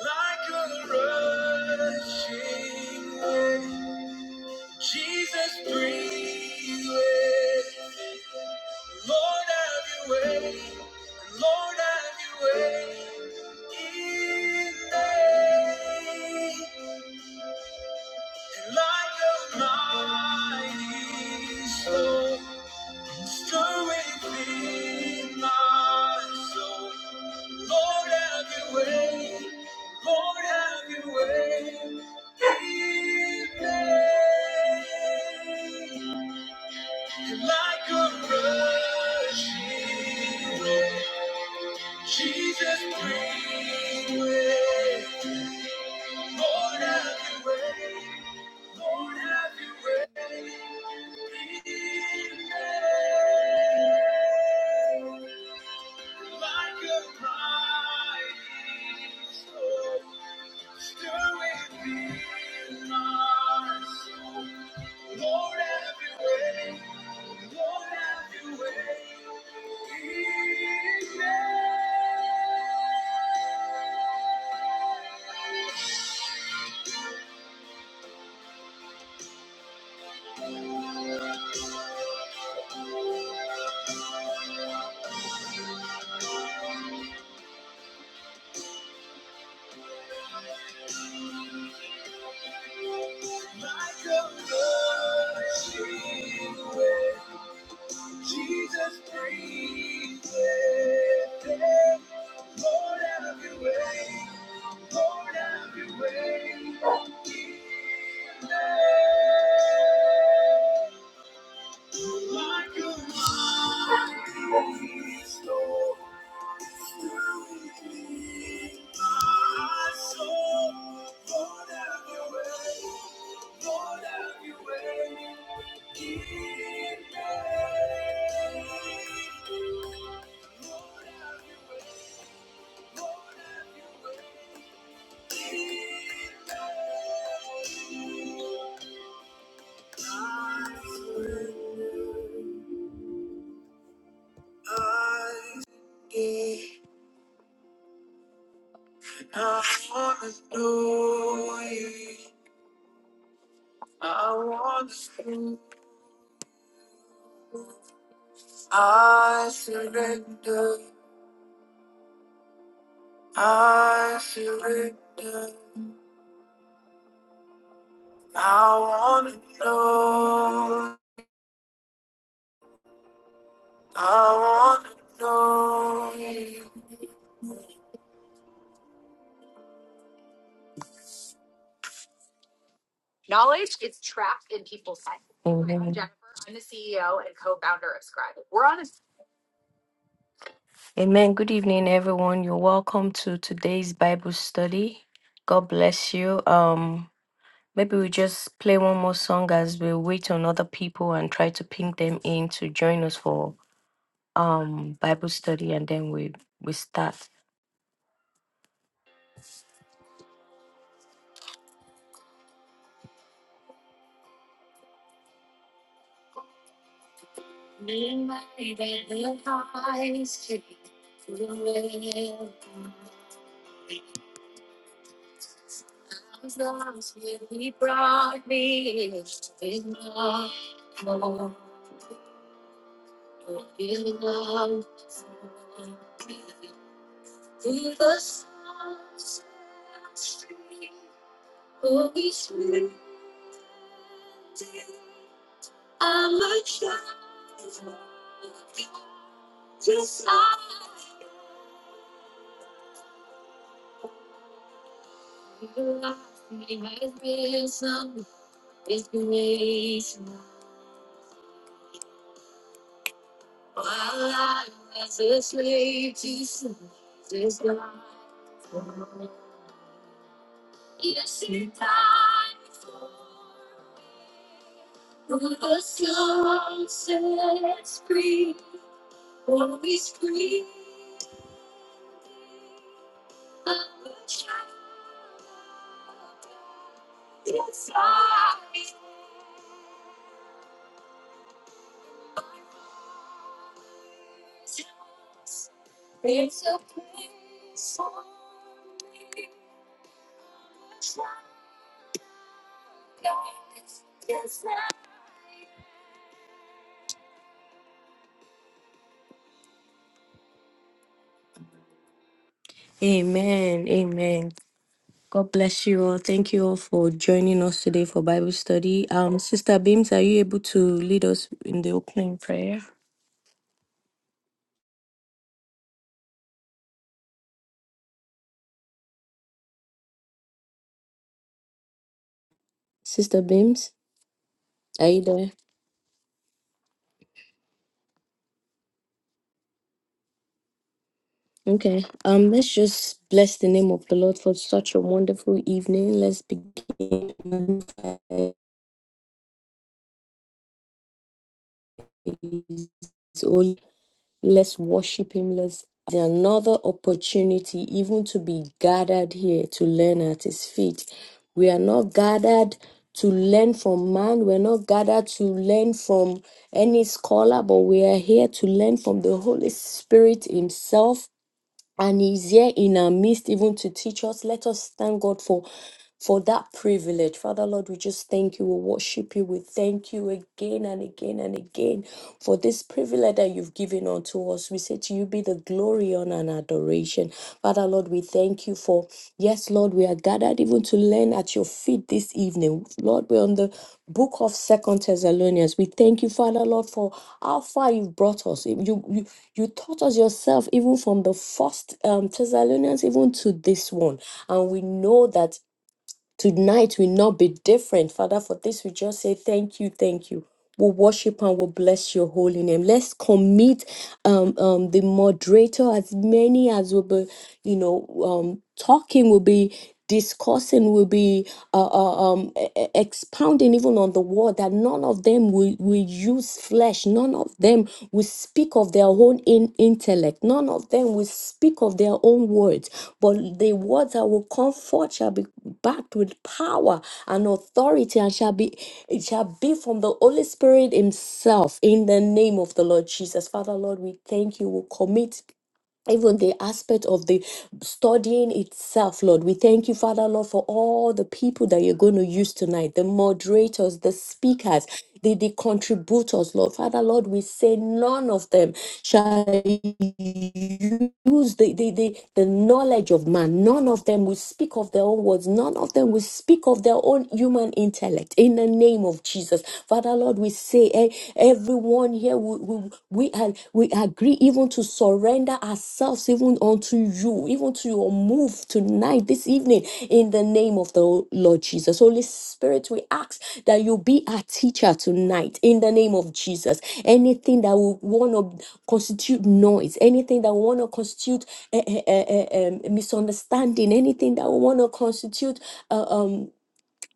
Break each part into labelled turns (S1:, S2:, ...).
S1: Like a rushing wind, like a rushing, Jesus, bring way. Lord, have your way. Lord, have your way. Like a mighty storm, stir within my soul. Lord, have your way. Lord, have your way. Amen. Good evening, everyone. You're welcome to today's Bible study. God bless you. Um, maybe we just play one more song as we wait on other people and try to ping them in to join us for um Bible study, and then we we start. Amen. Amen. God bless you all. Thank you all for joining us today for Bible study. Um, Sister Beams, are you able to lead us in the opening prayer? Sister Beams, are you there? Okay. Um, let's just bless the name of the Lord for such a wonderful evening. Let's begin. So let's worship Him. Let's there's another opportunity even to be gathered here to learn at His feet. We are not gathered to learn from man. We're not gathered to learn from any scholar, but we are here to learn from the Holy Spirit Himself and he's here in our midst even to teach us let us thank god for for that privilege father lord we just thank you we worship you we thank you again and again and again for this privilege that you've given unto us we say to you be the glory honor and adoration father lord we thank you for yes lord we are gathered even to learn at your feet this evening lord we're on the book of second thessalonians we thank you father lord for how far you've brought us you you you taught us yourself, even from the first um, Thessalonians, even to this one. And we know that Tonight will not be different. Father, for this we just say thank you, thank you. We'll worship and we'll bless your holy name. Let's commit um, um, the moderator, as many as will be, you know, um, talking, will be discussing, will be uh, uh, um, e- e- expounding even on the word that none of them will, will use flesh. None of them will speak of their own in- intellect. None of them will speak of their own words. But the words that will come forth shall be backed with power and authority and shall be it shall be from the Holy Spirit Himself in the name of the Lord Jesus. Father Lord, we thank you. We commit even the aspect of the studying itself, Lord. We thank you, Father, Lord, for all the people that you're going to use tonight the moderators, the speakers, the, the contributors, Lord. Father, Lord, we say none of them shall use the, the, the, the knowledge of man. None of them will speak of their own words. None of them will speak of their own human intellect. In the name of Jesus. Father Lord, we say eh, everyone here we, we, we, are, we agree even to surrender ourselves even unto you, even to your move tonight, this evening, in the name of the Lord Jesus. Holy Spirit, we ask that you be our teacher tonight in the name of Jesus. Anything that we want to constitute noise, anything that we want to constitute a, misunderstanding, anything that we want to constitute uh, um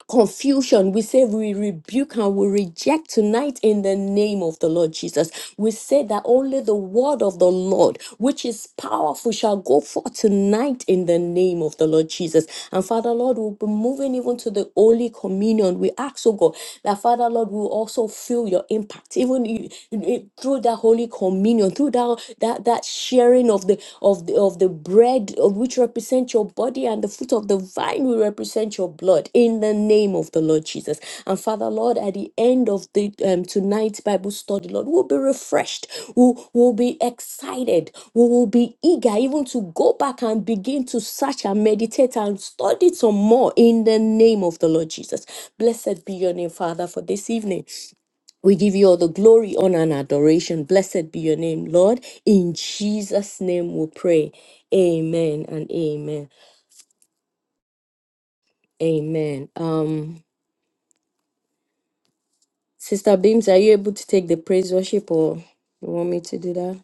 S1: confusion. We say we rebuke and we reject tonight in the name of the Lord Jesus. We say that only the word of the Lord, which is powerful, shall go forth tonight in the name of the Lord Jesus. And Father, Lord, we'll be moving even to the Holy Communion. We ask, oh God, that Father, Lord, we will also feel your impact, even i- i- through that Holy Communion, through that, that, that sharing of the of the, of the bread of which represent your body and the fruit of the vine will represent your blood in the name of the Lord Jesus. And Father Lord, at the end of the um, tonight's Bible study, Lord, we'll be refreshed, we'll, we'll be excited, we will be eager even to go back and begin to search and meditate and study some more in the name of the Lord Jesus. Blessed be your name, Father, for this evening. We give you all the glory, honor, and adoration. Blessed be your name, Lord. In Jesus' name we pray. Amen and amen. Amen. Um, Sister Beams, are you able to take the praise worship or you want me to do that?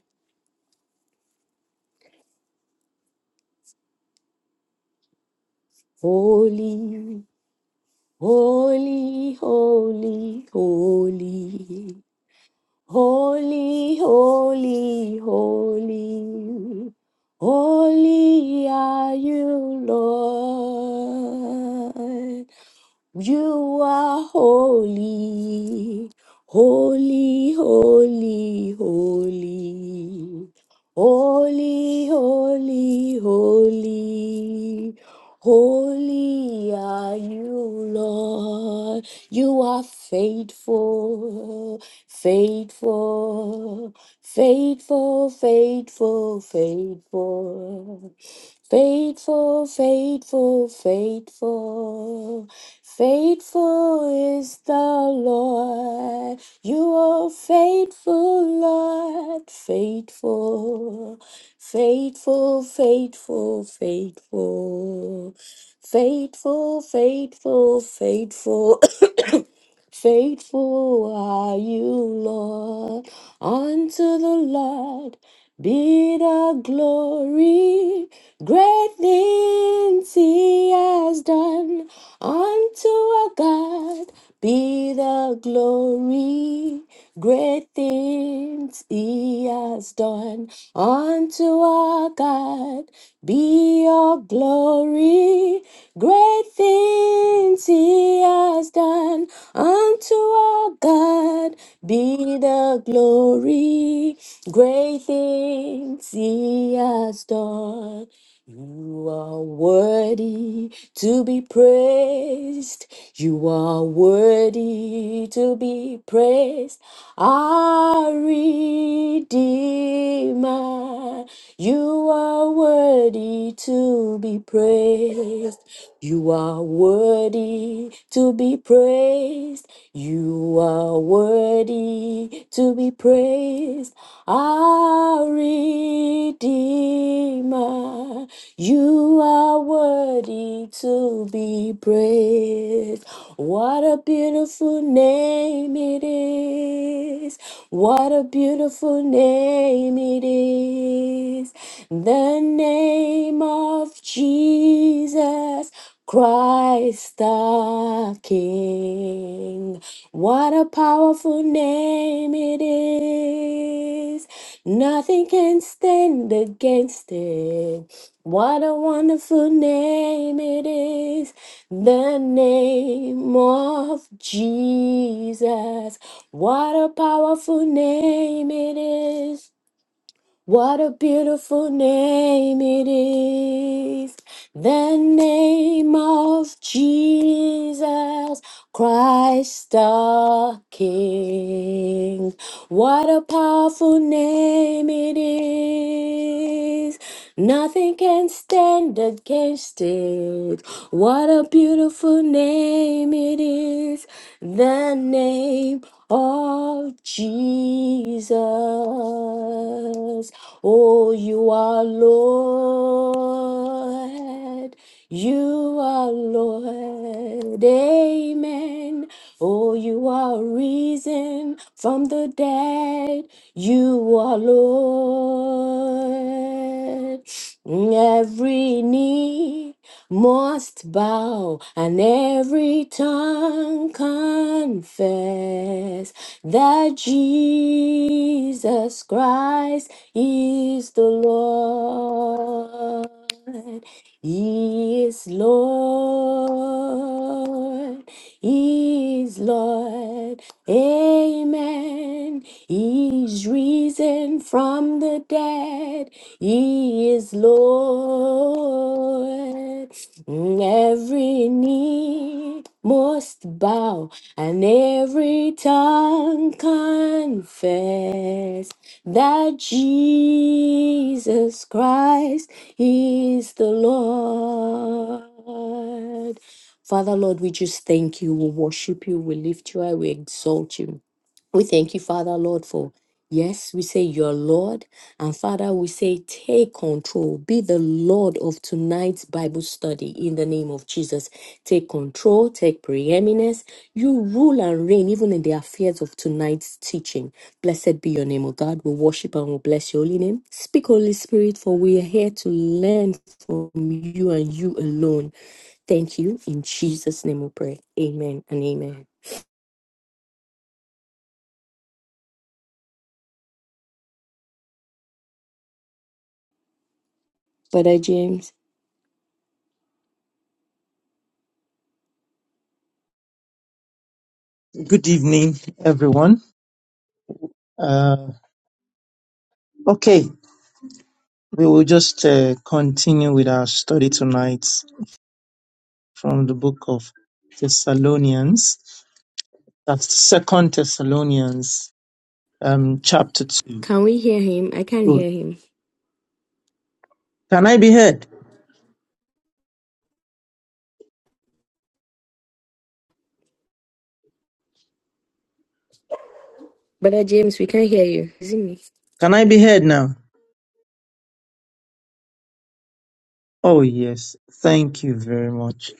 S1: Holy, holy, holy, holy, holy, holy, holy, holy are you, Lord. You are holy, holy, holy, holy, holy, holy, holy, holy are you, Lord. You are faithful, faithful, faithful, faithful, faithful. Faithful, faithful, faithful. Faithful is the Lord. You are faithful, Lord. Faithful, faithful, faithful, faithful. Faithful, faithful, faithful. Faithful are you, Lord. Unto the Lord be the glory. Great things he has done. Unto our God be the glory. Great things he has done. Unto our God be your glory. Great things he has done. Unto our God be the glory, great things He has done. You are worthy to be praised. You are worthy to be praised. Our Redeemer, you are worthy to be praised. You are worthy to be praised. You are worthy to be praised. Our Redeemer. You are worthy to be praised. What a beautiful name it is. What a beautiful name it is. The name of Jesus. Christ the King. What a powerful name it is. Nothing can stand against it. What a wonderful name it is. The name of Jesus. What a powerful name it is. What a beautiful name it is, the name of Jesus Christ the King. What a powerful name it is, nothing can stand against it. What a beautiful name it is, the name of Jesus. Oh, you are Lord. You are Lord. Amen. Oh, you are risen from the dead. You are Lord. Every knee must bow and every tongue confess that Jesus Christ is the Lord. He is Lord. He is Lord. Amen. He is risen from the dead. He is Lord. Every knee must bow and every tongue confess that Jesus Christ is the Lord. Father, Lord, we just thank you. We worship you. We lift you high. We exalt you. We thank you, Father, Lord, for yes, we say your Lord. And Father, we say take control. Be the Lord of tonight's Bible study in the name of Jesus. Take control, take preeminence. You rule and reign even in the affairs of tonight's teaching. Blessed be your name, O God. We worship and we bless your holy name. Speak, Holy Spirit, for we are here to learn from you and you alone. Thank you. In Jesus' name we pray. Amen and amen. Brother James.
S2: Good evening, everyone. Uh, okay, we will just uh, continue with our study tonight from the book of Thessalonians. That's Second Thessalonians, um, chapter two.
S1: Can we hear him? I can't
S2: Oh,
S1: hear him.
S2: can I be heard?
S1: Brother James, we can hear you. Is it me?
S2: Can I be heard now? Oh yes, thank you very much.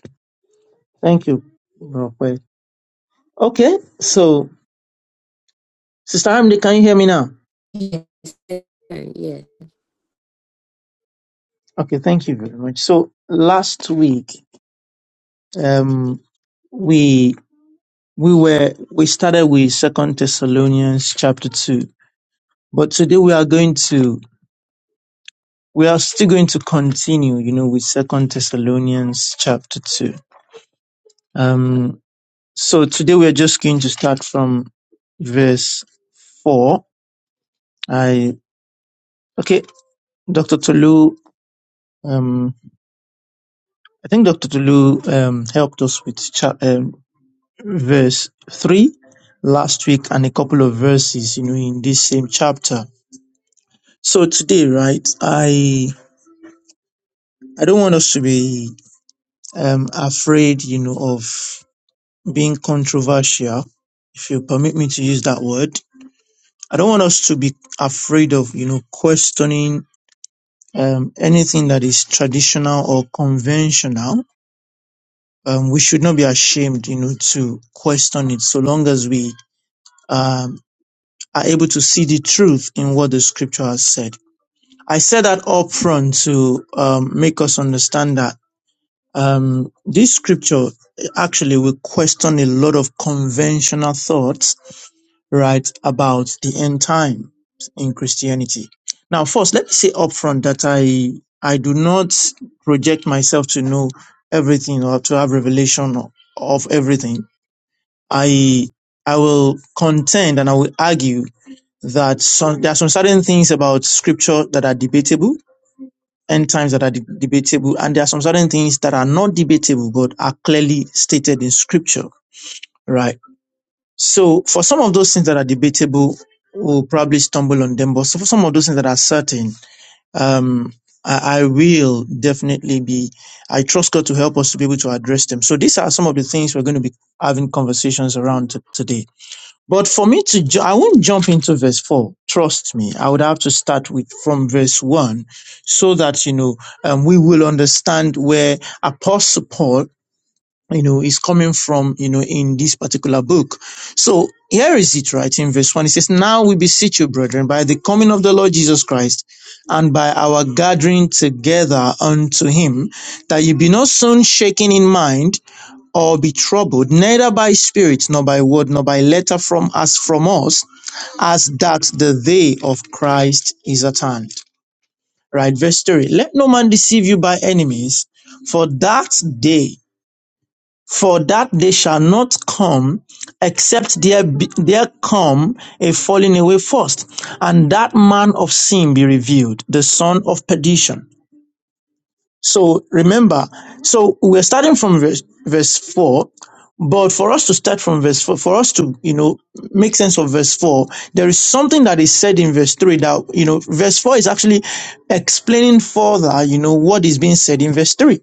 S2: Thank you, Roque. Okay, so Sister Amdi, can you hear me now?
S1: Yeah.
S2: Okay, thank you very much. So last week, um, we we were we started with second thessalonians chapter 2 but today we are going to we are still going to continue you know with second thessalonians chapter 2 um so today we are just going to start from verse 4 i okay dr tolu um i think dr tolu um helped us with cha- um, verse 3 last week and a couple of verses you know in this same chapter so today, right, I I don't want us to be um, afraid, you know, of being controversial, if you permit me to use that word. I don't want us to be afraid of, you know, questioning um, anything that is traditional or conventional. Um, we should not be ashamed, you know, to question it so long as we um, are able to see the truth in what the scripture has said. I said that up front to um, make us understand that Um, this scripture actually will question a lot of conventional thoughts, right, about the end time in Christianity. Now, first, let me say upfront that I I do not project myself to know everything or to have revelation o- of everything. I I will contend and I will argue that some, there are some certain things about scripture that are debatable end times that are de- debatable, and there are some certain things that are not debatable but are clearly stated in scripture, right? So, for some of those things that are debatable, we'll probably stumble on them, but so for some of those things that are certain, um, I, I will definitely be, I trust God to help us to be able to address them. So, these are some of the things we're going to be having conversations around t- today. But for me to, ju- I won't jump into verse four. Trust me, I would have to start with from verse one, so that you know um, we will understand where Apostle Paul, you know, is coming from, you know, in this particular book. So here is it, right in verse one. It says, "Now we beseech you, brethren, by the coming of the Lord Jesus Christ, and by our gathering together unto Him, that you be not soon shaken in mind." or be troubled, neither by spirit, nor by word, nor by letter from us from us, as that the day of Christ is at hand. Right, verse 3. Let no man deceive you by enemies, for that day, for that day shall not come, except there be, there come a falling away first, and that man of sin be revealed, the son of perdition so remember, so we're starting from verse, verse 4, but for us to start from verse 4, for us to, you know, make sense of verse 4, there is something that is said in verse 3 that, you know, verse 4 is actually explaining further, you know, what is being said in verse 3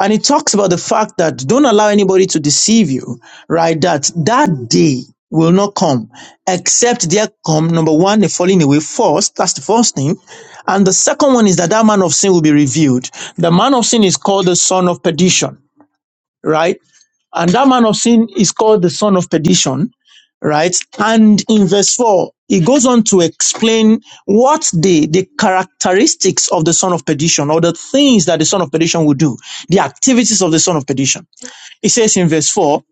S2: and it talks about the fact that don't allow anybody to deceive you right that that day will not come except there come number one the falling away first that's the first thing and the second one is that that man of sin will be revealed the man of sin is called the son of perdition right? And that man of sin is called the son of perdition, right? And in verse 4, he goes on to explain what the, the characteristics of the son of perdition or the things that the son of perdition will do, the activities of the son of perdition. He says in verse 4,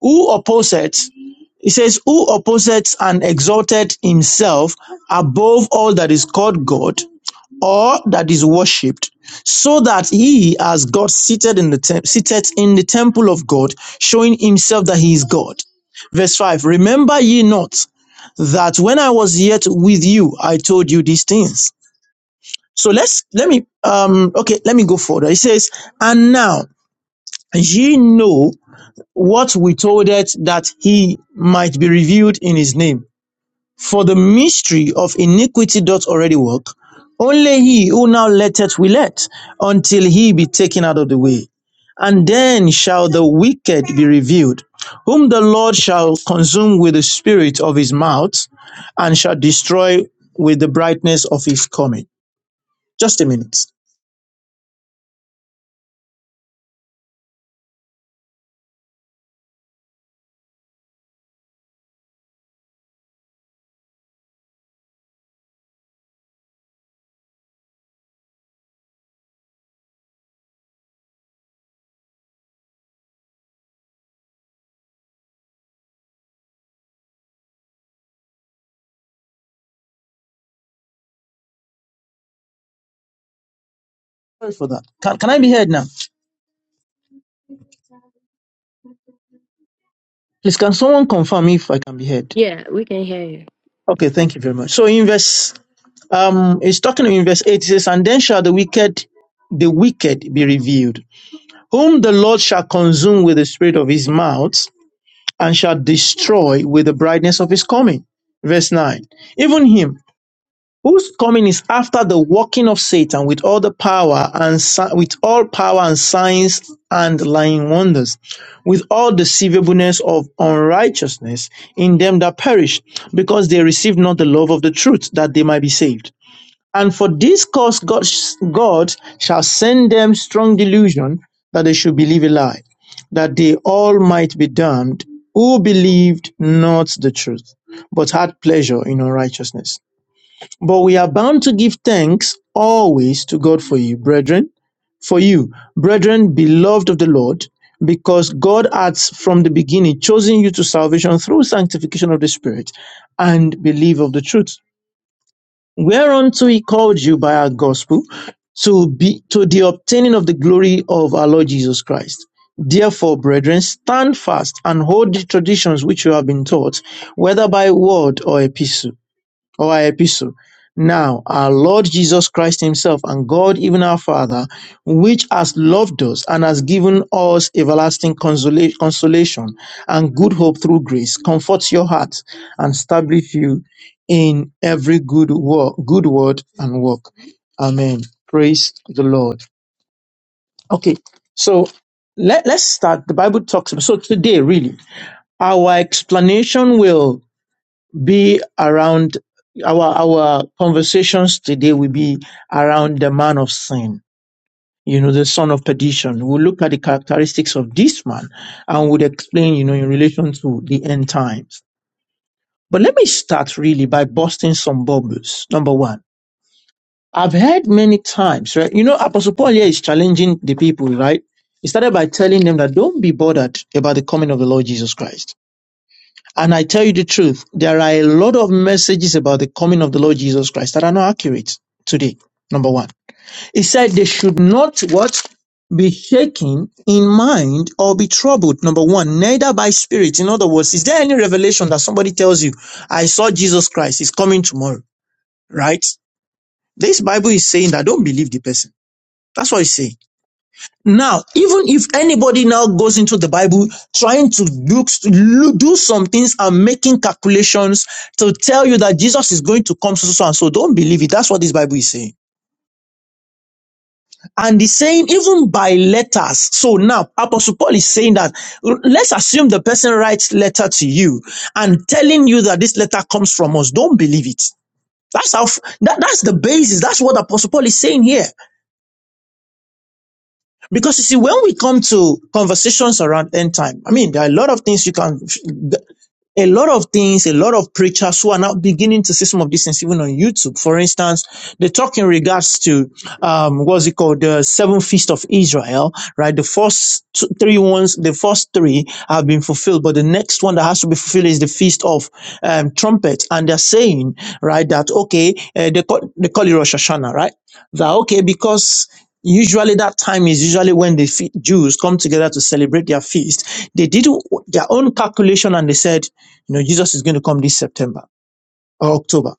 S2: who opposeth, he says, who opposeth and exalted himself above all that is called God or that is worshipped, so that he, as God, seated in the tem- seated in the temple of God, showing himself that he is God. Verse five: Remember ye not that when I was yet with you, I told you these things. So let's let me um okay let me go further. It says, and now ye know what we told it that he might be revealed in his name. For the mystery of iniquity doth already work. Only he who now letteth will let until he be taken out of the way. And then shall the wicked be revealed, whom the Lord shall consume with the spirit of his mouth and shall destroy with the brightness of his coming. Just a minute. Sorry for that. Can, can I be heard now? Please, can someone confirm if I can be heard?
S1: Yeah, we can hear you.
S2: Okay, thank you very much. So in verse Um, it's talking in verse 8, it says, And then shall the wicked, the wicked be revealed, whom the Lord shall consume with the spirit of his mouth, and shall destroy with the brightness of his coming. Verse 9. Even him whose coming is after the working of Satan with all the power and si- with all power and signs and lying wonders, with all deceivableness of unrighteousness in them that perish, because they receive not the love of the truth, that they might be saved. And for this cause, God, God shall send them strong delusion that they should believe a lie, that they all might be damned who believed not the truth, but had pleasure in unrighteousness. But we are bound to give thanks always to God for you, brethren, for you, brethren, beloved of the Lord, because God has from the beginning chosen you to salvation through sanctification of the Spirit and belief of the truth whereunto he called you by our gospel to be to the obtaining of the glory of our Lord Jesus Christ. Therefore, brethren, stand fast and hold the traditions which you have been taught, whether by word or epistle or our epistle. Now, our Lord Jesus Christ Himself and God, even our Father, which has loved us and has given us everlasting consola- consolation and good hope through grace, comforts your heart and establish you in every good work, good word and work. Amen. Praise the Lord. Okay, so let, let's start. The Bible talks about so today, really, our explanation will be around our our conversations today will be around the man of sin you know the son of perdition we'll look at the characteristics of this man and we'll explain you know in relation to the end times but let me start really by busting some bubbles number one i've heard many times right you know apostle paul here is challenging the people right he started by telling them that don't be bothered about the coming of the lord jesus christ And I tell you the truth, there are a lot of messages about the coming of the Lord Jesus Christ that are not accurate today. Number one, he said they should not what be shaken in mind or be troubled. Number one, neither by spirit. In other words, is there any revelation that somebody tells you, I saw Jesus Christ, he's coming tomorrow, right? This Bible is saying that don't believe the person. That's what it's saying. Now, even if anybody now goes into the Bible trying to look, look- do some things and making calculations to tell you that Jesus is going to come so, so, so and so, don't believe it. That's what this Bible is saying. And the saying, even by letters. So now, Apostle Paul is saying that let's assume the person writes letter to you and telling you that this letter comes from us. Don't believe it. That's how, that, that's the basis. That's what Apostle Paul is saying here. Because you see, when we come to conversations around end time, I mean, there are a lot of things you can, a lot of things, a lot of preachers who are now beginning to see some of these things even on YouTube. For instance, they talk in regards to, um, what's it called? The seven feast of Israel, right? The first two, three ones, the first three have been fulfilled, but the next one that has to be fulfilled is the feast of, um, trumpets. And they're saying, right, that, okay, uh, they call, they call it Rosh Hashanah, right? That, okay, because Usually that time is usually when the fe- Jews come together to celebrate their feast. They did their own calculation and they said, you know, Jesus is going to come this September or October.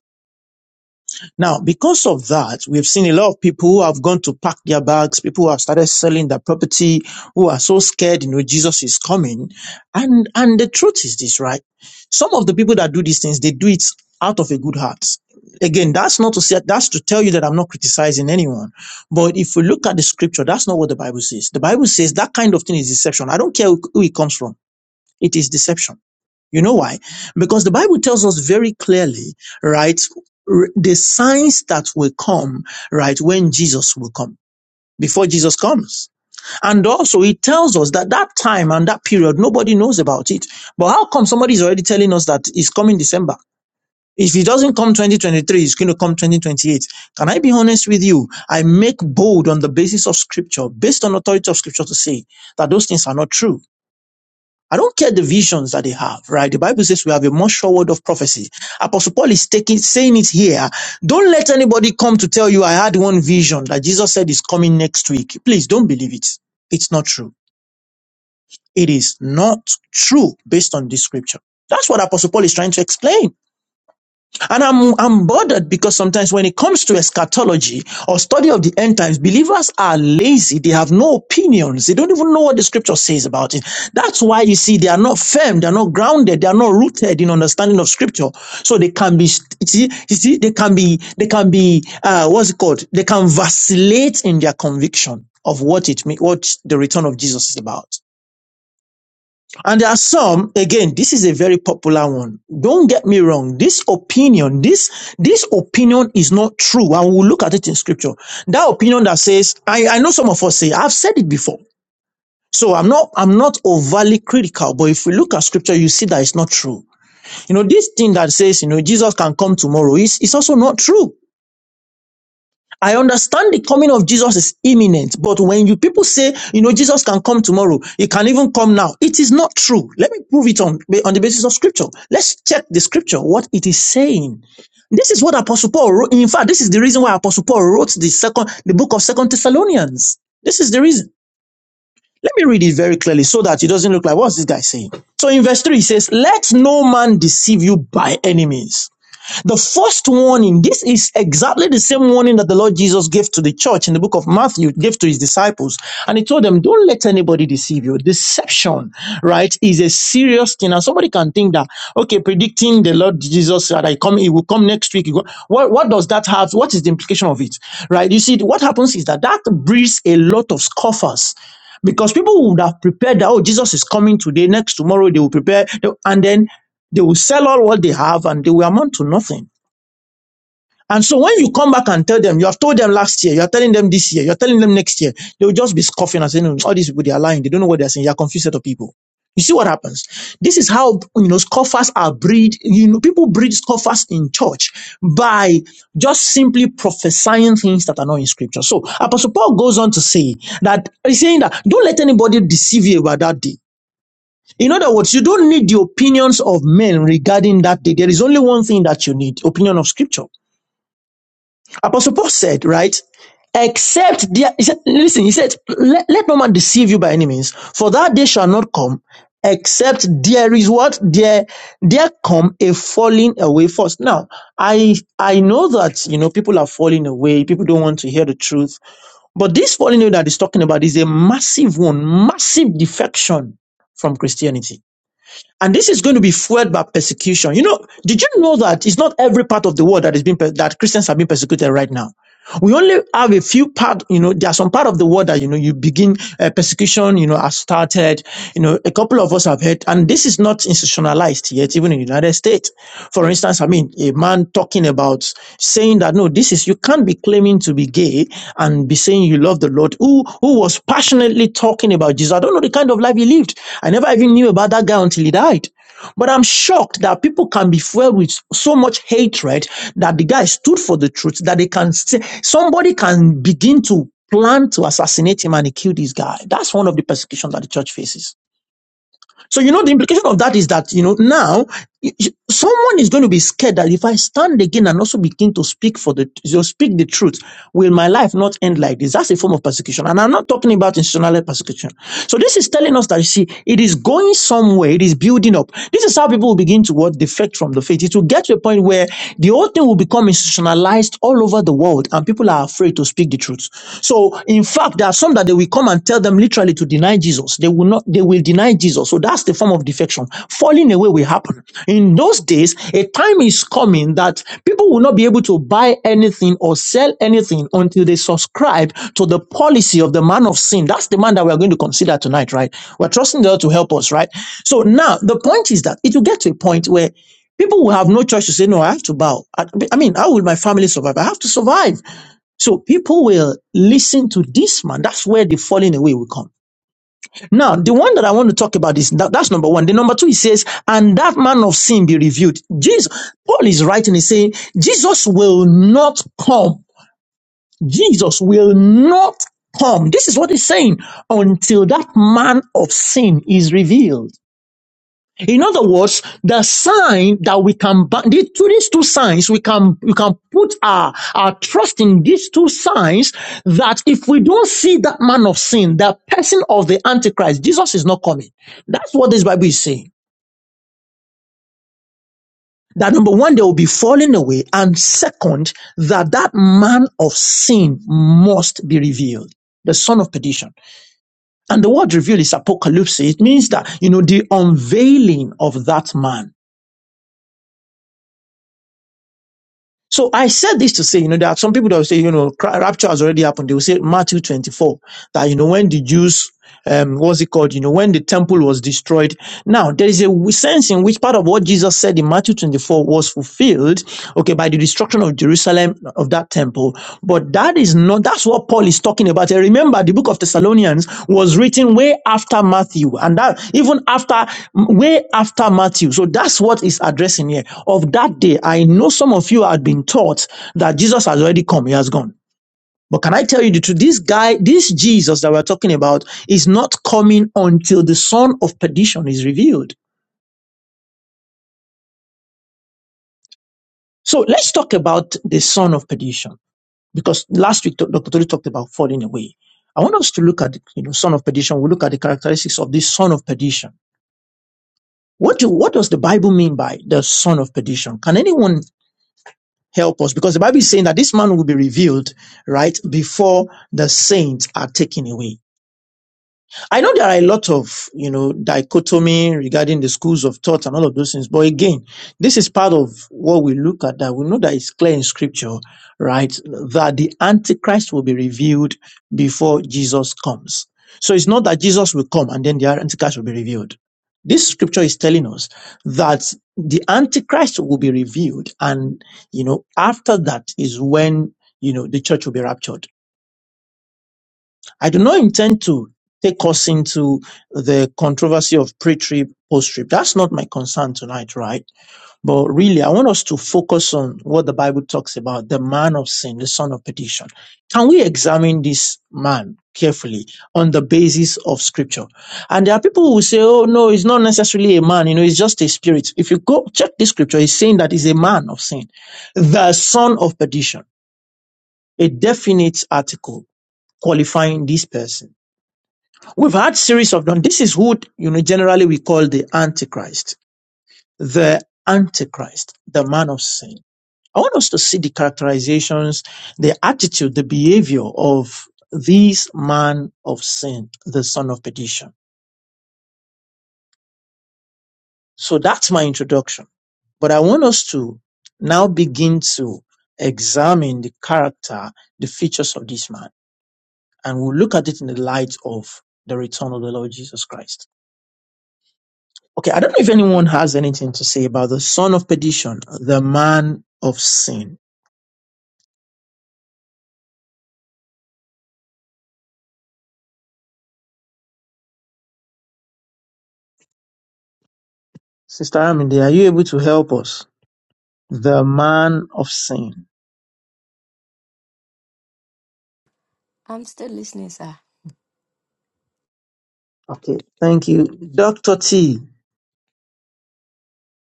S2: Now, because of that, we've seen a lot of people who have gone to pack their bags, people who have started selling their property, who are so scared, you know, Jesus is coming. And, and the truth is this, right? Some of the people that do these things, they do it out of a good heart. Again, that's not to say, that's to tell you that I'm not criticizing anyone. But if we look at the scripture, that's not what the Bible says. The Bible says that kind of thing is deception. I don't care who it comes from. It is deception. You know why? Because the Bible tells us very clearly, right, r- the signs that will come, right, when Jesus will come, before Jesus comes. And also it tells us that that time and that period, nobody knows about it. But how come somebody is already telling us that it's coming December? If it doesn't come 2023, it's going to come 2028. Can I be honest with you? I make bold on the basis of scripture, based on authority of scripture to say that those things are not true. I don't care the visions that they have, right? The Bible says we have a much sure word of prophecy. Apostle Paul is taking, saying it here. Don't let anybody come to tell you I had one vision that Jesus said is coming next week. Please don't believe it. It's not true. It is not true based on this scripture. That's what Apostle Paul is trying to explain. And I'm, I'm bothered because sometimes when it comes to eschatology or study of the end times, believers are lazy. They have no opinions. They don't even know what the scripture says about it. That's why you see they are not firm. They are not grounded. They are not rooted in understanding of scripture. So they can be, you see, you see, they can be, they can be, uh, what's it called? They can vacillate in their conviction of what it mean, what the return of Jesus is about. And there are some, again, this is a very popular one. Don't get me wrong. This opinion, this, this opinion is not true. And we'll look at it in scripture. That opinion that says, I, I know some of us say, I've said it before. So I'm not, I'm not overly critical, but if we look at scripture, you see that it's not true. You know, this thing that says, you know, Jesus can come tomorrow is, is also not true. I understand the coming of Jesus is imminent, but when you people say, you know, Jesus can come tomorrow, he can even come now, it is not true. Let me prove it on, on the basis of scripture. Let's check the scripture, what it is saying. This is what Apostle Paul wrote. In fact, this is the reason why Apostle Paul wrote the second, the book of Second Thessalonians. This is the reason. Let me read it very clearly so that it doesn't look like what's this guy saying. So in verse 3, he says, Let no man deceive you by any means." The first warning, this is exactly the same warning that the Lord Jesus gave to the church in the book of Matthew, gave to his disciples. And he told them, don't let anybody deceive you. Deception, right, is a serious thing. And somebody can think that, okay, predicting the Lord Jesus that I come, he will come next week. he will- What, what does that have? What is the implication of it? Right? You see, what happens is that that breeds a lot of scoffers because people would have prepared that oh jesus is coming today next tomorrow they will prepare They- and then they will sell all what they have and they will amount to nothing. And so when you come back and tell them, you have told them last year, you are telling them this year, you are telling them next year, they will just be scoffing and saying, "Oh, all these people, they are lying. They don't know what they are saying. You are a confused set of people. You see what happens? This is how, you know, scoffers are breed, you know, people breed scoffers in church by just simply prophesying things that are not in scripture. So Apostle Paul goes on to say that he's saying that don't let anybody deceive you about that day. In other words, you don't need the opinions of men regarding that day. There is only one thing that you need, opinion of scripture. Apostle Paul said, right? Except there, he said, listen, he said, let, let no man deceive you by any means, for that day shall not come, except there is what? There, there come a falling away first. Now, I, I know that, you know, people are falling away. People don't want to hear the truth. But this falling away that he's talking about is a massive one, massive defection from Christianity and this is going to be fueled by persecution. You know, did you know that it's not every part of the world that is being per- that Christians are being persecuted right now? We only have a few part. You know, there are some part of the world that you know you begin uh, persecution. You know, has started. You know, a couple of us have heard, and this is not institutionalized yet, even in the United States. For instance, I mean, a man talking about saying that no, this is you can't be claiming to be gay and be saying you love the Lord, who who was passionately talking about Jesus. I don't know the kind of life he lived. I never even knew about that guy until he died. But I'm shocked that people can be filled with so much hatred that the guy stood for the truth, that they can say somebody can begin to plan to assassinate him and he killed this guy. That's one of the persecutions that the church faces. So, you know, the implication of that is that, you know, now y- y- someone is going to be scared that if I stand again and also begin to speak for the, you speak the truth, will my life not end like this? That's a form of persecution. And I'm not talking about institutional persecution. So this is telling us that, you see, it is going somewhere. It is building up. This is how people will begin to what defect from the faith. It will get to a point where the whole thing will become institutionalized all over the world and people are afraid to speak the truth. So in in fact, there are some that they will come and tell them literally to deny Jesus. They will not, they will deny Jesus. So that's the form of defection. Falling away will happen. In those days, a time is coming that people will not be able to buy anything or sell anything until they subscribe to the policy of the man of sin. That's the man that we are going to consider tonight, right? We're trusting the Lord to help us, right? So now the point is that it will get to a point where people will have no choice to say, no, I have to bow. I, I mean, how will my family survive? I have to survive. So people will listen to this man. That's where the falling away will come. Now, the one that I want to talk about is that, that's number one. The number two, he says, and that man of sin be revealed. Jesus, Paul is writing, he's saying, Jesus will not come. Jesus will not come. This is what he's saying until that man of sin is revealed. In other words, the sign that we can ba- these two, these two signs, we can we can put our our trust in these two signs. That if we don't see that man of sin, that person of the Antichrist, Jesus is not coming. That's what this Bible is saying. That number one, they will be falling away, and second, that that man of sin must be revealed, the son of perdition. And the word reveal is apocalypse. It means that you know the unveiling of that man So I said this to say, you know, there are some people that will say, you know, cra- rapture has already happened. They will say Matthew 24, that, you know, when the Jews, um, what's it called? You know, when the temple was destroyed. Now, there is a w- sense in which part of what Jesus said in Matthew 24 was fulfilled, okay, by the destruction of Jerusalem of that temple. But that is not, that's what Paul is talking about. And remember, the book of Thessalonians was written way after Matthew, and that even after, way after Matthew. So that's what is addressing here. Of that day, I know some of you had been taught that Jesus has already come, he has gone. But can I tell you the truth? This guy, this Jesus that we're talking about, is not coming until the son of perdition is revealed. So let's talk about the son of perdition. because last week Dr. Tori talked about falling away. I want us to look at you know son of perdition. We look at the characteristics of this son of perdition. What do, what does the Bible mean by the son of perdition? Can anyone help us? Because the Bible is saying that this man will be revealed right before the saints are taken away. I know there are a lot of, you know, dichotomy regarding the schools of thought and all of those things. But again, this is part of what we look at that we know that it's clear in scripture, right? That the Antichrist will be revealed before Jesus comes. So it's not that Jesus will come and then the Antichrist will be revealed. This scripture is telling us that the Antichrist will be revealed. And, you know, after that is when, you know, the church will be raptured. I do not intend to take us into the controversy of pre-trib, post-trib. That's not my concern tonight, right? But really, I want us to focus on what the Bible talks about, the man of sin, the son of perdition. Can we examine this man carefully on the basis of scripture? And there are people who say, oh no, it's not necessarily a man, you know, it's just a spirit. If you go check the scripture, it's saying that he's a man of sin, the son of perdition, a definite article qualifying this person. We've had series of done. This is who you know generally we call the Antichrist, the Antichrist, the man of sin. I want us to see the characterizations, the attitude, the behavior of this man of sin, the son of perdition. So that's my introduction. But I want us to now begin to examine the character, the features of this man, and we'll look at it in the light of the return of the Lord Jesus Christ. Okay, I don't know if anyone has anything to say about the son of perdition, the man of sin. Sister Aminde, are you able to help us? The man of sin.
S1: I'm still listening, sir.
S2: Okay, thank you. Dr. T,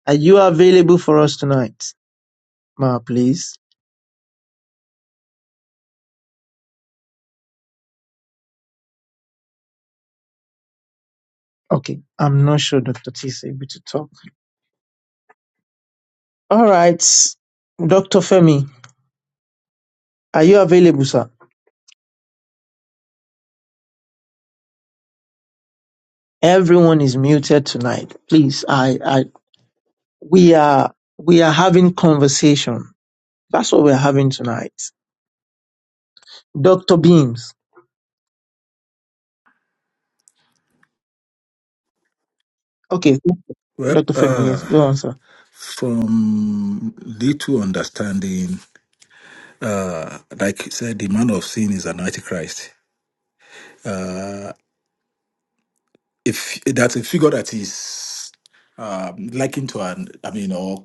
S2: are you available for us tonight? Ma, please. Okay, I'm not sure Dr. T is able to talk. All right, Dr. Femi, are you available, sir? Everyone is muted tonight. Please, I, I, we are, we are having conversation. That's what we're having tonight. Dr. Beams. Okay,
S3: Well,
S2: Dr. Femi, yes,
S3: uh,
S2: go on, sir.
S3: from little understanding, uh, like you said, the man of sin is an antichrist. Uh, if that's a figure that is um, likened to an, I mean, or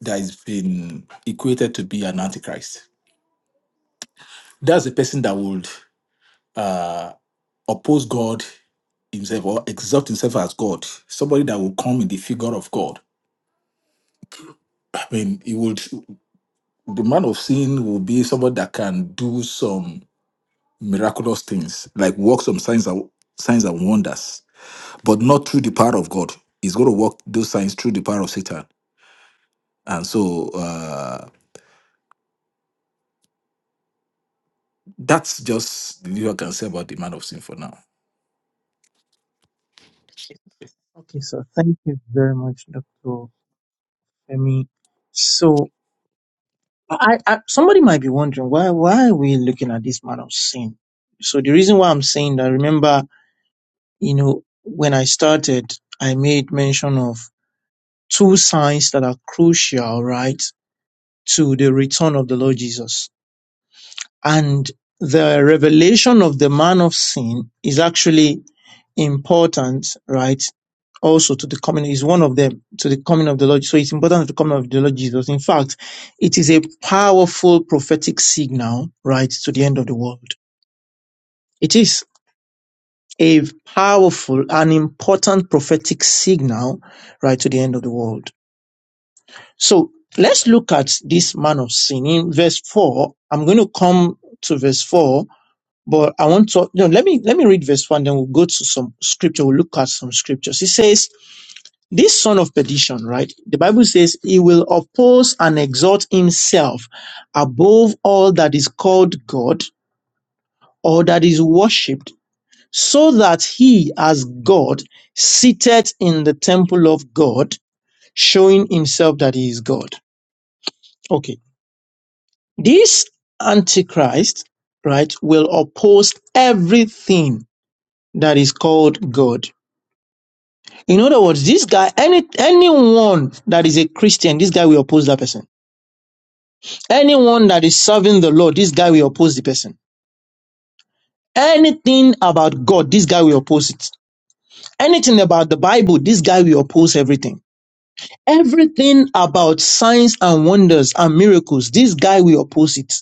S3: that has been equated to be an antichrist. That's a person that would uh, oppose God himself or exalt himself as God. Somebody that will come in the figure of God. I mean, he would. The man of sin will be somebody that can do some. miraculous things, like work some signs and signs and wonders, but not through the power of God. He's going to work those signs through the power of Satan. And so uh, that's just the little I can say about the man of sin for now.
S2: Okay, sir. Thank you very much, Dr. Femi. So, I, I somebody might be wondering why why are we looking at this man of sin? So the reason why I'm saying that, remember, you know, when I started, I made mention of two signs that are crucial, right, to the return of the Lord Jesus. And the revelation of the man of sin is actually important, right? Also to the coming is one of them to the coming of the Lord. So it's important to the coming of the Lord Jesus. In fact, it is a powerful prophetic signal, right, to the end of the world. It is a powerful and important prophetic signal, right, to the end of the world. So let's look at this man of sin in verse four. I'm going to come to verse four But I want to, you know, let me, let me read verse one, then we'll go to some scripture. We'll look at some scriptures. It says, this son of perdition, right? The Bible says he will oppose and exalt himself above all that is called God or that is worshipped so that he as God seated in the temple of God, showing himself that he is God. Okay. This antichrist, right, will oppose everything that is called God In other words, this guy, any anyone that is a Christian, this guy will oppose that person. Anyone that is serving the Lord, this guy will oppose the person. Anything about God, this guy will oppose it. Anything about the Bible, this guy will oppose everything. Everything about signs and wonders and miracles, this guy will oppose it.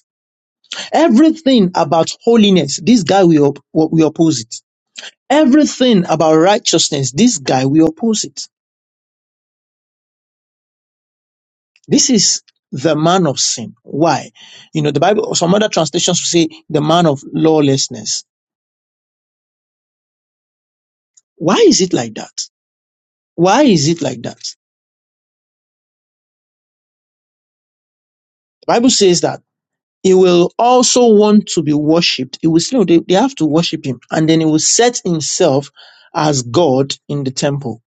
S2: Everything about holiness, this guy will, op- will oppose it. Everything about righteousness, this guy will oppose it. This is the man of sin. Why? You know, the Bible, some other translations will say the man of lawlessness. Why is it like that? Why is it like that? The Bible says that he will also want to be worshipped. He will still, they, they have to worship him. And then he will set himself as God in the temple.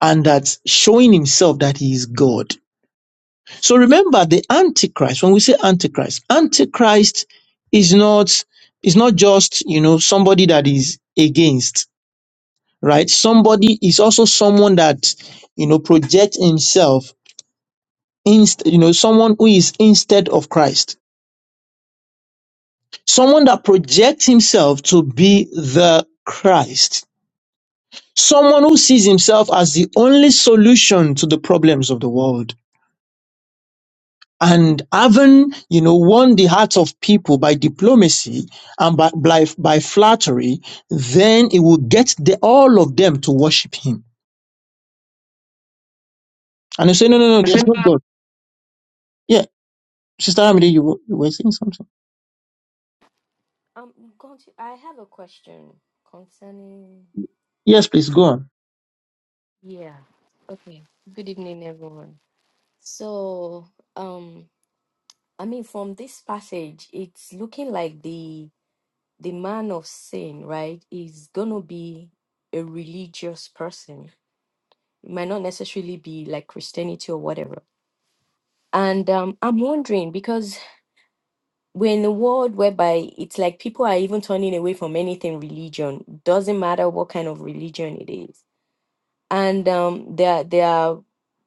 S2: And that's showing himself that he is God. So remember the Antichrist, when we say Antichrist, Antichrist is not, is not just, you know, somebody that is against. right? Somebody is also someone that, you know, projects himself, inst- you know, someone who is instead of Christ. Someone that projects himself to be the Christ. Someone who sees himself as the only solution to the problems of the world. And having, you know, won the hearts of people by diplomacy and by, by, by flattery, then it will get the, all of them to worship him. And they say, no, no, no, there's no God. yeah. Sister Amide, you, were- you were saying something.
S1: Um, conti- I have a question concerning.
S2: Yes, please go on.
S1: Yeah. Okay. Good evening, everyone. So, um, I mean, from this passage, it's looking like the the man of sin, right, is gonna be a religious person. It might not necessarily be like Christianity or whatever. And um, I'm wondering because we're in a world whereby it's like people are even turning away from anything religion. Doesn't matter what kind of religion it is, and um, they are they are,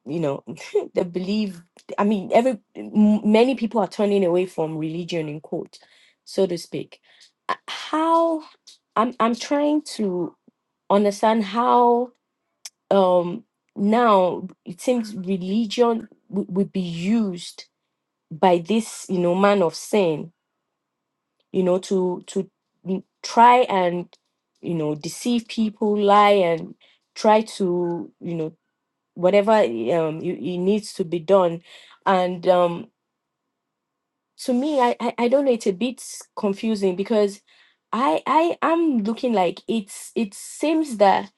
S1: you know, they believe. I mean, every m- many people are turning away from religion in quote, so to speak. Uh, How I'm I'm trying to understand how um now it seems religion w- would be used by this you know man of sin you know to to n- try and you know deceive people lie and try to you know whatever um it, it needs to be done and um to me I, I i don't know it's a bit confusing because i i am looking like it's it seems that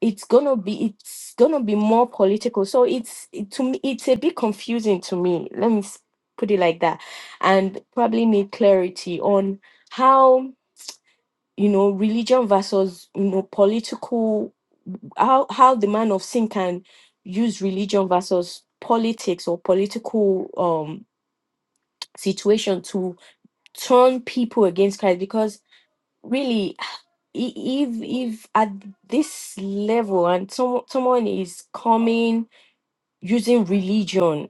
S1: it's gonna be it's gonna be more political so it's it, to me it's a bit confusing to me let me s- put it like that and probably need clarity on how you know religion versus you know political how how the man of sin can use religion versus politics or political um situation to turn people against christ because really i- if if at this level and some, someone is coming using religion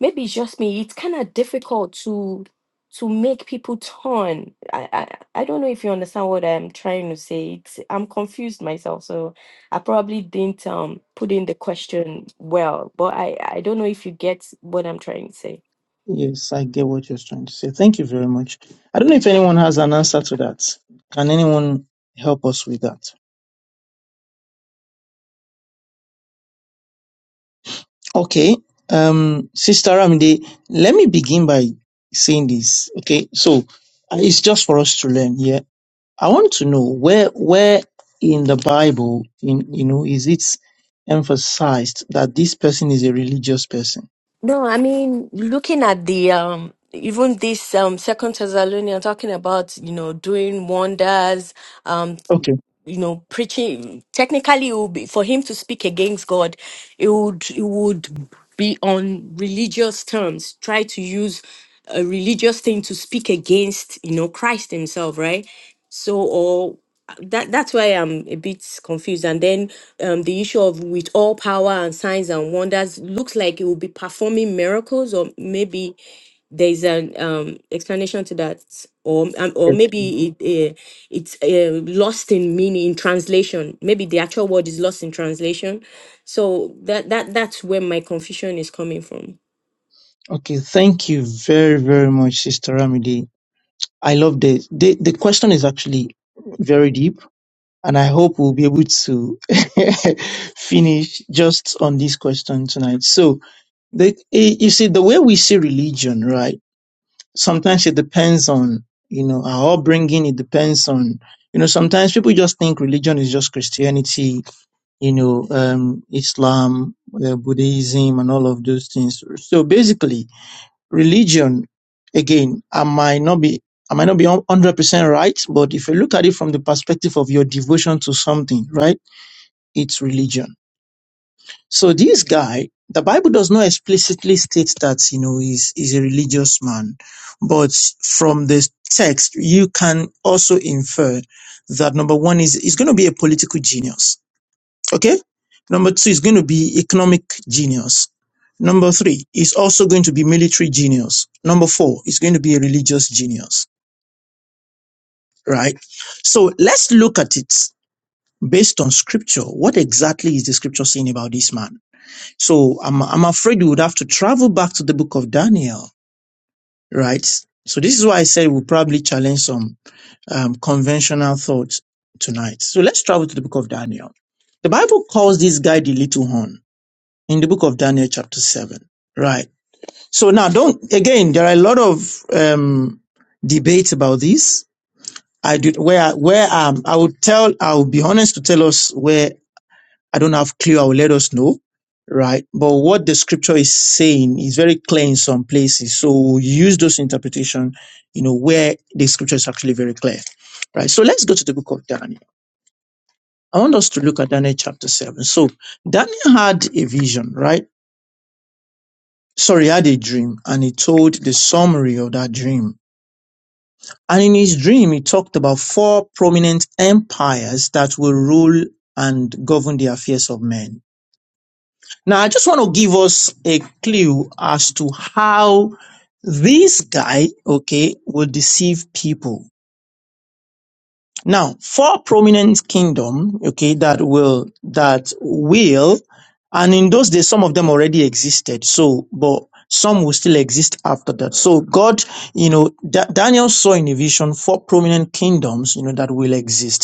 S1: maybe it's just me it's kind of difficult to to make people turn I, I i don't know if you understand what i'm trying to say it's, i'm confused myself so i probably didn't um put in the question well but i i don't know if you get what i'm trying to say
S2: Yes, I get what you're trying to say. Thank you very much. I don't know if anyone has an answer to that. Can anyone help us with that? Okay. Um, Sister Amide, let me begin by saying this. Okay. So uh, it's just for us to learn. Yeah. I want to know where, where in the Bible, in, you know, is it emphasized that this person is a religious person?
S1: no i mean looking at the um even this um second Thessalonians talking about you know doing wonders um.
S2: Okay.
S1: you know, preaching technically it would be for him to speak against God, it would it would be on religious terms, try to use a religious thing to speak against, you know, Christ himself, right? So or that that's why I'm a bit confused. And then um, the issue of with all power and signs and wonders looks like it will be performing miracles or maybe there's an um, explanation to that, or um, or maybe it uh, it's uh, lost in meaning in translation. Maybe the actual word is lost in translation. So that that that's where my confusion is coming from.
S2: Okay, thank you very, very much, Sister Ramide. I love the, the the question is actually very deep, and I hope we'll be able to finish just on this question tonight. So, the, eh, you see, the way we see religion, right? Sometimes it depends on you know our upbringing. It depends on you know sometimes people just think religion is just Christianity, you know, um, Islam, uh, Buddhism, and all of those things. So basically, religion again i might not be i might not be 100% right but if you look at it from the perspective of your devotion to something right it's religion so this guy the bible does not explicitly state that you know he's, he's a religious man but from the text you can also infer that number one is he's going to be a political genius Okay. Number two is going to be economic genius. Number three is also going to be military genius. Number four is going to be a religious genius, right? So let's look at it based on scripture. What exactly is the scripture saying about this man? So I'm, I'm afraid we would have to travel back to the book of Daniel, right? So this is why I said we'll probably challenge some um, conventional thoughts tonight. So let's travel to the book of Daniel. The Bible calls this guy the little horn in the book of Daniel, chapter 7. Right. So now don't, again, there are a lot of, um, debates about this. I did where, where, um, I would tell, I will be honest to tell us where I don't have clear. I will let us know. Right. But what the scripture is saying is very clear in some places. So we use those interpretation, you know, where the scripture is actually very clear. Right. So let's go to the book of Daniel. I want us to look at Daniel chapter seven. So Daniel had a vision, right? So he had a dream and he told the summary of that dream. And in his dream, he talked about four prominent empires that will rule and govern the affairs of men. Now, I just want to give us a clue as to how this guy, okay, will deceive people Now, four prominent kingdom, okay, that will, that will, and in those days, some of them already existed. So, but some will still exist after that. So God, you know, Da- Daniel saw in a vision four prominent kingdoms, you know, that will exist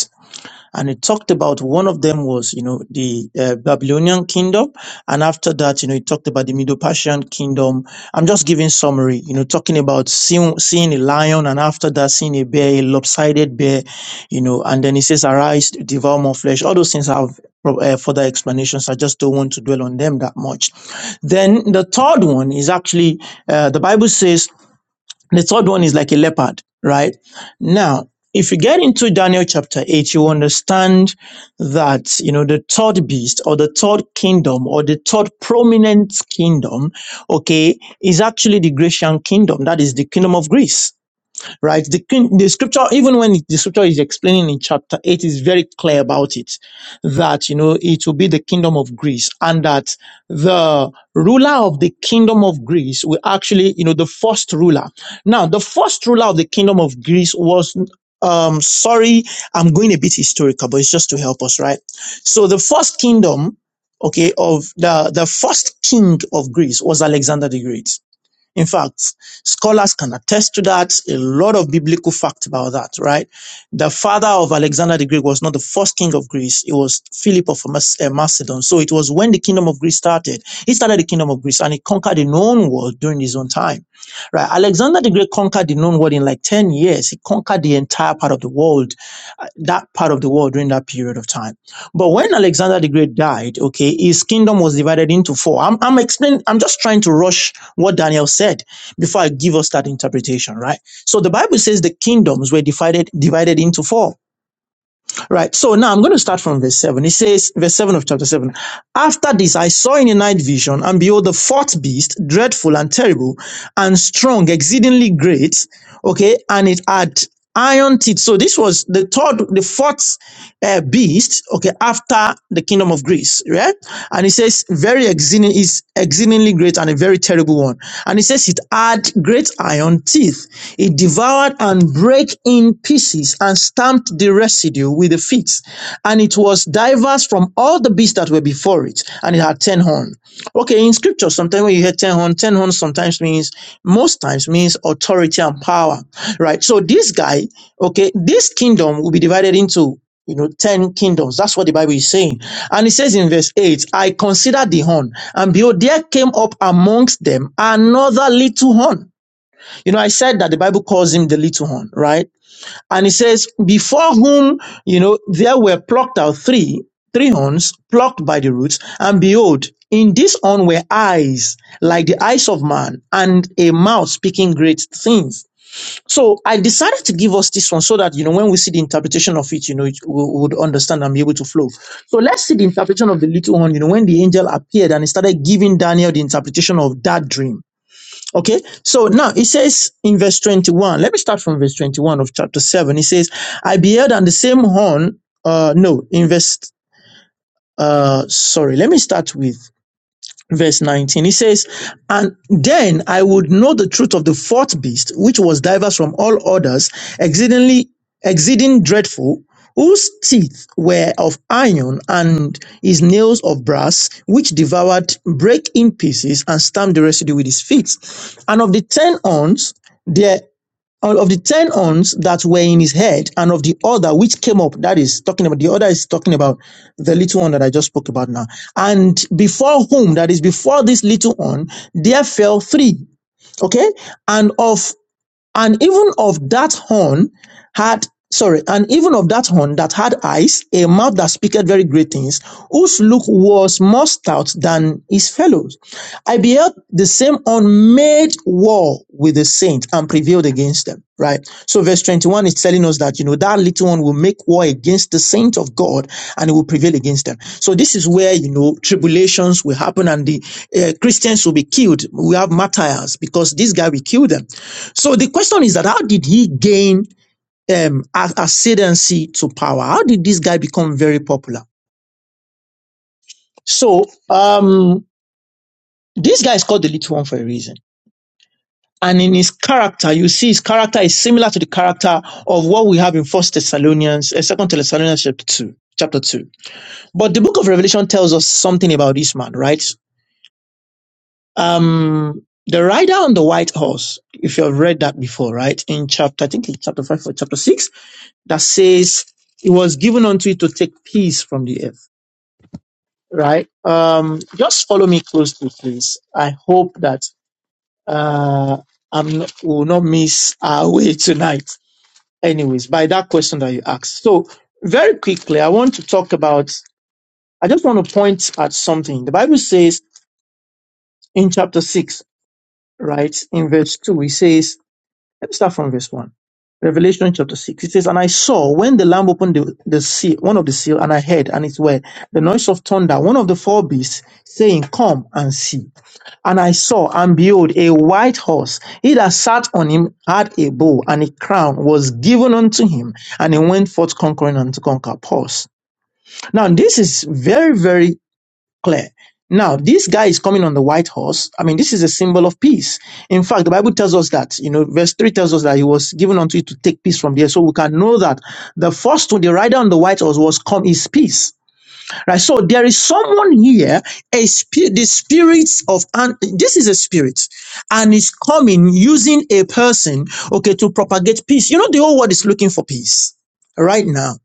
S2: and it talked about one of them was you know the uh, babylonian kingdom and after that you know it talked about the middle persian kingdom i'm just giving summary you know talking about seeing, seeing a lion and after that seeing a bear a lopsided bear you know and then it says arise devour more flesh all those things have pro- uh, further explanations i just don't want to dwell on them that much then the third one is actually uh, the bible says the third one is like a leopard, right? Now, if you get into Daniel chapter 8, you understand that, you know, the third beast or the third kingdom or the third prominent kingdom, okay, is actually the Grecian kingdom. That is the kingdom of Greece right? The, the scripture, even when the scripture is explaining in chapter 8, is very clear about it that, you know, it will be the kingdom of Greece and that the ruler of the kingdom of Greece will actually, you know, the first ruler. Now, the first ruler of the kingdom of Greece was, um, sorry, I'm going a bit historical, but it's just to help us, right? So the first kingdom, okay, of the, the first king of Greece was Alexander the Great in fact, scholars can attest to that. A lot of biblical fact about that, right? The father of Alexander the Great was not the first king of Greece. It was Philip of Mas- uh, Macedon. So it was when the kingdom of Greece started. He started the kingdom of Greece and he conquered the known world during his own time, right? Alexander the Great conquered the known world in like 10 years. He conquered the entire part of the world, uh, that part of the world during that period of time. But when Alexander the Great died, okay, his kingdom was divided into four. I'm, I'm explaining, I'm just trying to rush what Daniel said before I give us that interpretation, right? So the Bible says the kingdoms were divided, divided into four, right? So now I'm going to start from verse seven. It says, verse seven of chapter seven. After this, I saw in a night vision and behold the fourth beast, dreadful and terrible and strong, exceedingly great, okay, and it had iron teeth. So this was the third, the fourth uh, beast, okay, after the kingdom of Greece, right? And it says very exceeding is exceedingly great and a very terrible one. And it says it had great iron teeth. It devoured and brake in pieces and stamped the residue with the feet. And it was diverse from all the beasts that were before it, and it had ten horns. Okay, in scripture, sometimes when you hear ten horn, ten horn sometimes means most times means authority and power, right? So this guy, okay, this kingdom will be divided into you know ten kingdoms. That's what the Bible is saying, and it says in verse eight, "I considered the horn, and behold, there came up amongst them another little horn." You know, I said that the Bible calls him the little horn, right? And it says, before whom, you know, there were plucked out three, three horns plucked by the roots. And behold, in this horn were eyes like the eyes of man and a mouth speaking great things. So I decided to give us this one so that, you know, when we see the interpretation of it, you know, it- we we would understand and be able to flow. So let's see the interpretation of the little horn, you know, when the angel appeared and he started giving Daniel the interpretation of that dream. Okay, so now it says in verse 21, let me start from verse 21 of chapter 7. It says, I beheld and the same horn, uh, no, in verse, uh, sorry, let me start with verse 19. He says, And then I would know the truth of the fourth beast, which was diverse from all others, exceedingly, exceeding dreadful, whose teeth were of iron and his nails of brass, which devoured, break in pieces, and stamped the residue with his feet. And of the ten horns, there. And of the ten horns that were in his head, and of the other which came up, that is talking about the other is talking about the little one that I just spoke about now. And before whom, that is before this little one, there fell three. Okay, and of and even of that horn had sorry and even of that horn that had eyes a mouth that speaketh very great things whose look was more stout than his fellows i beheld the same horn made war with the saints and prevailed against them right so verse 21 is telling us that you know that little one will make war against the saints of god and it will prevail against them so this is where you know tribulations will happen and the uh, christians will be killed we have martyrs because this guy will kill them so the question is that how did he gain um, a- ascendancy to power? How did this guy become very popular? So um, this guy is called the little one for a reason. And in his character, you see his character is similar to the character of what we have in First Thessalonians, uh, Second Thessalonians chapter two, chapter two. But the book of Revelation tells us something about this man, right? Um, the rider on the white horse, if you have read that before, right? In chapter, I think it's chapter five or chapter six, that says it was given unto you to take peace from the earth, right? Um, just follow me closely, please. I hope that uh, I'm not, will not miss our way tonight. Anyways, by that question that you asked, so very quickly, I want to talk about. I just want to point at something. The Bible says in chapter six, right, in verse two, it says Let's start from verse 1. Revelation chapter 6. It says, And I saw when the Lamb opened the, the seal, one of the seal, and I heard, and it were the noise of thunder, one of the four beasts, saying, Come and see. And I saw, and behold, a white horse. He that sat on him had a bow, and a crown was given unto him, and he went forth conquering and to conquer. Pause. Now, this is very, very clear. Now, this guy is coming on the white horse. I mean, this is a symbol of peace. In fact, the Bible tells us that, you know, verse 3 tells us that he was given unto you to take peace from there. So we can know that the first one, the rider on the white horse was come is peace. Right. So there is someone here, a spirit, the spirits of, and this is a spirit and is coming using a person, okay, to propagate peace. You know, the whole world is looking for peace right now.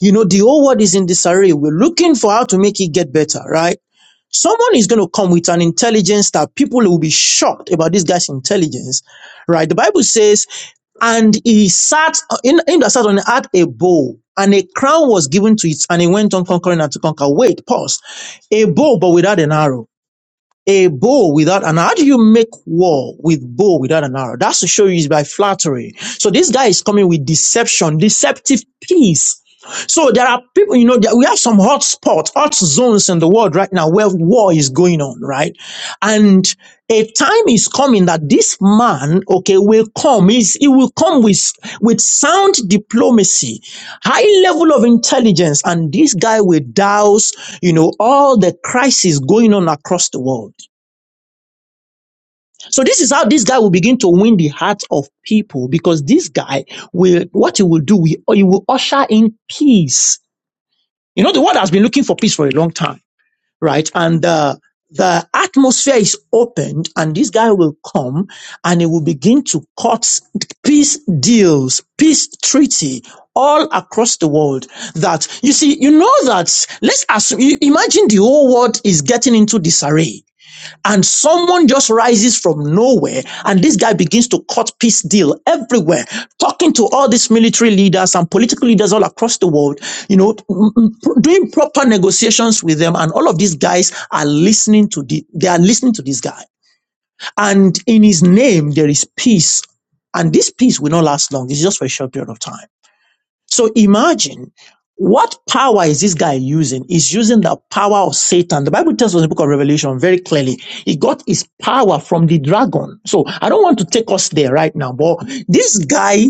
S2: You know, the whole world is in disarray. We're looking for how to make it get better, right? Someone is going to come with an intelligence that people will be shocked about this guy's intelligence, right? The Bible says, and he sat in, in the sat on had a bow, and a crown was given to it, and he went on conquering and to conquer. Wait, pause. A bow, but without an arrow. A bow without an arrow. How do you make war with bow without an arrow? That's to show you is by flattery. So this guy is coming with deception, deceptive peace. So there are people, you know, that we have some hot spots, hot zones in the world right now where war is going on, right? And a time is coming that this man, okay, will come. He's, he will come with, with sound diplomacy, high level of intelligence, and this guy will douse, you know, all the crisis going on across the world. So this is how this guy will begin to win the hearts of people because this guy will, what he will do, he, he will usher in peace. You know, the world has been looking for peace for a long time, right? And, uh, the atmosphere is opened and this guy will come and he will begin to cut peace deals, peace treaty all across the world that you see, you know that let's assume, imagine the whole world is getting into disarray and someone just rises from nowhere and this guy begins to cut peace deal everywhere talking to all these military leaders and political leaders all across the world you know doing proper negotiations with them and all of these guys are listening to the they are listening to this guy and in his name there is peace and this peace will not last long it's just for a short period of time so imagine what power is this guy using? He's using the power of Satan. The Bible tells us in the book of Revelation very clearly, he got his power from the dragon. So I don't want to take us there right now, but this guy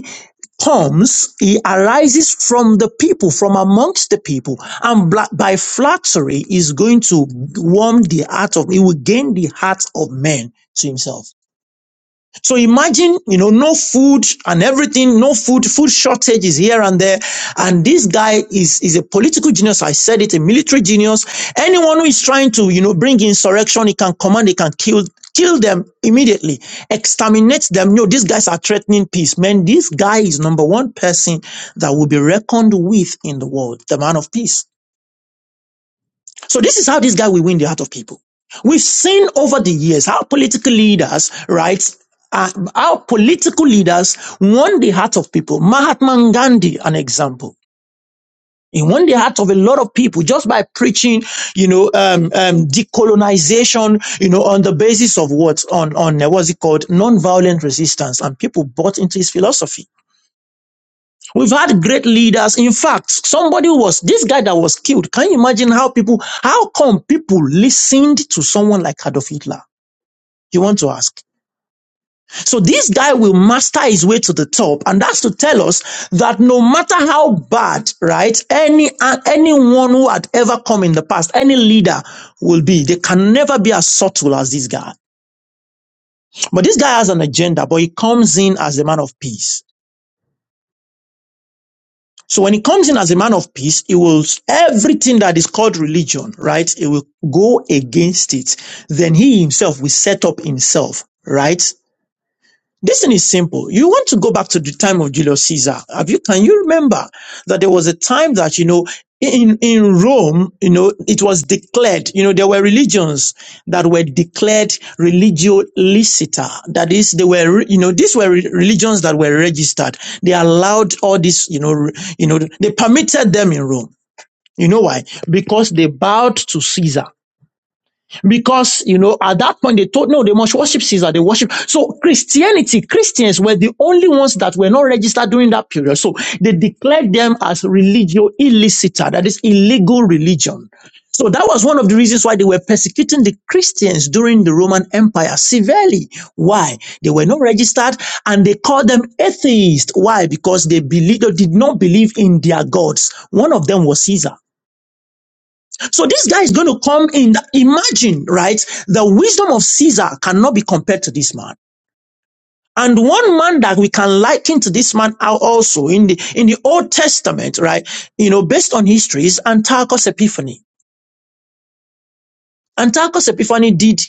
S2: comes, he arises from the people, from amongst the people, and bla- by flattery is going to warm the heart of, he will gain the heart of men to himself. So imagine, you know, no food and everything, no food, food shortages here and there. And this guy is, is a political genius. I said it, a military genius. Anyone who is trying to, you know, bring insurrection, he can command, he can kill, kill them immediately, exterminate them. No, these guys are threatening peace. Man, this guy is number one person that will be reckoned with in the world, the man of peace. So this is how this guy will win the heart of people. We've seen over the years how political leaders, right, uh, how political leaders won the heart of people. Mahatma Gandhi, an example. He won the heart of a lot of people just by preaching, you know, um, um, decolonization, you know, on the basis of what on on uh, what's it called, nonviolent resistance, and people bought into his philosophy. We've had great leaders. In fact, somebody was, this guy that was killed. Can you imagine how people, how come people listened to someone like Adolf Hitler? You want to ask. So this guy will master his way to the top. And that's to tell us that no matter how bad, right, any, uh, anyone who had ever come in the past, any leader will be, they can never be as subtle as this guy. But this guy has an agenda, but he comes in as a man of peace. So when he comes in as a man of peace, he will, everything that is called religion, right? He will go against it. Then he himself will set up himself, right? This thing is simple. You want to go back to the time of Julius Caesar. Have you, can you remember that there was a time that, you know, in, in Rome, you know, it was declared, you know, there were religions that were declared religio licita. That is, they were, re- you know, these were re- religions that were registered. They allowed all this, you know, re- you know, they permitted them in Rome. You know why? Because they bowed to Caesar because you know at that point they told no they must worship caesar they worship so christianity christians were the only ones that were not registered during that period so they declared them as religio illicita that is illegal religion so that was one of the reasons why they were persecuting the Christians during the Roman Empire severely. Why? They were not registered and they called them atheists. Why? Because they believed or did not believe in their gods. One of them was Caesar. So this guy is going to come in. Imagine, right? The wisdom of Caesar cannot be compared to this man. And one man that we can liken to this man are also in the, in the Old Testament, right? You know, based on history is Antiochus Epiphany. Antiochus Epiphany did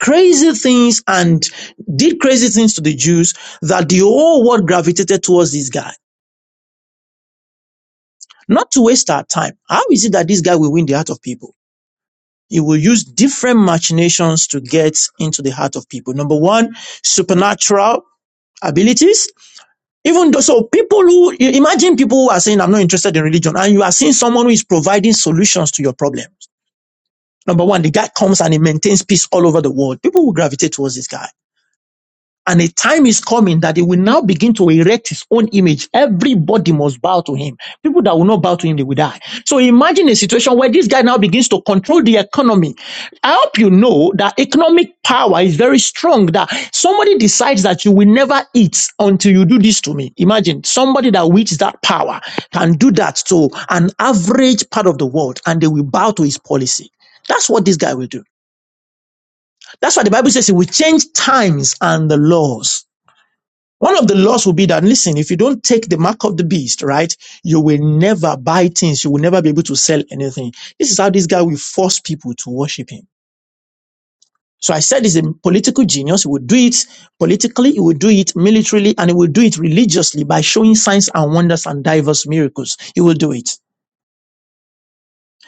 S2: crazy things and did crazy things to the Jews that the whole world gravitated towards this guy. Not to waste our time. How is it that this guy will win the heart of people? He will use different machinations to get into the heart of people. Number one, supernatural abilities. Even though, so people who, imagine people who are saying, I'm not interested in religion, and you are seeing someone who is providing solutions to your problems. Number one, the guy comes and he maintains peace all over the world. People will gravitate towards this guy. And a time is coming that he will now begin to erect his own image. Everybody must bow to him. People that will not bow to him, they will die. So imagine a situation where this guy now begins to control the economy. I hope you know that economic power is very strong, that somebody decides that you will never eat until you do this to me. Imagine somebody that wields that power can do that to an average part of the world and they will bow to his policy. That's what this guy will do. That's why the Bible says he will change times and the laws. One of the laws will be that, listen, if you don't take the mark of the beast, right, you will never buy things. You will never be able to sell anything. This is how this guy will force people to worship him. So I said he's a political genius. He will do it politically, he will do it militarily, and he will do it religiously by showing signs and wonders and diverse miracles. He will do it.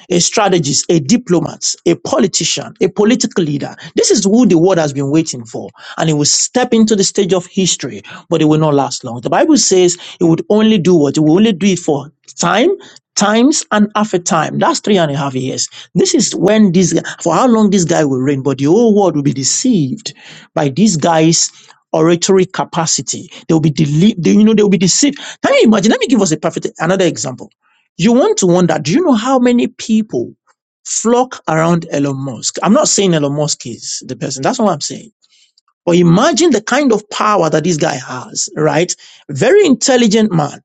S2: a strategist, a diplomat, a politician, a political leader. This is who the world has been waiting for. And he will step into the stage of history, but it will not last long. The Bible says he would only do what? He will only do it for time, times, and half a time. That's three and a half years. This is when this, for how long this guy will reign, but the whole world will be deceived by these guys. Oratory capacity. They will be deli- they, you know, they will be deceived. Can you imagine? Let me give us a perfect another example. You want to wonder, do you know how many people flock around Elon Musk? I'm not saying Elon Musk is the person. That's not what I'm saying. But imagine the kind of power that this guy has, right? Very intelligent man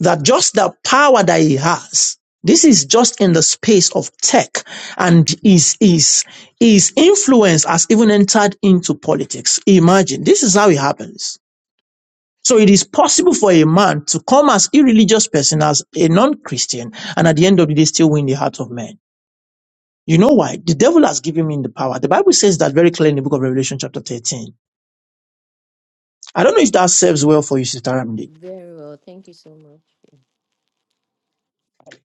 S2: that just the power that he has. This is just in the space of tech and his, his, his influence has even entered into politics. Imagine this is how it happens so it is possible for a man to come as irreligious person, as a non-Christian, and at the end of the day still win the heart of men. You know why? The devil has given him the power. The Bible says that very clearly in the book of Revelation chapter 13. I don't know if that serves well for you, Sister Ramdi.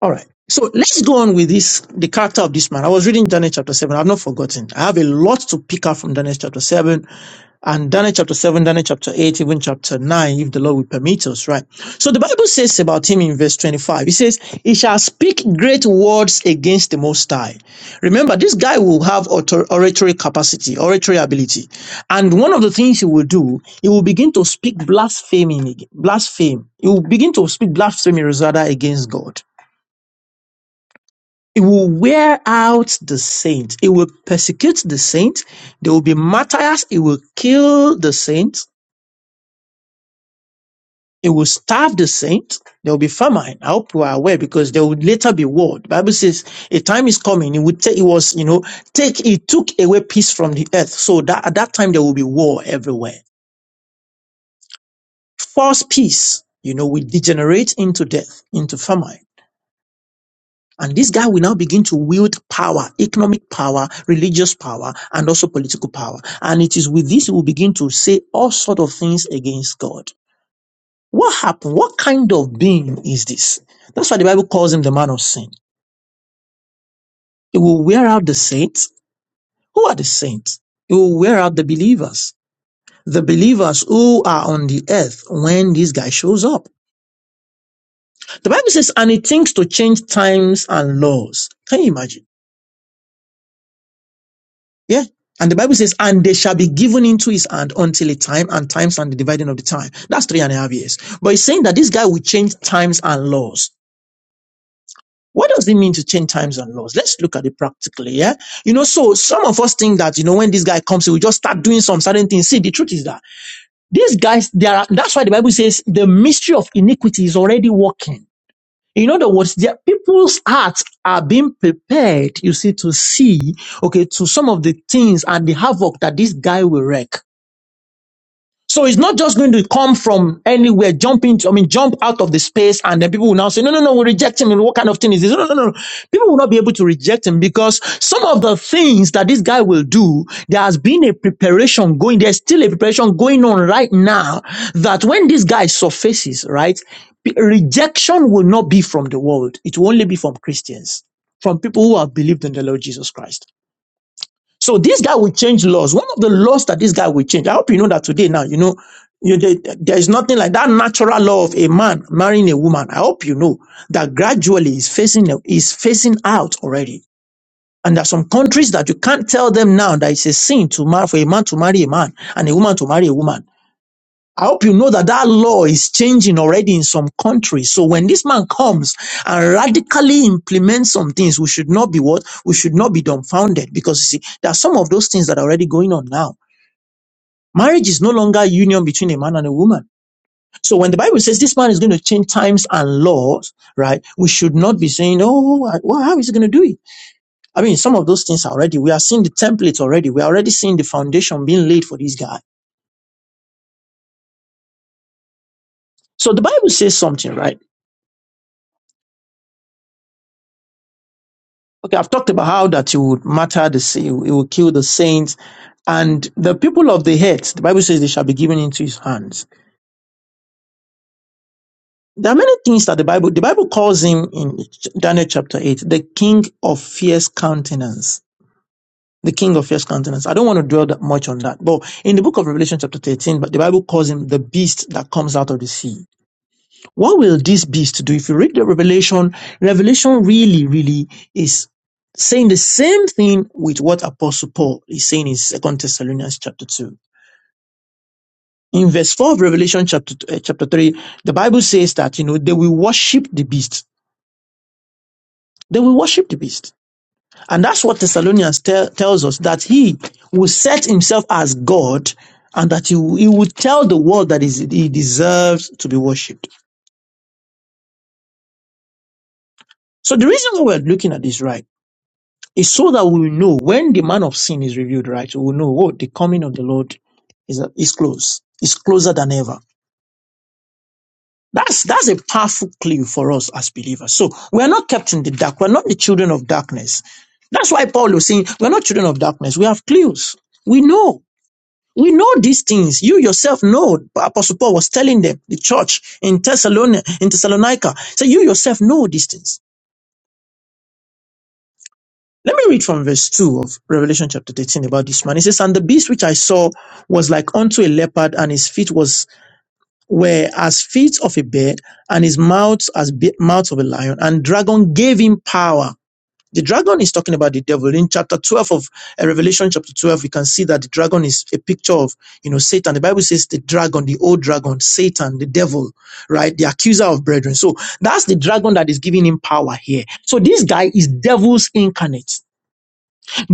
S2: All right. So let's go on with this, the character of this man. I was reading Daniel chapter 7. I've not forgotten. I have a lot to pick up from Daniel chapter 7 and Daniel chapter 7, Daniel chapter 8, even chapter 9, if the Lord will permit us, right? So the Bible says about him in verse 25, it says, He shall speak great words against the Most High. Remember, this guy will have author- oratory capacity, oratory ability. And one of the things he will do, he will begin to speak blasphemy, blaspheme. He will begin to speak blasphemy rather against God. It will wear out the saints. It will persecute the saints. There will be martyrs. It will kill the saints. It will starve the saints. There will be famine. I hope you are aware because there will later be war. The Bible says a time is coming. It would take, it was, you know, take, it took away peace from the earth. So that at that time there will be war everywhere. False peace, you know, will degenerate into death, into famine. And this guy will now begin to wield power, economic power, religious power, and also political power. And it is with this he will begin to say all sort of things against God. What happened? What kind of being is this? That's why the Bible calls him the man of sin. He will wear out the saints. Who are the saints? He will wear out the believers. The believers who are on the earth when this guy shows up. The Bible says, and he thinks to change times and laws. Can you imagine? Yeah. And the Bible says, and they shall be given into his hand until a time and times and the dividing of the time. That's three and a half years. But he's saying that this guy will change times and laws. What does it mean to change times and laws? Let's look at it practically. Yeah. You know, so some of us think that, you know, when this guy comes, he will just start doing some certain things. See, the truth is that these guys, they are, that's why the Bible says the mystery of iniquity is already working. In other words, their people's hearts are being prepared, you see, to see, okay, to some of the things and the havoc that this guy will wreak. So it's not just going to come from anywhere, jump into, I mean, jump out of the space, and then people will now say, no, no, no, we reject him. And what kind of thing is this? No, no, no, no. People will not be able to reject him because some of the things that this guy will do, there has been a preparation going, there's still a preparation going on right now that when this guy surfaces, right, p- rejection will not be from the world. It will only be from Christians, from people who have believed in the Lord Jesus Christ. So this guy will change laws. One of the laws that this guy will change, I hope you know that today now, you know, you, there there is nothing like that natural law of a man marrying a woman. I hope you know that gradually is facing is facing out already. And there are some countries that you can't tell them now that it's a sin to marry for a man to marry a man and a woman to marry a woman. I hope you know that that law is changing already in some countries. So when this man comes and radically implements some things, we should not be what? We should not be dumbfounded because you see, there are some of those things that are already going on now. Marriage is no longer a union between a man and a woman. So when the Bible says this man is going to change times and laws, right? We should not be saying, oh, well, how is he going to do it? I mean, some of those things are already, we are seeing the templates already. We are already seeing the foundation being laid for this guy. So the Bible says something, right? Okay, I've talked about how that you would matter the sa- you will kill the saints, and the people of the earth. The Bible says they shall be given into his hands. There are many things that the Bible the Bible calls him in Daniel chapter eight the king of fierce countenance. The king of fierce countenance. I don't want to dwell that much on that, but in the book of Revelation chapter thirteen, but the Bible calls him the beast that comes out of the sea. What will this beast do? If you read the Revelation, Revelation really, really is saying the same thing with what Apostle Paul is saying in Second Thessalonians chapter 2. In verse 4 of Revelation chapter, uh, chapter 3, the Bible says that, you know, they will worship the beast. They will worship the beast. And that's what Thessalonians tell, tells us that he will set himself as God and that he, he will tell the world that is, he deserves to be worshipped. So the reason why we're looking at this, right? It's so that we will know when the man of sin is revealed, right? So We will know, oh, the coming of the Lord is, is close. It's closer than ever. That's, that's a powerful clue for us as believers. So we are not kept in the dark. We're not the children of darkness. That's why Paul was saying, we're not children of darkness. We have clues. We know. We know these things. You yourself know. Apostle Paul was telling them, the church in Thessalonica, in Thessalonica. So you yourself know these things. Let me read from verse 2 of Revelation chapter 13 about this man. It says, And the beast which I saw was like unto a leopard, and his feet was were as feet of a bear, and his mouth as be- mouth of a lion, and dragon gave him power. The dragon is talking about the devil. In chapter 12 of uh, Revelation chapter 12, we can see that the dragon is a picture of, you know, Satan. The Bible says the dragon, the old dragon, Satan, the devil, right? The accuser of brethren. So that's the dragon that is giving him power here. So this guy is devil's incarnate.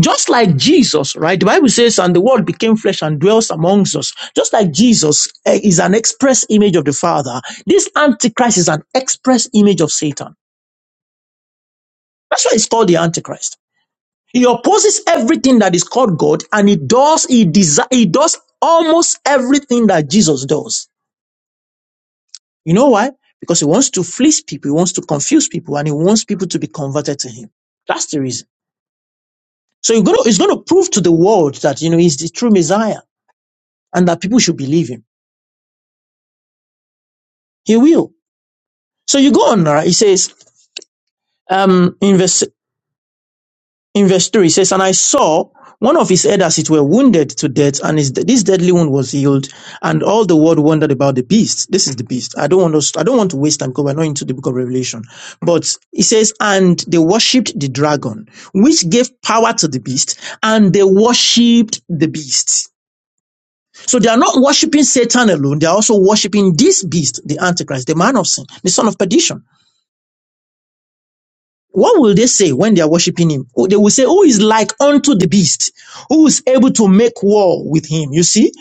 S2: Just like Jesus, right? The Bible says, and the word became flesh and dwells amongst us. Just like Jesus eh, is an express image of the Father, this Antichrist is an express image of Satan. That's why it's called the Antichrist. He opposes everything that is called God and he does, he desire, he does almost everything that Jesus does. You know why? Because he wants to fleece people, he wants to confuse people, and he wants people to be converted to him. That's the reason. So he's going to, he's going to prove to the world that, you know, he's the true Messiah and that people should believe him. He will. So you go on, right? He says, um, in verse, in verse 3, he says, And I saw one of his head as it were wounded to death, and his, this deadly wound was healed, and all the world wondered about the beast. This is the beast. I don't want us, I don't want to waste time because we're not into the book of Revelation. But he says, And they worshipped the dragon, which gave power to the beast, and they worshipped the beast. So they are not worshipping Satan alone, they are also worshipping this beast, the Antichrist, the man of sin, the son of perdition. What will they say when they are worshiping him? Oh, They will say, Who is like unto the beast? Who is able to make war with him? You see,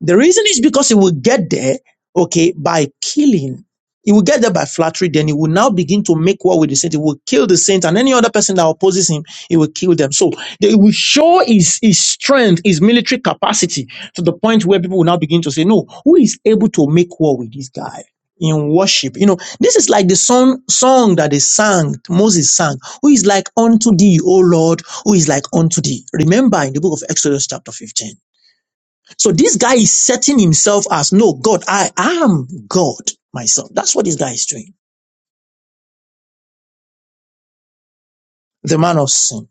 S2: the reason is because he will get there, okay, by killing. He will get there by flattery, then he will now begin to make war with the saint. He will kill the saint and any other person that opposes him, he will kill them. So they will show his, his strength, his military capacity to the point where people will now begin to say, No, who is able to make war with this guy? in worship. You know, this is like the song, song that they sang, Moses sang, who is like unto thee, O Lord, who is like unto thee. Remember in the book of Exodus chapter 15. So this guy is setting himself as, no, God, I am God myself. That's what this guy is doing. The man of sin.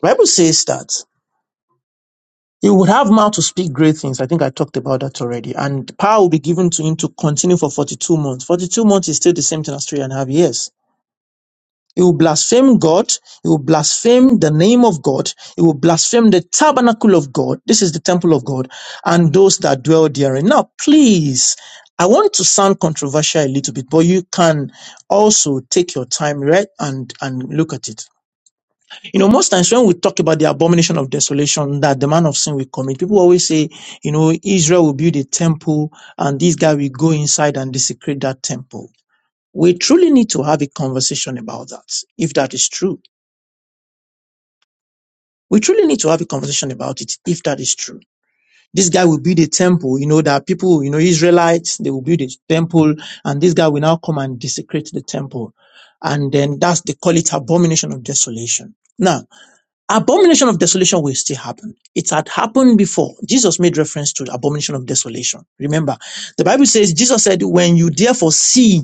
S2: The Bible says that he would have mouth to speak great things. I think I talked about that already. And power will be given to him to continue for 42 months. 42 months is still the same thing as three and a half years. He will blaspheme God. He will blaspheme the name of God. He will blaspheme the tabernacle of God. This is the temple of God and those that dwell therein. Now, please, I want to sound controversial a little bit, but you can also take your time, right? And, and look at it. You know, most times when we talk about the abomination of desolation that the man of sin will commit, people always say, you know, Israel will build a temple and this guy will go inside and desecrate that temple. We truly need to have a conversation about that, if that is true. We truly need to have a conversation about it, if that is true. This guy will build a temple, you know, that people, you know, Israelites, they will build a temple, and this guy will now come and desecrate the temple. And then that's, they call it abomination of desolation. Now, abomination of desolation will still happen. It had happened before. Jesus made reference to the abomination of desolation. Remember, the Bible says, Jesus said, when you therefore see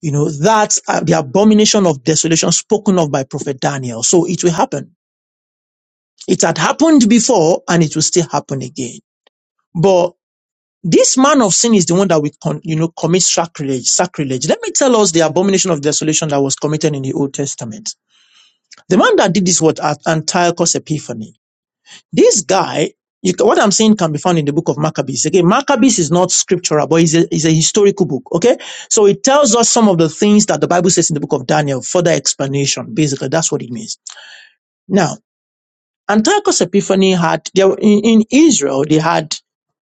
S2: You know, that's uh, the abomination of desolation spoken of by prophet Daniel. So it will happen. It had happened before and it will still happen again. But this man of sin is the one that we, con- you know, commit sacrilege, sacrilege. Let me tell us the abomination of desolation that was committed in the Old Testament. The man that did this was Antiochus Epiphanes. This guy, you, what I'm saying can be found in the book of Maccabees. Again, Maccabees is not scriptural, but it's a, it's a historical book. Okay. So it tells us some of the things that the Bible says in the book of Daniel, further explanation. Basically, that's what it means. Now, Antiochus Epiphany had, there, in, in Israel, they had,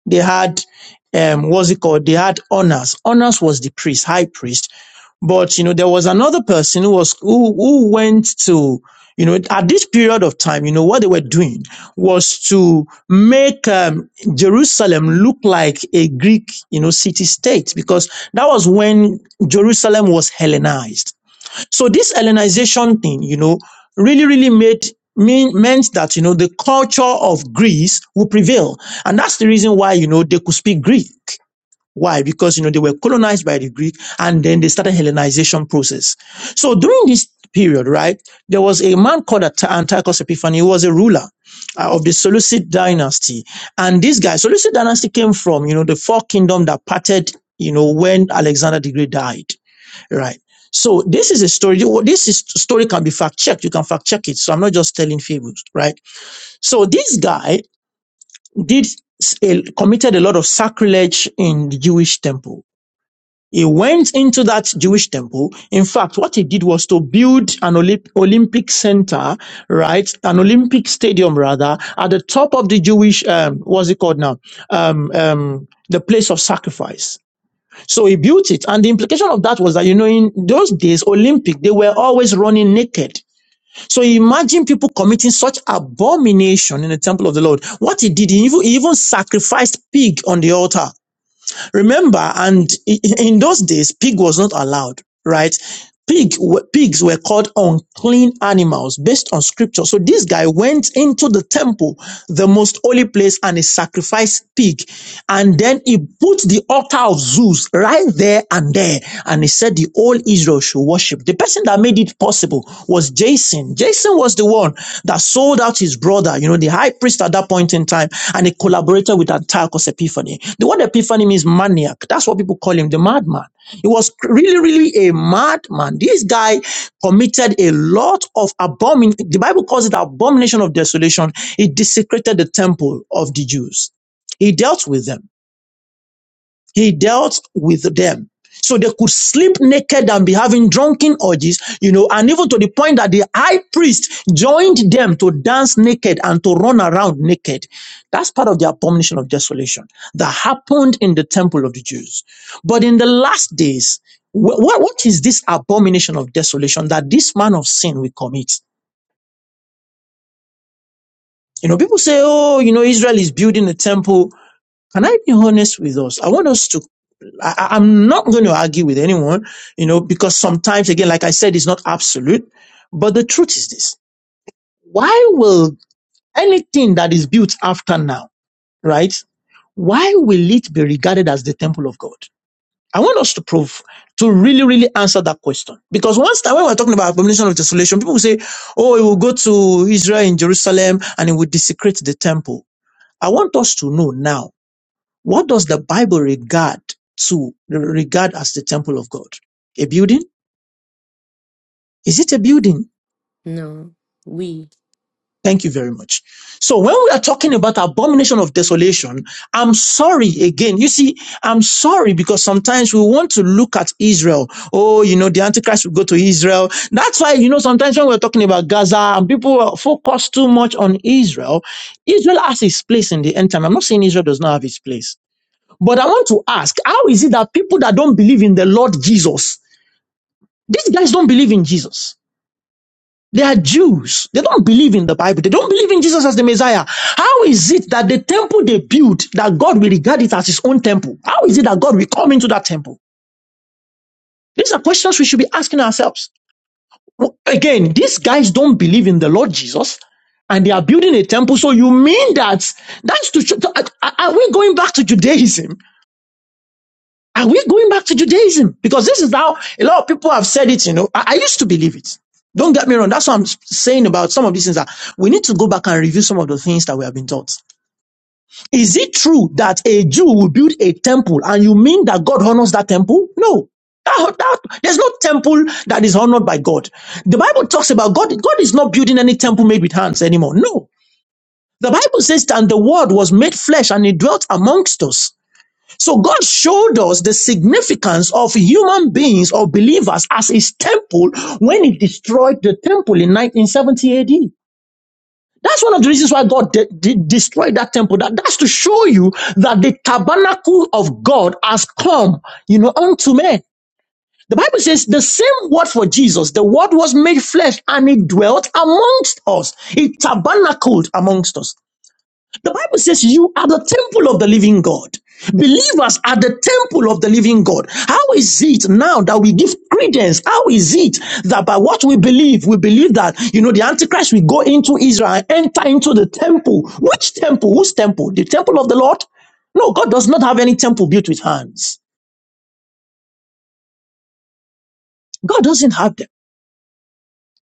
S2: they had, um, what's it called? They had honors. Honors was the priest, high priest. But you know, there was another person who was who, who went to you know at this period of time, you know what they were doing was to make um, Jerusalem look like a Greek you know city state because that was when Jerusalem was Hellenized. So this Hellenization thing, you know, really really made mean, meant that you know the culture of Greece would prevail, and that's the reason why you know they could speak Greek. Why? Because, you know, they were colonized by the Greek and then they started Hellenization process. So during this period, right, there was a man called Ant- Antiochus Epiphanes. He was a ruler uh, of the Seleucid dynasty. And this guy, Seleucid dynasty came from, you know, the four kingdom that parted, you know, when Alexander the Great died, right? So this is a story. This is, story can be fact checked. You can fact check it. So I'm not just telling fables, right? So this guy did s- a- committed a lot of sacrilege in the Jewish temple he went into that Jewish temple. In fact, what he did was to build an Olymp- Olympic center, right? An Olympic stadium, rather, at the top of the Jewish, um, what's it called now? Um, um, the place of sacrifice. So he built it. And the implication of that was that, you know, in those days, Olympic, they were always running naked. So imagine people committing such abomination in the temple of the Lord. What he did, he even, he even sacrificed pig on the altar. Remember, and in those days, pig was not allowed, right? Pig, pigs were called unclean animals based on scripture. So this guy went into the temple, the most holy place, and he sacrificed pig. And then he put the altar of Zeus rules right there and there. And he said the whole Israel should worship. The person that made it possible was Jason. Jason was the one that sold out his brother, you know, the high priest at that point in time, and he collaborated with Antiochus Epiphany. The word Epiphany means maniac. That's what people call him, the madman. He was really, really a madman. This guy committed a lot of abomin. The Bible calls it abomination of desolation. He desecrated the temple of the Jews. He dealt with them. He dealt with them. So they could sleep naked and be having drunken orgies, you know, and even to the point that the high priest joined them to dance naked and to run around naked. That's part of the abomination of desolation that happened in the temple of the Jews. But in the last days, what, what is this abomination of desolation that this man of sin will commit? You know, people say, oh, you know, Israel is building a temple. Can I be honest with us? I want us to I, I- am not going to argue with anyone, you know, because sometimes, again, like I said, it's not absolute. But the truth is this. Why will anything that is built after now, right? Why will it be regarded as the temple of God? I want us to prove, to really, really answer that question. Because once that, when we're talking about abomination of desolation, people will say, oh, it will go to Israel in Jerusalem and it will desecrate the temple. I want us to know now what does the Bible regard to regard as the temple of God? A building? Is it a building?
S1: No, we.
S2: Thank you very much. So when we are talking about abomination of desolation, I'm sorry again. You see, I'm sorry because sometimes we want to look at Israel. Oh, you know, the Antichrist will go to Israel. That's why, you know, sometimes when we're talking about Gaza and people focus too much on Israel, Israel has its place in the end time. I'm not saying Israel does not have its place. But I want to ask, how is it that people that don't believe in the Lord Jesus, these guys don't believe in Jesus. They are Jews. They don't believe in the Bible. They don't believe in Jesus as the Messiah. How is it that the temple they built, that God will regard it as his own temple? How is it that God will come into that temple? These are questions we should be asking ourselves. Well, Again, these guys don't believe in the Lord Jesus and they are building a temple. So you mean that that's to, to- are we going back to Judaism? Are we going back to Judaism? Because this is how a lot of people have said it, you know. I, I used to believe it. Don't get me wrong. That's what I'm saying about some of these things that we need to go back and review some of the things that we have been taught. Is it true that a Jew will build a temple and you mean that God honors that temple? No. That, that, there's no temple that is honored by God. The Bible talks about God. God is not building any temple made with hands anymore. No. The Bible says, and the word was made flesh and it dwelt amongst us. So God showed us the significance of human beings or believers as his temple when he destroyed the temple in 1970 AD. That's one of the reasons why God de- de- destroyed that temple. That, that's to show you that the tabernacle of God has come, you know, unto men. The Bible says the same word for Jesus. The word was made flesh and it dwelt amongst us. It tabernacled amongst us. The Bible says you are the temple of the living God. Believers are the temple of the living God. How is it now that we give credence? How is it that by what we believe, we believe that, you know, the Antichrist will go into Israel and enter into the temple? Which temple? Whose temple? The temple of the Lord? No, God does not have any temple built with hands. God doesn't have them.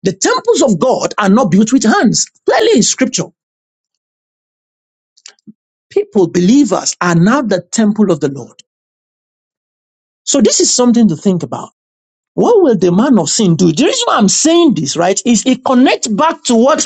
S2: The temples of God are not built with hands. Clearly in scripture, people, believers are now the temple of the Lord. So this is something to think about. What will the man of sin do? The reason why I'm saying this, right, is it connects back to what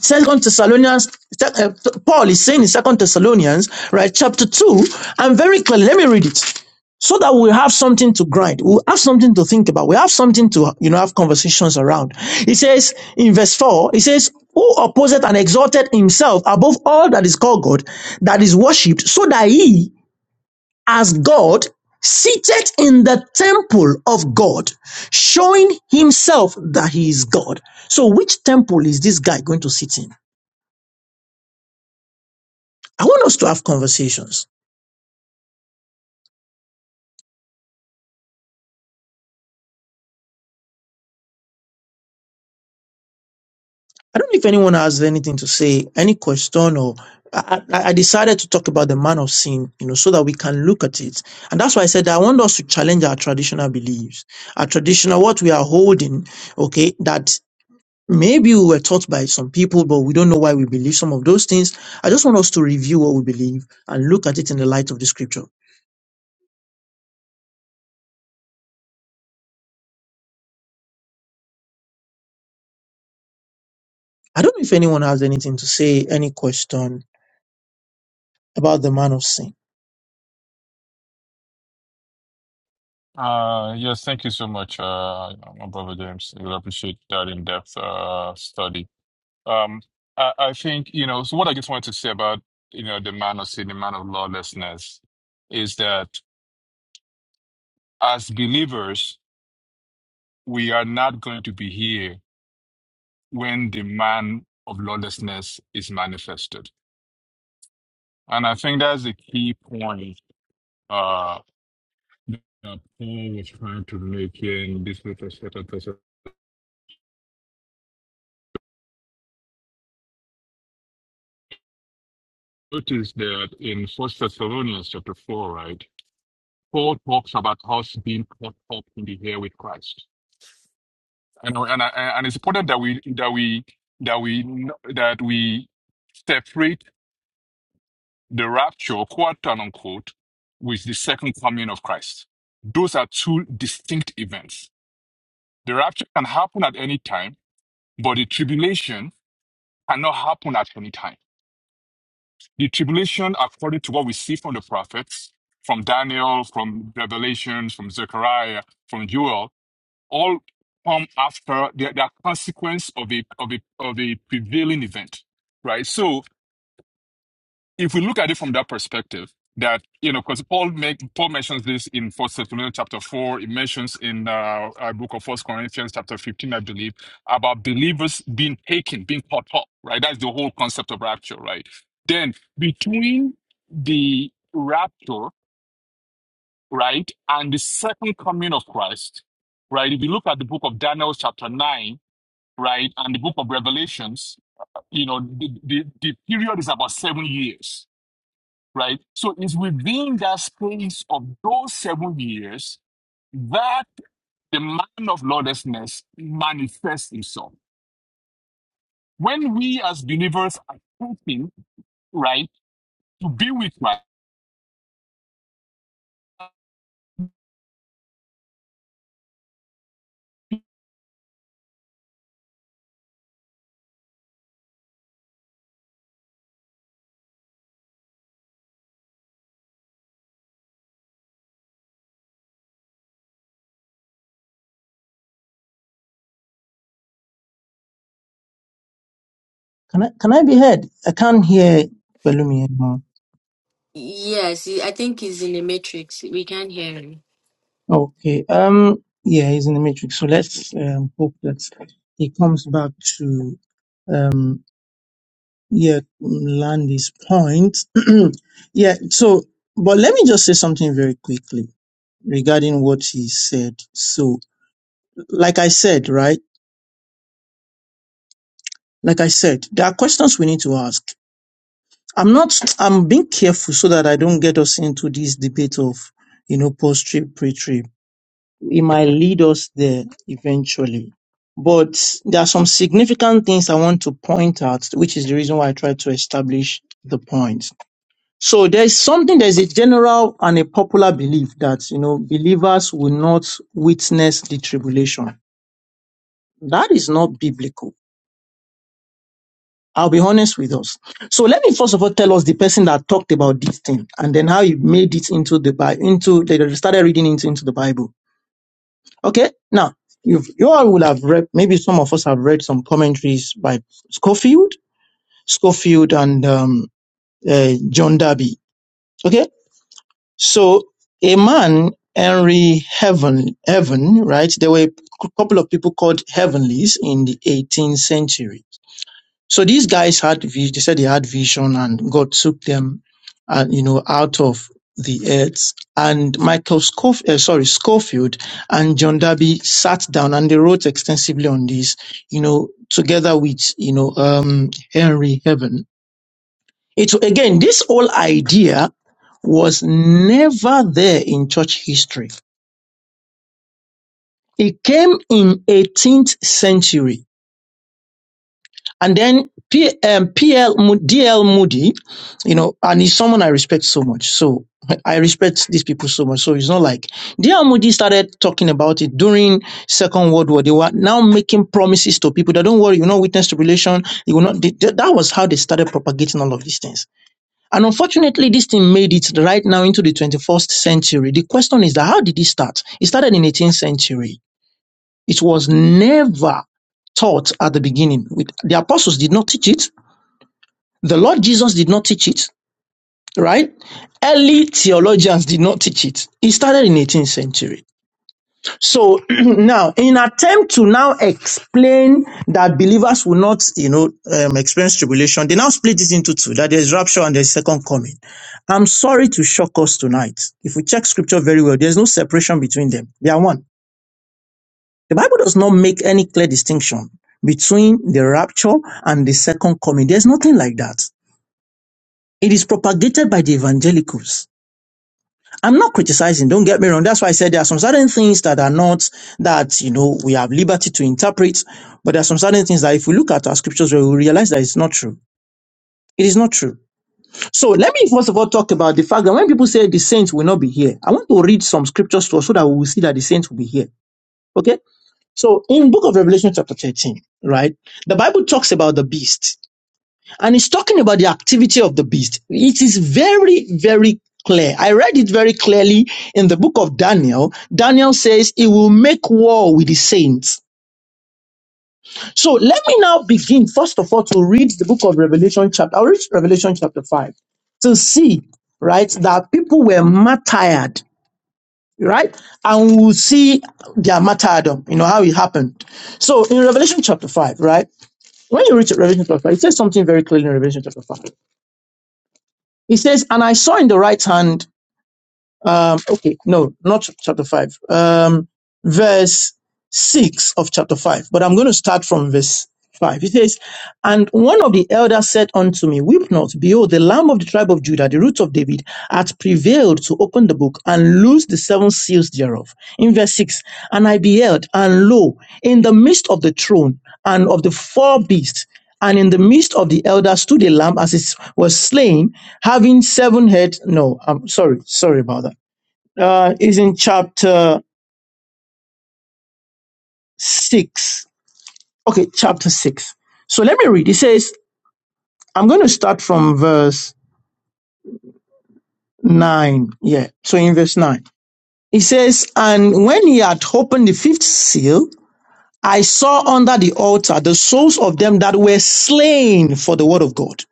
S2: Second Thessalonians uh, Paul is saying in Second Thessalonians, right, chapter two, and very clearly. Let me read it, so that we have something to grind, we have something to think about, we have something to you know have conversations around. It says in verse four, it says, "Who opposeth and exalted himself above all that is called God, that is worshipped, so that he." as God seated in the temple of God, showing himself that he is God. So which temple is this guy going to sit in? I want us to have conversations. I don't know if anyone has anything to say, any question or I, I I decided to talk about the man of sin, you know, so that we can look at it. And that's why I said I want us to challenge our traditional beliefs, our traditional, what we are holding, okay, that Maybe we were taught by some people, but we don't know why we believe some of those things. I just want us to review what we believe and look at it in the light of the scripture. I don't know if anyone has anything to say, any question about the man of sin.
S4: Uh, yes, thank you so much, uh, my brother James. I really appreciate that in-depth uh, study. Um, I, I think, you know, so what I just wanted to say about, you know, the man of sin, the man of lawlessness, is that as believers, we are not going to be here when the man of lawlessness is manifested. And I think that's the key point uh, that Paul was trying to make here in this little notice that in First Thessalonians chapter four, right, Paul talks about us being caught up in the air with Christ, and and and it's important that we that we that we that we separate the rapture, quote and unquote, with the second coming of Christ. Those are two distinct events. The rapture can happen at any time, but the tribulation cannot happen at any time. The tribulation, according to what we see from the prophets, from Daniel, from Revelations, from Zechariah, from Joel, all come after they are they are consequence of a of a of a prevailing event, right? So if we look at it from that perspective, that you know, because Paul make Paul mentions this in First Thessalonians chapter four, it mentions in uh, uh book of First Corinthians chapter fifteen, I believe, about believers being taken, being caught up. Right, that's the whole concept of rapture. Right, then between the rapture, right, and the second coming of Christ, right. If you look at the book of Daniel chapter nine, right, and the book of Revelations, you know, the the, the period is about seven years right? So it's within that space of those seven years that the man of lawlessness manifests himself. When we as believers are hoping, right, to be with Christ.
S2: Can I can I be heard? I can't hear Balumi anymore.
S1: Yes, I think he's in the matrix. We can't hear him.
S2: Okay. Um. Yeah, he's in the matrix. So let's um, hope that he comes back to um. Yeah, land his point. yeah. So, but let me just say something very quickly regarding what he said. So, like I said, right? Like I said, there are questions we need to ask. I'm not. I'm being careful so that I don't get us into this debate of you know post trip pre trip It might lead us there eventually. But there are some significant things I want to point out, which is the reason why I try to establish the point. So there's something, there's a general and a popular belief that, you know, believers will not witness the tribulation. That is not biblical. I'll be honest with us. So let me first of all tell us the person that talked about this thing and then how he made it into the Bible, into, they started reading it into the Bible. Okay, now you've, you all will have read. Maybe some of us have read some commentaries by Schofield, Schofield, and um, uh, John Darby. Okay, so a man Henry Heaven, Heaven, right? There were a couple of people called Heavenlies in the 18th century so these guys had, vi- they said they had vision and God took them, uh, you know, out of the earth. And Michael Scofield, uh, sorry, Scofield and John Darby sat down and they wrote extensively on this, you know, together with, you know, um, Henry Heaven. It's again, this whole idea was never there in church history. It came in 18th century And then P, um, PL, Mo- DL Moody, you know, and he's someone I respect so much. So I respect these people so much. So it's not like DL Moody started talking about it during Second World War. They were now making promises to people that don't worry, you're not witness tribulation. You will not. They, they- that was how they started propagating all of these things. And unfortunately, this thing made it right now into the 21st century. The question is that how did it start? It started in 18th century. It was never taught at the beginning. With, the apostles did not teach it the Lord Jesus did not teach it, right? Early theologians did not teach it. It started in 18th century. So now, in attempt to now explain that believers will not, you know, um, experience tribulation, they now split this into two, that there's rapture and there's second coming. I'm sorry to shock us tonight. If we check scripture very well, there's no separation between them. They are one. The Bible does not make any clear distinction between the rapture and the second coming. There's nothing like that. It is propagated by the evangelicals I'm not criticizing, don't get me wrong. That's why I said there are some certain things that are not that, you know, we have liberty to interpret, but there are some certain things that if we look at our scriptures, we will realize that it's not true. It is not true. So let me first of all talk about the fact that when people say the saints will not be here, I want to read some scriptures to us so that we will see that the saints will be here. Okay? So in book of Revelation chapter 13, right, the Bible talks about the beast and he's talking about the activity of the beast. It is very, very clear. I read it very clearly in the book of Daniel. Daniel says he will make war with the saints. So let me now begin, first of all, to read the book of Revelation chapter. I'll read Revelation chapter 5 to see, right, that people were martyred, right? And we'll see their martyrdom, you know, how it happened. So in Revelation chapter 5, right? When you read Revelation chapter 5, it says something very clearly in Revelation chapter 5. He says, And I saw in the right hand um okay no not ch- chapter 5 um verse 6 of chapter 5 but i'm going to start from verse 5 it says and one of the elders said unto me weep not behold the lamb of the tribe of judah the root of david hath prevailed to open the book and loose the seven seals thereof in verse 6 and i beheld and lo in the midst of the throne and of the four beasts and in the midst of the elders stood a lamb as it was slain, having seven heads. No, I'm sorry, sorry about that uh, is in chapter 6. Okay, chapter 6. So let me read. It says, I'm going to start from verse 9. Yeah, so in verse 9. It says, And when he had opened the fifth seal, I saw under the altar the souls of them that were slain for the word of God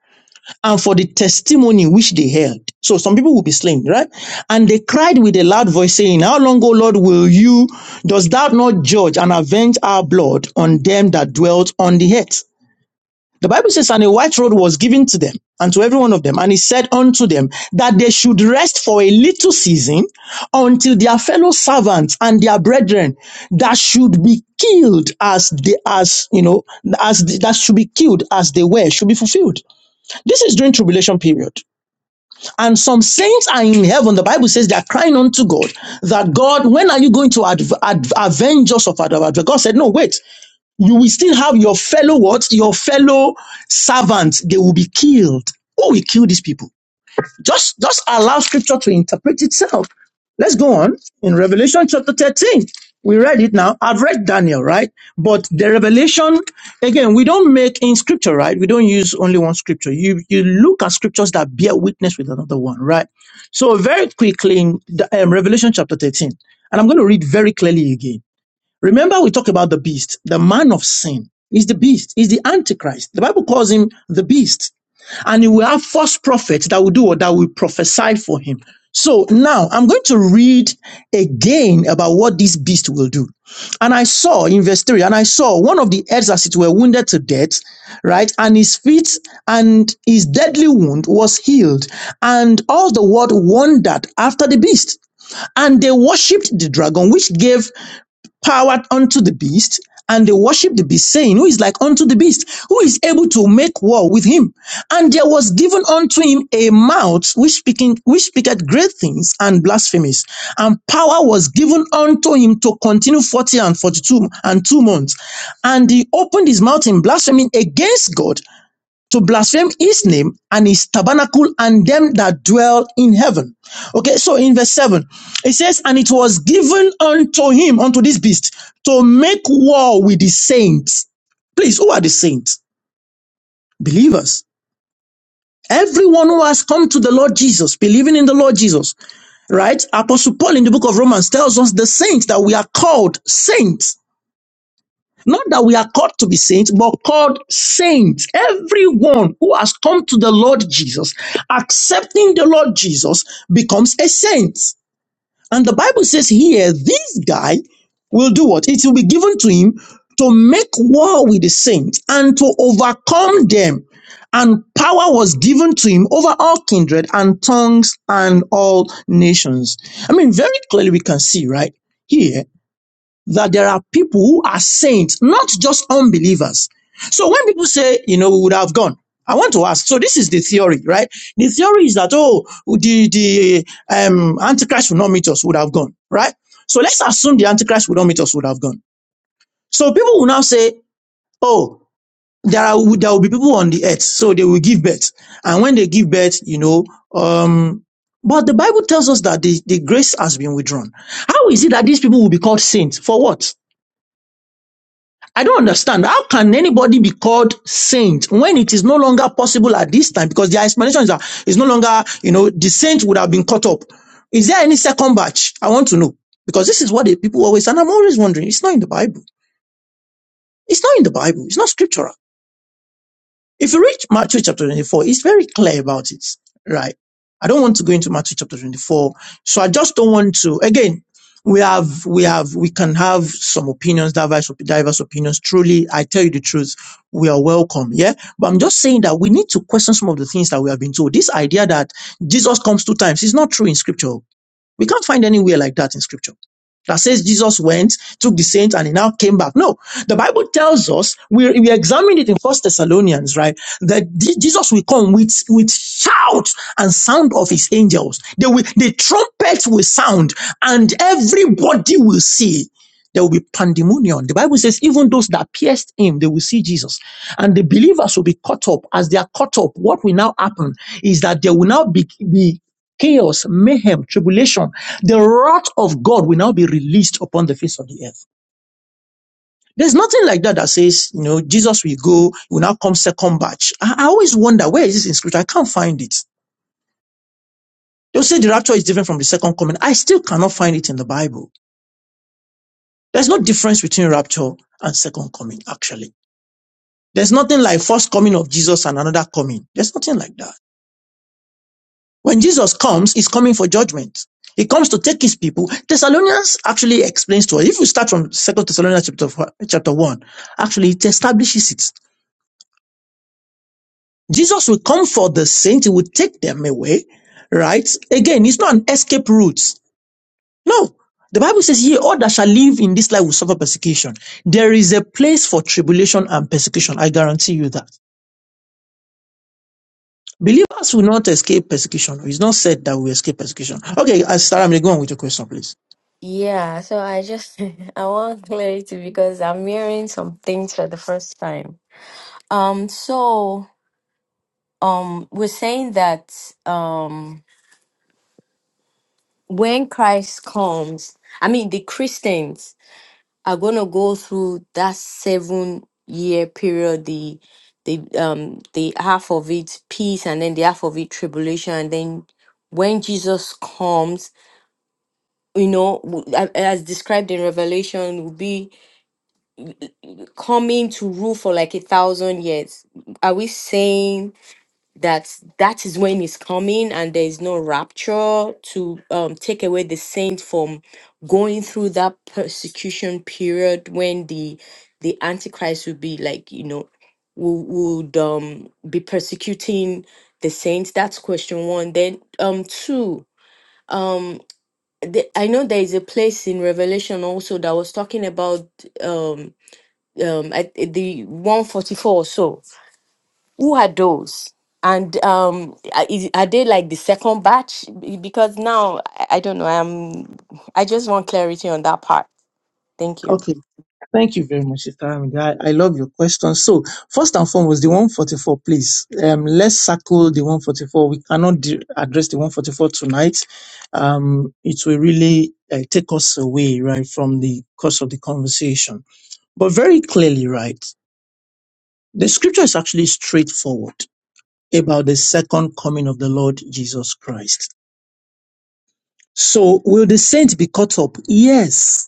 S2: and for the testimony which they held. So some people will be slain, right? And they cried with a loud voice, saying, How long, O Lord, will you, dost thou not judge and avenge our blood on them that dwelt on the earth? The Bible says, And a white robe was given to them and to every one of them. And he said unto them that they should rest for a little season until their fellow servants and their brethren that should be killed as they, as, you know, as, that should be killed as they were should be fulfilled. This is during tribulation period. And some saints are in heaven. The Bible says they are crying unto God that God, when are you going to adv- adv- avenge us of our adver-" God said, no, wait. You will still have your fellow what? Your fellow servants. They will be killed. Who will kill these people? Just, just allow scripture to interpret itself. Let's go on. In Revelation chapter 13, we read it now. I've read Daniel, right? But the revelation, again, we don't make in scripture, right? We don't use only one scripture. You, you look at scriptures that bear witness with another one, right? So very quickly in the, um, Revelation chapter 13, and I'm going to read very clearly again. Remember, we talk about the beast, the man of sin is the beast, is the antichrist. The Bible calls him the beast and he will have false prophets that will do or that will prophesy for him. So now I'm going to read again about what this beast will do. And I saw in verse 3, and I saw one of the heads as it were wounded to death, right? And his feet and his deadly wound was healed. And all the world wondered after the beast. And they worshipped the dragon, which gave power unto the beast, and they worship the beast, saying, Who is like unto the beast? Who is able to make war with him? And there was given unto him a mouth which speaking which speaketh great things and blasphemies. And power was given unto him to continue forty and forty-two and two months. And he opened his mouth in blasphemy against God to blaspheme his name and his tabernacle and them that dwell in heaven. Okay, so in verse 7, it says, And it was given unto him, unto this beast, to make war with the saints. Please, who are the saints? Believers. Everyone who has come to the Lord Jesus, believing in the Lord Jesus, right? Apostle Paul in the book of Romans tells us the saints that we are called saints. Not that we are called to be saints, but called saints. Everyone who has come to the Lord Jesus, accepting the Lord Jesus, becomes a saint. And the Bible says here, this guy will do what? It will be given to him to make war with the saints and to overcome them. And power was given to him over all kindred and tongues and all nations. I mean, very clearly we can see, right? here that there are people who are saints, not just unbelievers. So when people say, you know, we would have gone, I want to ask. So this is the theory, right? The theory is that oh, the the um, Antichrist will not meet us, would have gone, right? So let's assume the Antichrist would not meet us, would have gone. So people will now say, oh, there are there will be people on the earth, so they will give birth, and when they give birth, you know, um, but the Bible tells us that the, the grace has been withdrawn. How is it that these people will be called saints? For what? I don't understand. How can anybody be called saint when it is no longer possible at this time? Because their explanation is that it's no longer, you know, the saint would have been caught up. Is there any second batch? I want to know. Because this is what the people always, and I'm always wondering, it's not in the Bible. It's not in the Bible. It's not scriptural. If you read Matthew chapter 24, it's very clear about it, right? I don't want to go into Matthew chapter 24. So I just don't want to, again, we have, we have, we can have some opinions, diverse, diverse opinions. Truly, I tell you the truth, we are welcome. Yeah. But I'm just saying that we need to question some of the things that we have been told. This idea that Jesus comes two times is not true in scripture. We can't find anywhere like that in scripture that says Jesus went, took the saints, and he now came back. No, the Bible tells us, we, we examined it in First Thessalonians, right? That Je- Jesus will come with, with shout and sound of his angels. They will, the trumpets will sound and everybody will see. There will be pandemonium. The Bible says, even those that pierced him, they will see Jesus. And the believers will be caught up. As they are caught up, what will now happen is that there will now be, be chaos, mayhem, tribulation, the wrath of God will now be released upon the face of the earth. There's nothing like that that says, you know, Jesus will go, will now come second batch. I, I always wonder, where is this in scripture? I can't find it. They'll say the rapture is different from the second coming. I still cannot find it in the Bible. There's no difference between rapture and second coming, actually. There's nothing like first coming of Jesus and another coming. There's nothing like that. When Jesus comes, he's coming for judgment. He comes to take his people. Thessalonians actually explains to us. If we start from Second Thessalonians chapter, chapter 1, actually it establishes it. Jesus will come for the saints. He will take them away, right? Again, it's not an escape route. No. The Bible says, ye all that shall live in this life will suffer persecution. There is a place for tribulation and persecution. I guarantee you that. Believers will not escape persecution. It's not said that we escape persecution. Okay, uh, Sarah, I'm going to go on with your question, please.
S1: Yeah, so I just I want clarity because I'm hearing some things for the first time. Um, so um, we're saying that um. when Christ comes, I mean, the Christians are going to go through that seven year period, the the um the half of it peace and then the half of it tribulation and then when jesus comes you know w- a- as described in revelation will be coming to rule for like a thousand years are we saying that that is when he's coming and there is no rapture to um, take away the saint from going through that persecution period when the the antichrist would be like you know wo- would um be persecuting the saints that's question one then um two um the, i know there is a place in revelation also that was talking about um um at the 144 or so who are those and um are is- are they like the second batch Be- because now i I don't know i'm i just want clarity on that part thank you
S2: Okay. Thank you very much, Sister Amida. I, I love your question. So, first and foremost, the 144, please. Um, let's circle the 144. We cannot de- address the 144 tonight. Um, it will really uh, take us away, right, from the course of the conversation. But very clearly, right, the scripture is actually straightforward about the second coming of the Lord Jesus Christ. So, will the saints be caught up? Yes.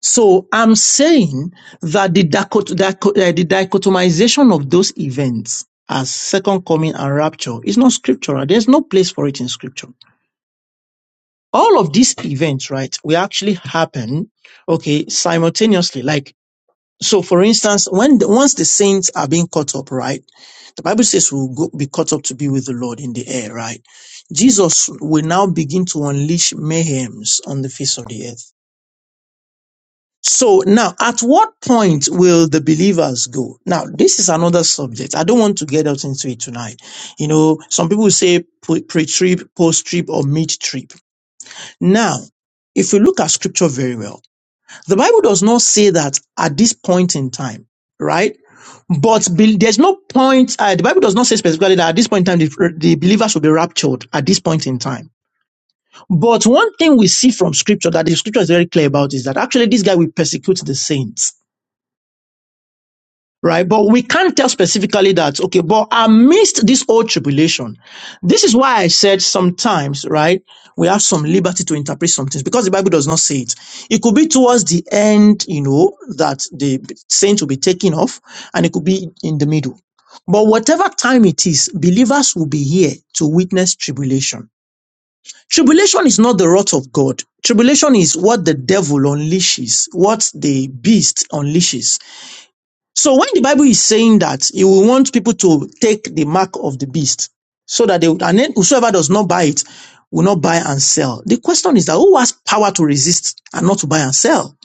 S2: So I'm saying that the, dicot- dico- uh, the dichotomization of those events as second coming and rapture is not scriptural. There's no place for it in scripture. All of these events, right, will actually happen, okay, simultaneously. Like, so for instance, when the, once the saints are being caught up, right, the Bible says we'll go, be caught up to be with the Lord in the air, right? Jesus will now begin to unleash mayhems on the face of the earth So now, at what point will the believers go? Now, this is another subject. I don't want to get out into it tonight. You know, some people say pre- pre-trip, post-trip, or mid-trip. Now, if you look at scripture very well, the Bible does not say that at this point in time, right? But be- there's no point, uh, the Bible does not say specifically that at this point in time, the, the believers will be raptured at this point in time. But one thing we see from scripture that the scripture is very clear about is that actually this guy will persecute the saints right? But we can't tell specifically that, okay, but amidst this old tribulation, this is why I said sometimes, right, we have some liberty to interpret some things because the Bible does not say it. It could be towards the end, you know, that the saints will be taken off, and it could be in the middle. But whatever time it is, believers will be here to witness tribulation. Tribulation is not the wrath of God. Tribulation is what the devil unleashes, what the beast unleashes. So when the Bible is saying that it will want people to take the mark of the beast so that they would, and then whosoever does not buy it will not buy and sell. The question is that who has power to resist and not to buy and sell?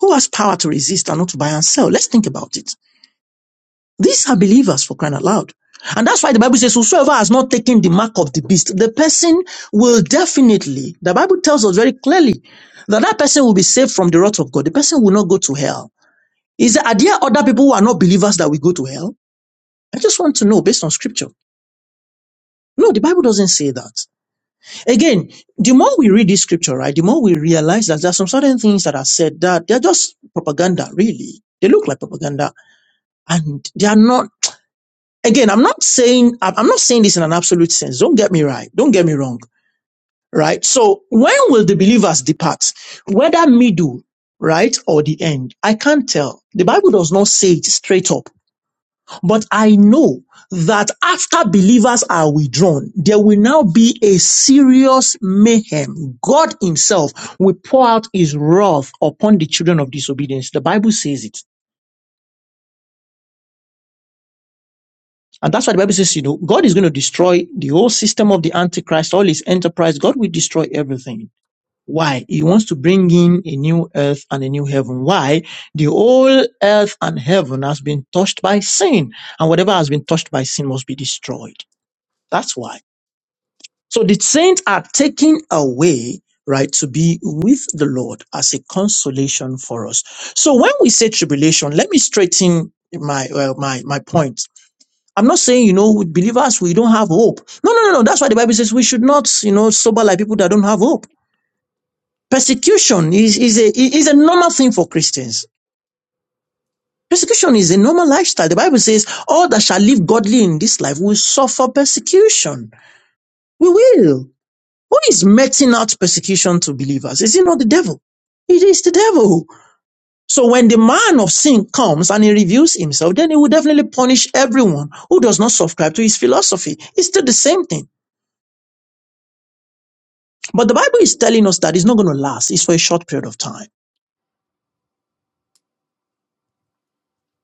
S2: Who has power to resist and not to buy and sell? Let's think about it. These are believers for crying out loud. And that's why the Bible says, whosoever has not taken the mark of the beast, the person will definitely, the Bible tells us very clearly that that person will be saved from the wrath of God. The person will not go to hell. Is there, are there other people who are not believers that will go to hell? I just want to know based on scripture. No, the Bible doesn't say that. Again, the more we read this scripture, right, the more we realize that there are some certain things that are said that they're just propaganda, really. They look like propaganda and they are not, again, I'm not saying, I'm I'm not saying this in an absolute sense. Don't get me right. Don't get me wrong, right? So when will the believers depart? Whether middle, right, or the end? I can't tell. The Bible does not say it straight up. But I know that after believers are withdrawn, there will now be a serious mayhem. God himself will pour out his wrath upon the children of disobedience. The Bible says it. And that's why the Bible says, you know, God is going to destroy the whole system of the Antichrist, all his enterprise. God will destroy everything. Why? He wants to bring in a new earth and a new heaven. Why? The whole earth and heaven has been touched by sin. And whatever has been touched by sin must be destroyed. That's why. So the saints are taken away, right, to be with the Lord as a consolation for us. So when we say tribulation, let me straighten my uh, my my point. I'm not saying you know with believers we don't have hope. No, no, no, no. That's why the Bible says we should not you know sober like people that don't have hope. Persecution is is a is a normal thing for Christians. Persecution is a normal lifestyle. The Bible says all that shall live godly in this life will suffer persecution. We will. Who is meting out persecution to believers? Is it not the devil? It is the devil. So when the man of sin comes and he reveals himself, then he will definitely punish everyone who does not subscribe to his philosophy. It's still the same thing. But the Bible is telling us that it's not going to last. It's for a short period of time.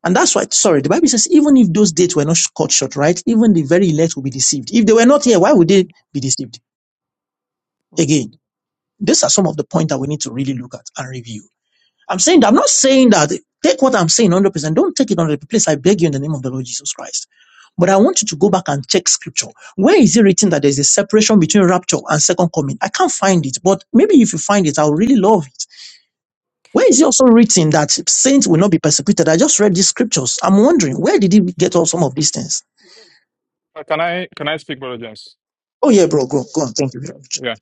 S2: And that's why, sorry, the Bible says even if those dates were not cut short, right? Even the very elect will be deceived. If they were not here, why would they be deceived? Again, these are some of the points that we need to really look at and review. I'm saying that I'm not saying that take what I'm saying 100 percent. Don't take it 100 place. I beg you in the name of the Lord Jesus Christ. But I want you to go back and check scripture. Where is it written that there's a separation between rapture and second coming? I can't find it, but maybe if you find it, I'll really love it. Where is it also written that saints will not be persecuted? I just read these scriptures. I'm wondering where did he get all some of these things?
S4: Uh, Can I can I speak, Brother James?
S2: Oh yeah, bro, go go on. Thank you. very much.
S4: Yeah.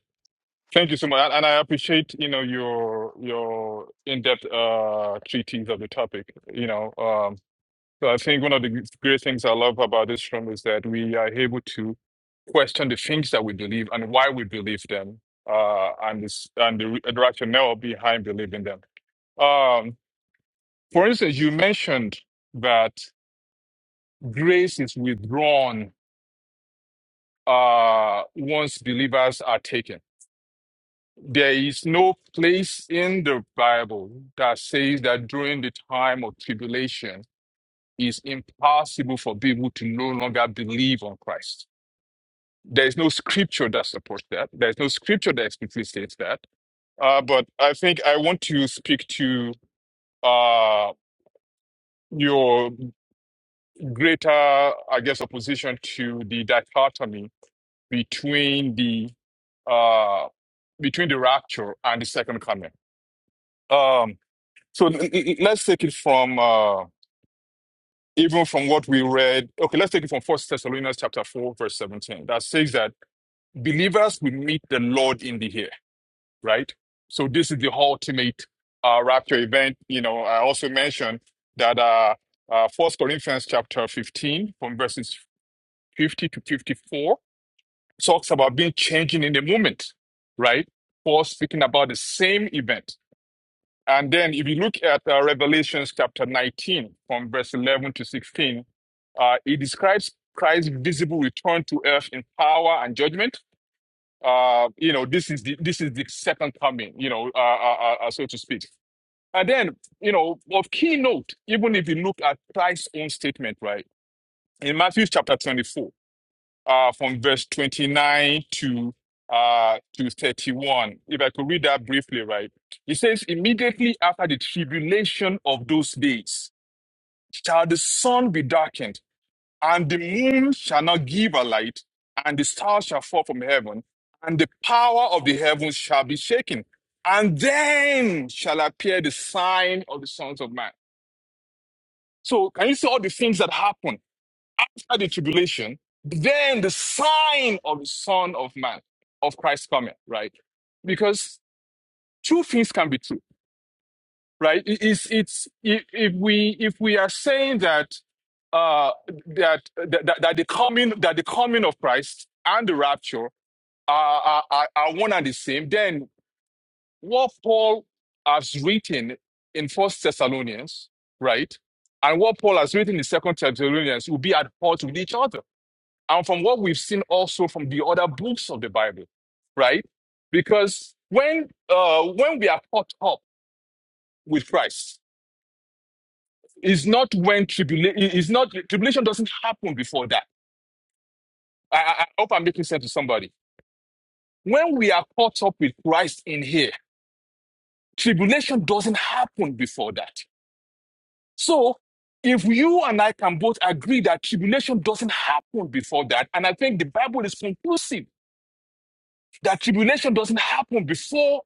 S4: Thank you so much. And and I appreciate, you know, your your in-depth uh treatise of the topic. You know, um, So I think one of the great things I love about this room is that we are able to question the things that we believe and why we believe them, uh, and this and the, rationale behind believing them. Um, for instance, you mentioned that grace is withdrawn uh, once believers are taken. There is no place in the Bible that says that during the time of tribulation, it's impossible for people to no longer believe on Christ. There is no scripture that supports that. There is no scripture that explicitly states that. Uh, but I think I want to speak to uh, your greater, I guess, opposition to the dichotomy between the uh, between the rapture and the second coming. Um, so l- l- l- let's take it from uh, even from what we read. Okay, let's take it from First Thessalonians chapter four, verse seventeen. That says that believers will meet the Lord in the air. right? So this is the ultimate uh, rapture event. You know, I also mentioned that uh, uh, 1 Corinthians chapter 15 from verses 50 to 54 talks about being changing in the moment, right? Paul speaking about the same event. And then if you look at uh, Revelations chapter 19 from verse 11 to 16, uh, it describes Christ's visible return to earth in power and judgment uh, you know, this is the this is the second coming, you know, uh, uh, uh, uh, so to speak. And then, you know, of keynote, even if you look at Christ's own statement, right, in Matthew chapter twenty-four, uh, from verse twenty-nine to uh to thirty-one, if I could read that briefly, right, he says, immediately after the tribulation of those days, shall the sun be darkened and the moon shall not give her light, and the stars shall fall from heaven, and the power of the heavens shall be shaken. And then shall appear the sign of the sons of man. So, can you see all the things that happen after the tribulation? Then the sign of the Son of Man, of Christ coming, right? Because two things can be true. right? It- It's it's if if we if we are saying that uh that that, that that the coming that the coming of Christ and the rapture are, are are are one and the same, then what Paul has written in First Thessalonians, right, and what Paul has written in Second Thessalonians will be at odds with each other, and from what we've seen also from the other books of the Bible, right? Because when uh when we are caught up with Christ, It's not when tribulation is not tribulation doesn't happen before that. I, I, I hope I'm making sense to somebody. When we are caught up with Christ in here, tribulation doesn't happen before that. So if you and I can both agree that tribulation doesn't happen before that, and I think the Bible is conclusive that tribulation doesn't happen before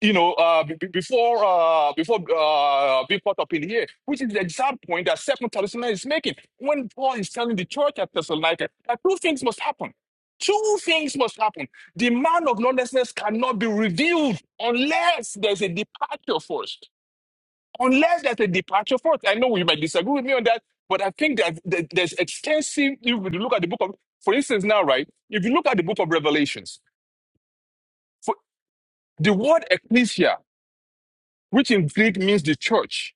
S4: you know, uh, be- be- before uh, before uh, being caught up in here, which is the exact point that Second Thessalonians is making. When Paul is telling the church at Thessalonica that two things must happen. Two things must happen. The man of lawlessness cannot be revealed unless there's a departure first. Unless there's a departure first. I know you might disagree with me on that, but I think that that there's extensive. If you look at the book of, for instance, now, right? If you look at the book of Revelations, for the word ecclesia, which in Greek means the church,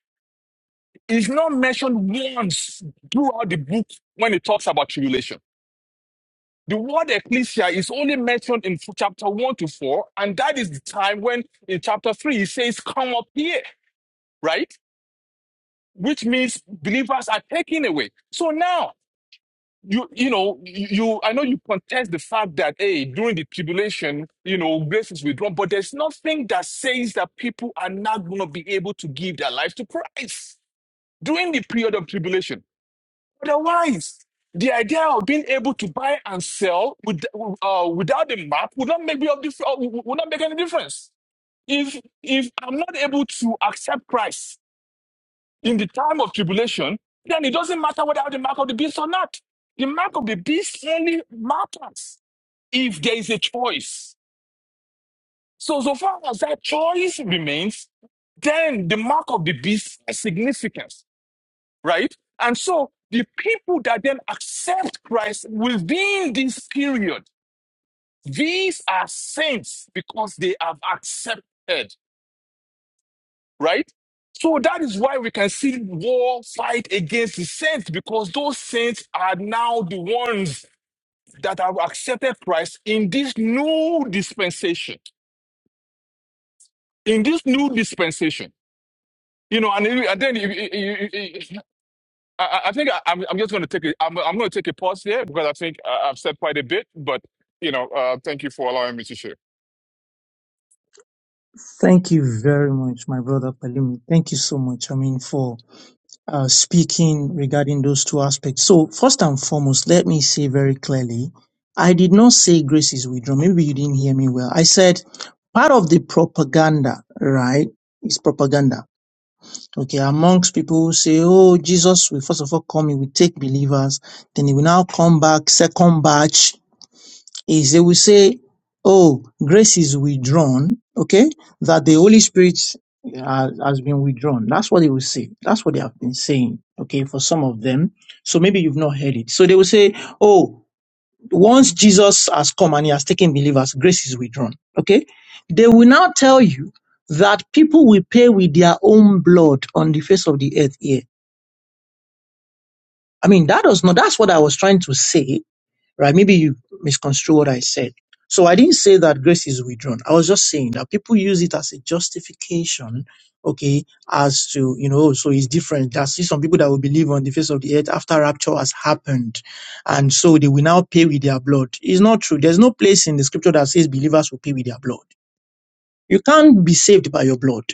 S4: It's not mentioned once throughout the book when it talks about tribulation. The word ecclesia is only mentioned in chapter 1 to 4, and that is the time when in chapter 3 it says, Come up here, right? Which means believers are taken away. So now, you you know, you, you I know you contest the fact that hey, during the tribulation, you know, grace is withdrawn, but there's nothing that says that people are not gonna be able to give their life to Christ during the period of tribulation. Otherwise, the idea of being able to buy and sell with, uh, without the map would not make me of dif- uh, would would not make any difference. If if I'm not able to accept Christ in the time of tribulation, then it doesn't matter whether I have the mark of the beast or not. The mark of the beast only matters if there is a choice. So so far as that choice remains, then the mark of the beast has significance. right? And so the people that then accept Christ within this period, these are saints because they have accepted, right? So that is why we can see war fight against the saints because those saints are now the ones that have accepted Christ in this new dispensation. In this new dispensation, you know, and, and then if, I, I think I, I'm, I'm just going to take a, I'm, I'm going to take a pause here because I think uh, I've said quite a bit. But you know, uh, thank you for allowing me to share.
S2: Thank you very much, my brother Palumi. Thank you so much, I mean, for uh, speaking regarding those two aspects. So, first and foremost, let me say very clearly, I did not say grace is withdrawal. Maybe you didn't hear me well. I said part of the propaganda, right, is propaganda. Okay, amongst people who say, oh, Jesus will first of all come, he will take believers, then he will now come back, second batch, is they will say, oh, grace is withdrawn, okay, that the Holy Spirit uh, has been withdrawn. That's what they will say. That's what they have been saying, okay, for some of them. So maybe you've not heard it. So they will say, oh, once Jesus has come and he has taken believers, grace is withdrawn, okay? They will now tell you that people will pay with their own blood on the face of the earth here. I mean, that does not, that's what I was trying to say right? Maybe you misconstrue what I said. So I didn't say that grace is withdrawn. I was just saying that people use it as a justification, okay, as to, you know, oh, so it's different. There are still some people that will believe on the face of the earth after rapture has happened. And so they will now pay with their blood. It's not true. There's no place in the scripture that says believers will pay with their blood. You can't be saved by your blood.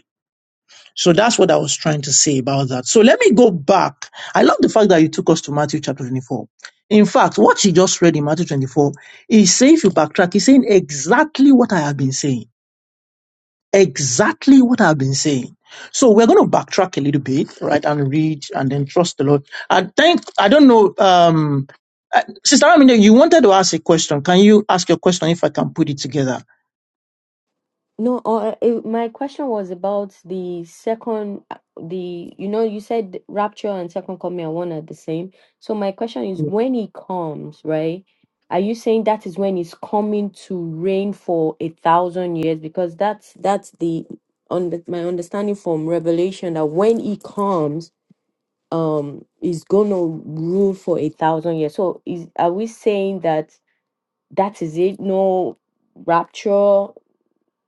S2: So that's what I was trying to say about that. So let me go back. I love the fact that you took us to Matthew chapter 24. In fact, what she just read in Matthew 24 is saying, if you backtrack, he's saying exactly what I have been saying. Exactly what I've been saying. So we're going to backtrack a little bit, right, and read and then trust the Lord. I think, I don't know, um, uh, Sister Aminé, you wanted to ask a question. Can you ask your question if I can put it together?
S1: No, uh, uh, it, my question was about the second, uh, the, you know, you said rapture and second coming are one are the same. So my question is when he comes, right? Are you saying that is when he's coming to reign for a thousand years? Because that's that's the on the, my understanding from Revelation that when he comes, um is gonna rule for a thousand years so is are we saying that that is it no rapture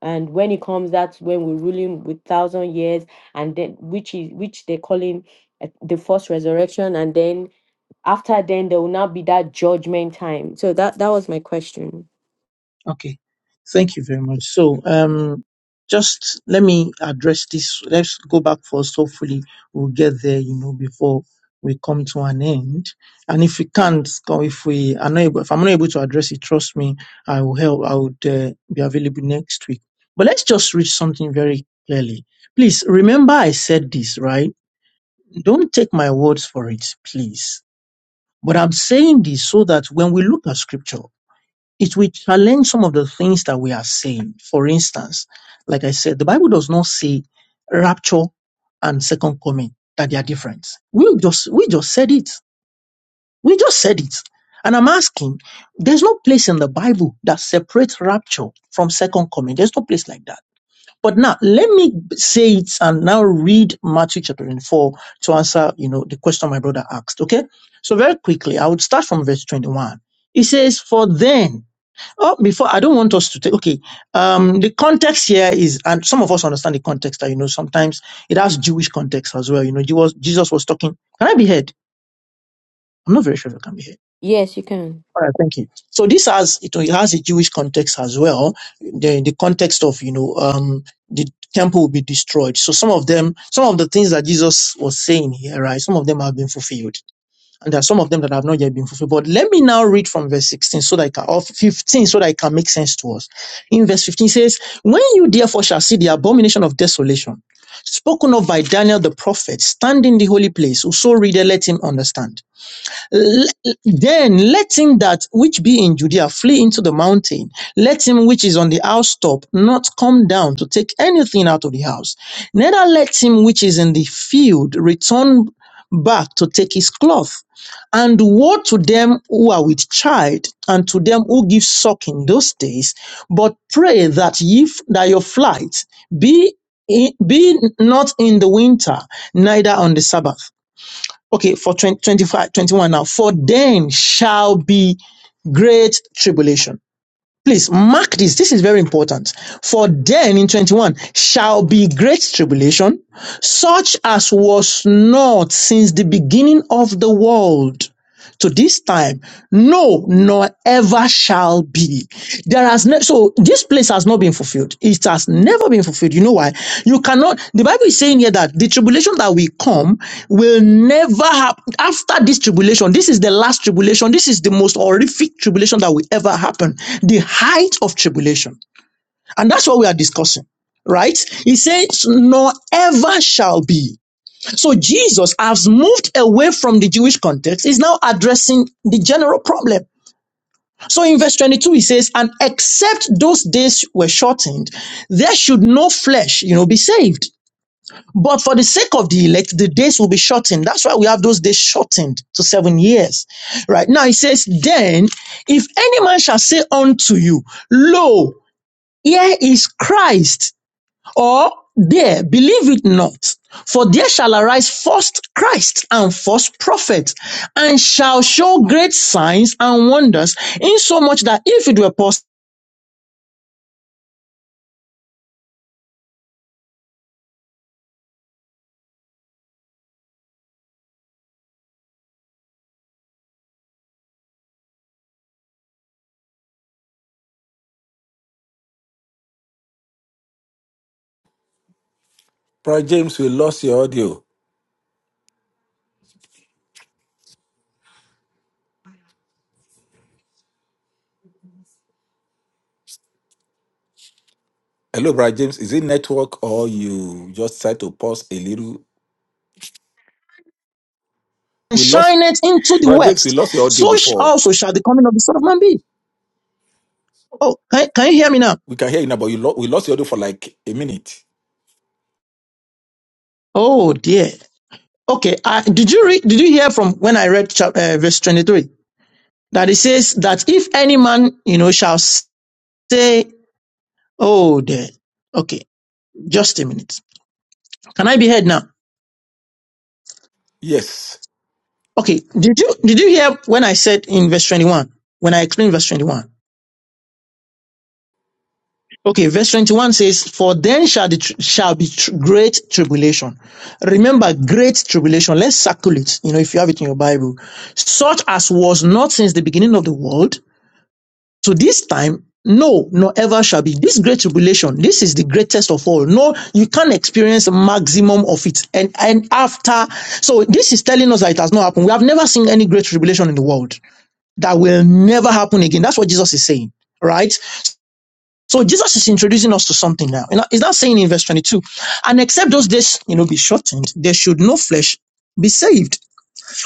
S1: and when it comes that's when we're ruling with thousand years and then which is which they're calling uh, the first resurrection and then after then there will not be that judgment time so that that was my question
S2: Okay. Thank you very much. So, um, just let me address this. Let's go back first. Hopefully, we'll get there, you know, before we come to an end. And if we can't, or if we are not able, if I'm not able to address it, trust me, I will help. I would uh, be available next week. But let's just read something very clearly. Please remember I said this, right? Don't take my words for it, please. But I'm saying this so that when we look at scripture, it will challenge some of the things that we are saying. For instance, like I said, the Bible does not say rapture and second coming that they are different. We just we just said it. We just said it. And I'm asking, there's no place in the Bible that separates rapture from second coming. There's no place like that. But now let me say it and now read Matthew chapter 24 to answer, you know, the question my brother asked. Okay. So very quickly, I would start from verse 21. It says, For then Oh, before I don't want us to take. Okay, um, the context here is, and some of us understand the context. That you know, sometimes it has Jewish context as well. You know, Jesus, Jesus was talking. Can I be heard? I'm not very sure if I can be heard.
S1: yes you can
S2: All right, thank you. So this has it, it has a Jewish context as well. The the context of you know, um, the temple will be destroyed. So some of them, some of the things that Jesus was saying here, right? Some of them have been fulfilled and there are some of them that have not yet been fulfilled. But let me now read from verse 16 so that I can, or 15 so that it can make sense to us. In verse 15 it says, When you therefore shall see the abomination of desolation, spoken of by Daniel the prophet, standing in the holy place, whoso reader let him understand. L- Then let him that which be in Judea flee into the mountain. Let him which is on the housetop not come down to take anything out of the house. Neither let him which is in the field return back to take his cloth. And woe to them who are with child, and to them who give suck in those days. But pray that ye f- that your flight be in- be not in the winter, neither on the Sabbath. Okay, for 20, twenty-five, twenty-one now. For then shall be great tribulation. Please mark this. This is very important. For then in 21 shall be great tribulation, such as was not since the beginning of the world to this time, no, nor ever shall be. There has ne- so this place has not been fulfilled. It has never been fulfilled. You know why? You cannot. The Bible is saying here that the tribulation that will come will never happen after this tribulation. This is the last tribulation. This is the most horrific tribulation that will ever happen. The height of tribulation, and that's what we are discussing, right? He says, "Nor ever shall be." So Jesus has moved away from the Jewish context, is now addressing the general problem. So in verse 22, he says, and except those days were shortened, there should no flesh, you know, be saved. But for the sake of the elect, the days will be shortened. That's why we have those days shortened to seven years. Right now, he says, then if any man shall say unto you, lo, here is Christ or there believe it not. For there shall arise false Christ and false prophets, and shall show great signs and wonders, insomuch that if it were possible,
S3: Brother James, we lost your audio. Hello, Brother James. Is it network or you just tried to pause a little?
S2: and
S3: We lost,
S2: shine it into the
S3: Brother James, we
S2: west,
S3: lost your audio
S2: so sh-
S3: before.
S2: also shall the coming of the Son of Man be. Oh, can, can you hear me now?
S3: We can hear you now, but you lo- we lost your audio for like a minute.
S2: Oh dear. Okay. I, did you read? Did you hear from when I read chap, uh, verse twenty-three that it says that if any man you know shall say, oh dear. Okay, just a minute. Can I be heard now?
S3: Yes.
S2: Okay, did you did you hear when I said in verse 21? When I explained verse 21. Okay, verse 21 says, For then shall the tr- shall be tr- great tribulation. Remember, great tribulation. Let's circle it, you know, if you have it in your Bible. Such as was not since the beginning of the world. To this time, no, nor ever shall be. This great tribulation, this is the greatest of all. No, you can't experience maximum of it. And and after, so this is telling us that it has not happened. We have never seen any great tribulation in the world. that will never happen again. That's what Jesus is saying, right? So Jesus is introducing us to something now. You know, is that saying in verse 22, and except those days, you know, be shortened, there should no flesh be saved.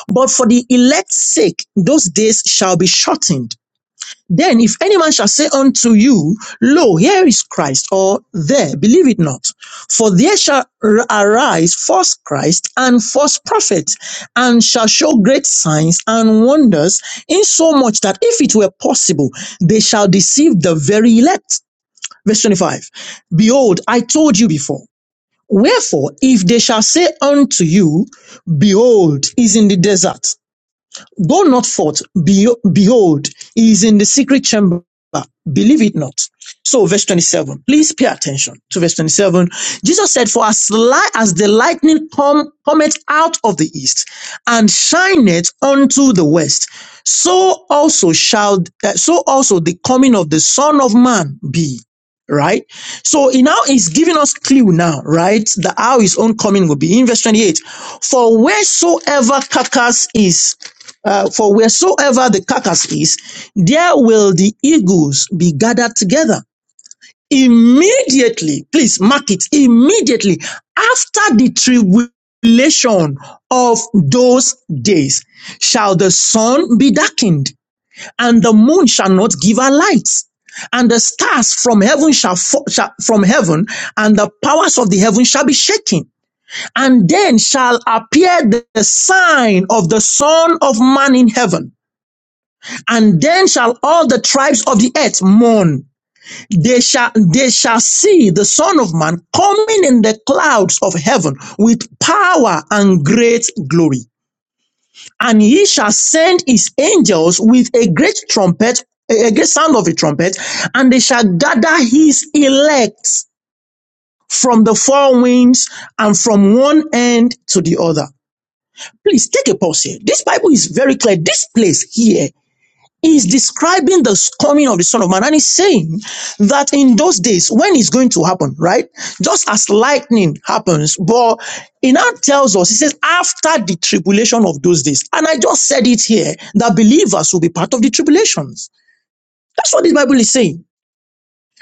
S2: But for the elect's sake, those days shall be shortened. Then if any man shall say unto you, Lo, here is Christ, or there, believe it not. For there shall r- arise false Christ and false prophets, and shall show great signs and wonders, insomuch that if it were possible, they shall deceive the very elect. Verse 25. Behold, I told you before. Wherefore, if they shall say unto you, Behold, is in the desert. Go not forth. behold, he is in the secret chamber. Believe it not. So, verse 27. Please pay attention to verse 27. Jesus said, For as, light as the lightning come, cometh out of the east and shineth unto the west, so also shall, uh, so also the coming of the Son of Man be. Right? So he now is giving us clue now, right? That how his own coming will be. In verse 28, for wheresoever carcass is, uh, for wheresoever the carcass is, there will the eagles be gathered together. Immediately, please mark it, immediately after the tribulation of those days shall the sun be darkened, and the moon shall not give her light, and the stars from heaven shall, fo- shall from heaven, and the powers of the heaven shall be shaken. And then shall appear the the sign of the Son of Man in heaven. And then shall all the tribes of the earth mourn. They shall, they shall see the Son of Man coming in the clouds of heaven with power and great glory. And he shall send his angels with a great trumpet, a great sound of a trumpet, and they shall gather his elect from the four winds and from one end to the other. Please take a pause here. This Bible is very clear. This place here He's describing the coming of the Son of Man, and he's saying that in those days, when it's going to happen, right? Just as lightning happens, but he now tells us, he says, after the tribulation of those days. And I just said it here that believers will be part of the tribulations. That's what the Bible is saying.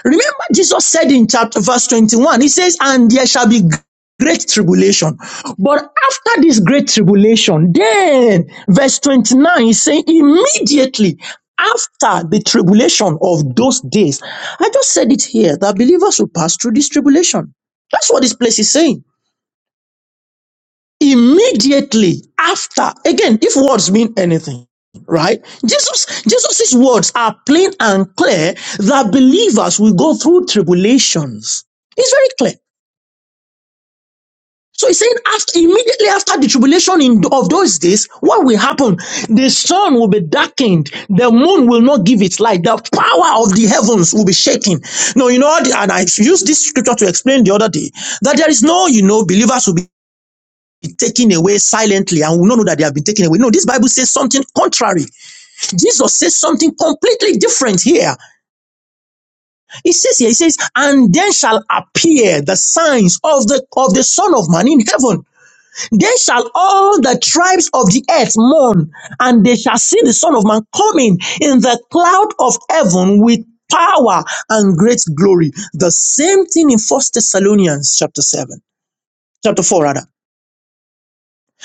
S2: Remember, Jesus said in chapter verse 21, he says, And there shall be great tribulation. But after this great tribulation, then verse 29 is saying, immediately after the tribulation of those days, I just said it here that believers will pass through this tribulation. That's what this place is saying immediately after again if words mean anything right jesus jesus's words are plain and clear that believers will go through tribulations it's very clear so he's saying after immediately after the tribulation in of those days what will happen the sun will be darkened the moon will not give its light the power of the heavens will be shaken no you know and i used this scripture to explain the other day that there is no you know believers will be be taken away silently and we don't know that they have been taken away. No, this Bible says something contrary. Jesus says something completely different here. He says here, he says, and then shall appear the signs of the of the Son of Man in heaven. Then shall all the tribes of the earth mourn, and they shall see the Son of Man coming in the cloud of heaven with power and great glory. The same thing in First Thessalonians chapter 7, chapter 4 rather.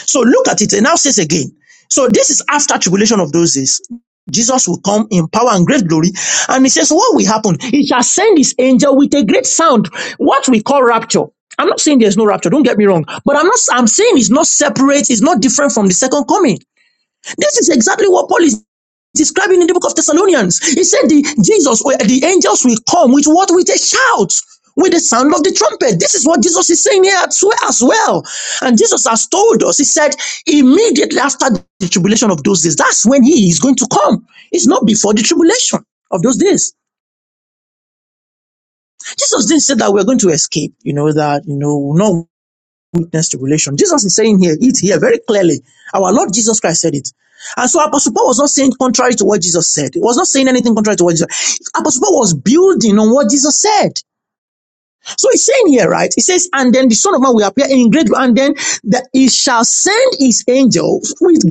S2: So look at it. It now says again. So this is after tribulation of those days. Jesus will come in power and great glory. And he says, what will happen? He shall send his angel with a great sound, what we call rapture. I'm not saying there's no rapture. Don't get me wrong. But I'm not, I'm saying it's not separate. It's not different from the second coming. This is exactly what Paul is describing in the book of Thessalonians. He said the Jesus, or the angels will come with what? With a shout, with the sound of the trumpet. This is what Jesus is saying here as well. as well. And Jesus has told us, he said, immediately after the tribulation of those days, that's when he is going to come. It's not before the tribulation of those days. Jesus didn't say that we're going to escape, you know, that, you know, no darkness, tribulation. Jesus is saying here, it here very clearly. Our Lord Jesus Christ said it. And so Apostle Paul was not saying contrary to what Jesus said. He was not saying anything contrary to what Jesus said. Apostle Paul was building on what Jesus said. So he's saying here, right? He says, and then the Son of Man will appear in great, and then that he shall send his angels with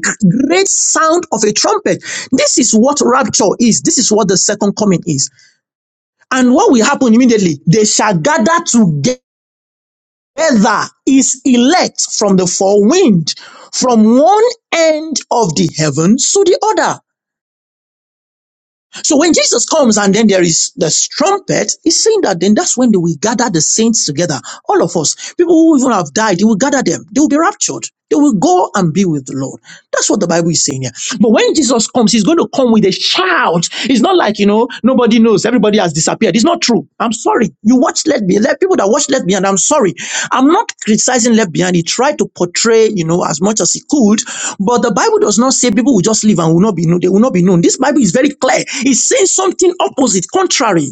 S2: great sound of a trumpet. This is what rapture is. This is what the second coming is. And what will happen immediately? They shall gather together gather his elect from the four wind, from one end of the heavens to the other. So when Jesus comes and then there is the trumpet, he's saying that then that's when they will gather the saints together. All of us, people who even have died, he will gather them. They will be raptured. They will go and be with the Lord. That's what the Bible is saying here. But when Jesus comes, he's going to come with a shout. It's not like, you know, no Everybody knows. Everybody has disappeared. It's not true. I'm sorry. You watch Left Behind. Let people that watch Left Behind. I'm sorry. I'm not criticizing Left Behind. He tried to portray, you know, as much as he could, but the Bible does not say people will just live and will not be known. They will not be known. This Bible is very clear. It's saying something opposite, contrary.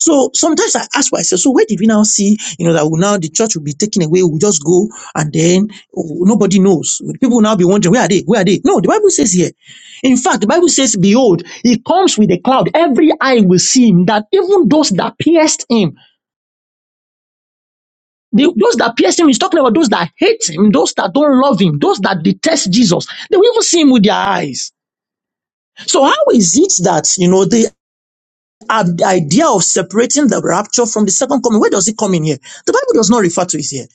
S2: So sometimes I ask myself, so where did we now see, you know, that we now the church will be taken away, we'll just go and then oh, nobody knows. People will now be wondering, where are they? Where are they? No, the Bible says here. In fact, the Bible says, behold, he comes with a cloud. Every eye will see him, that even those that pierced him, the- those that pierced him, he's talking about those that hate him, those that don't love him, those that detest Jesus. They will even see him with their eyes. So how is it that, you know, the ab- idea of separating the rapture from the second coming. Where does it come in here? The Bible does not refer to it here.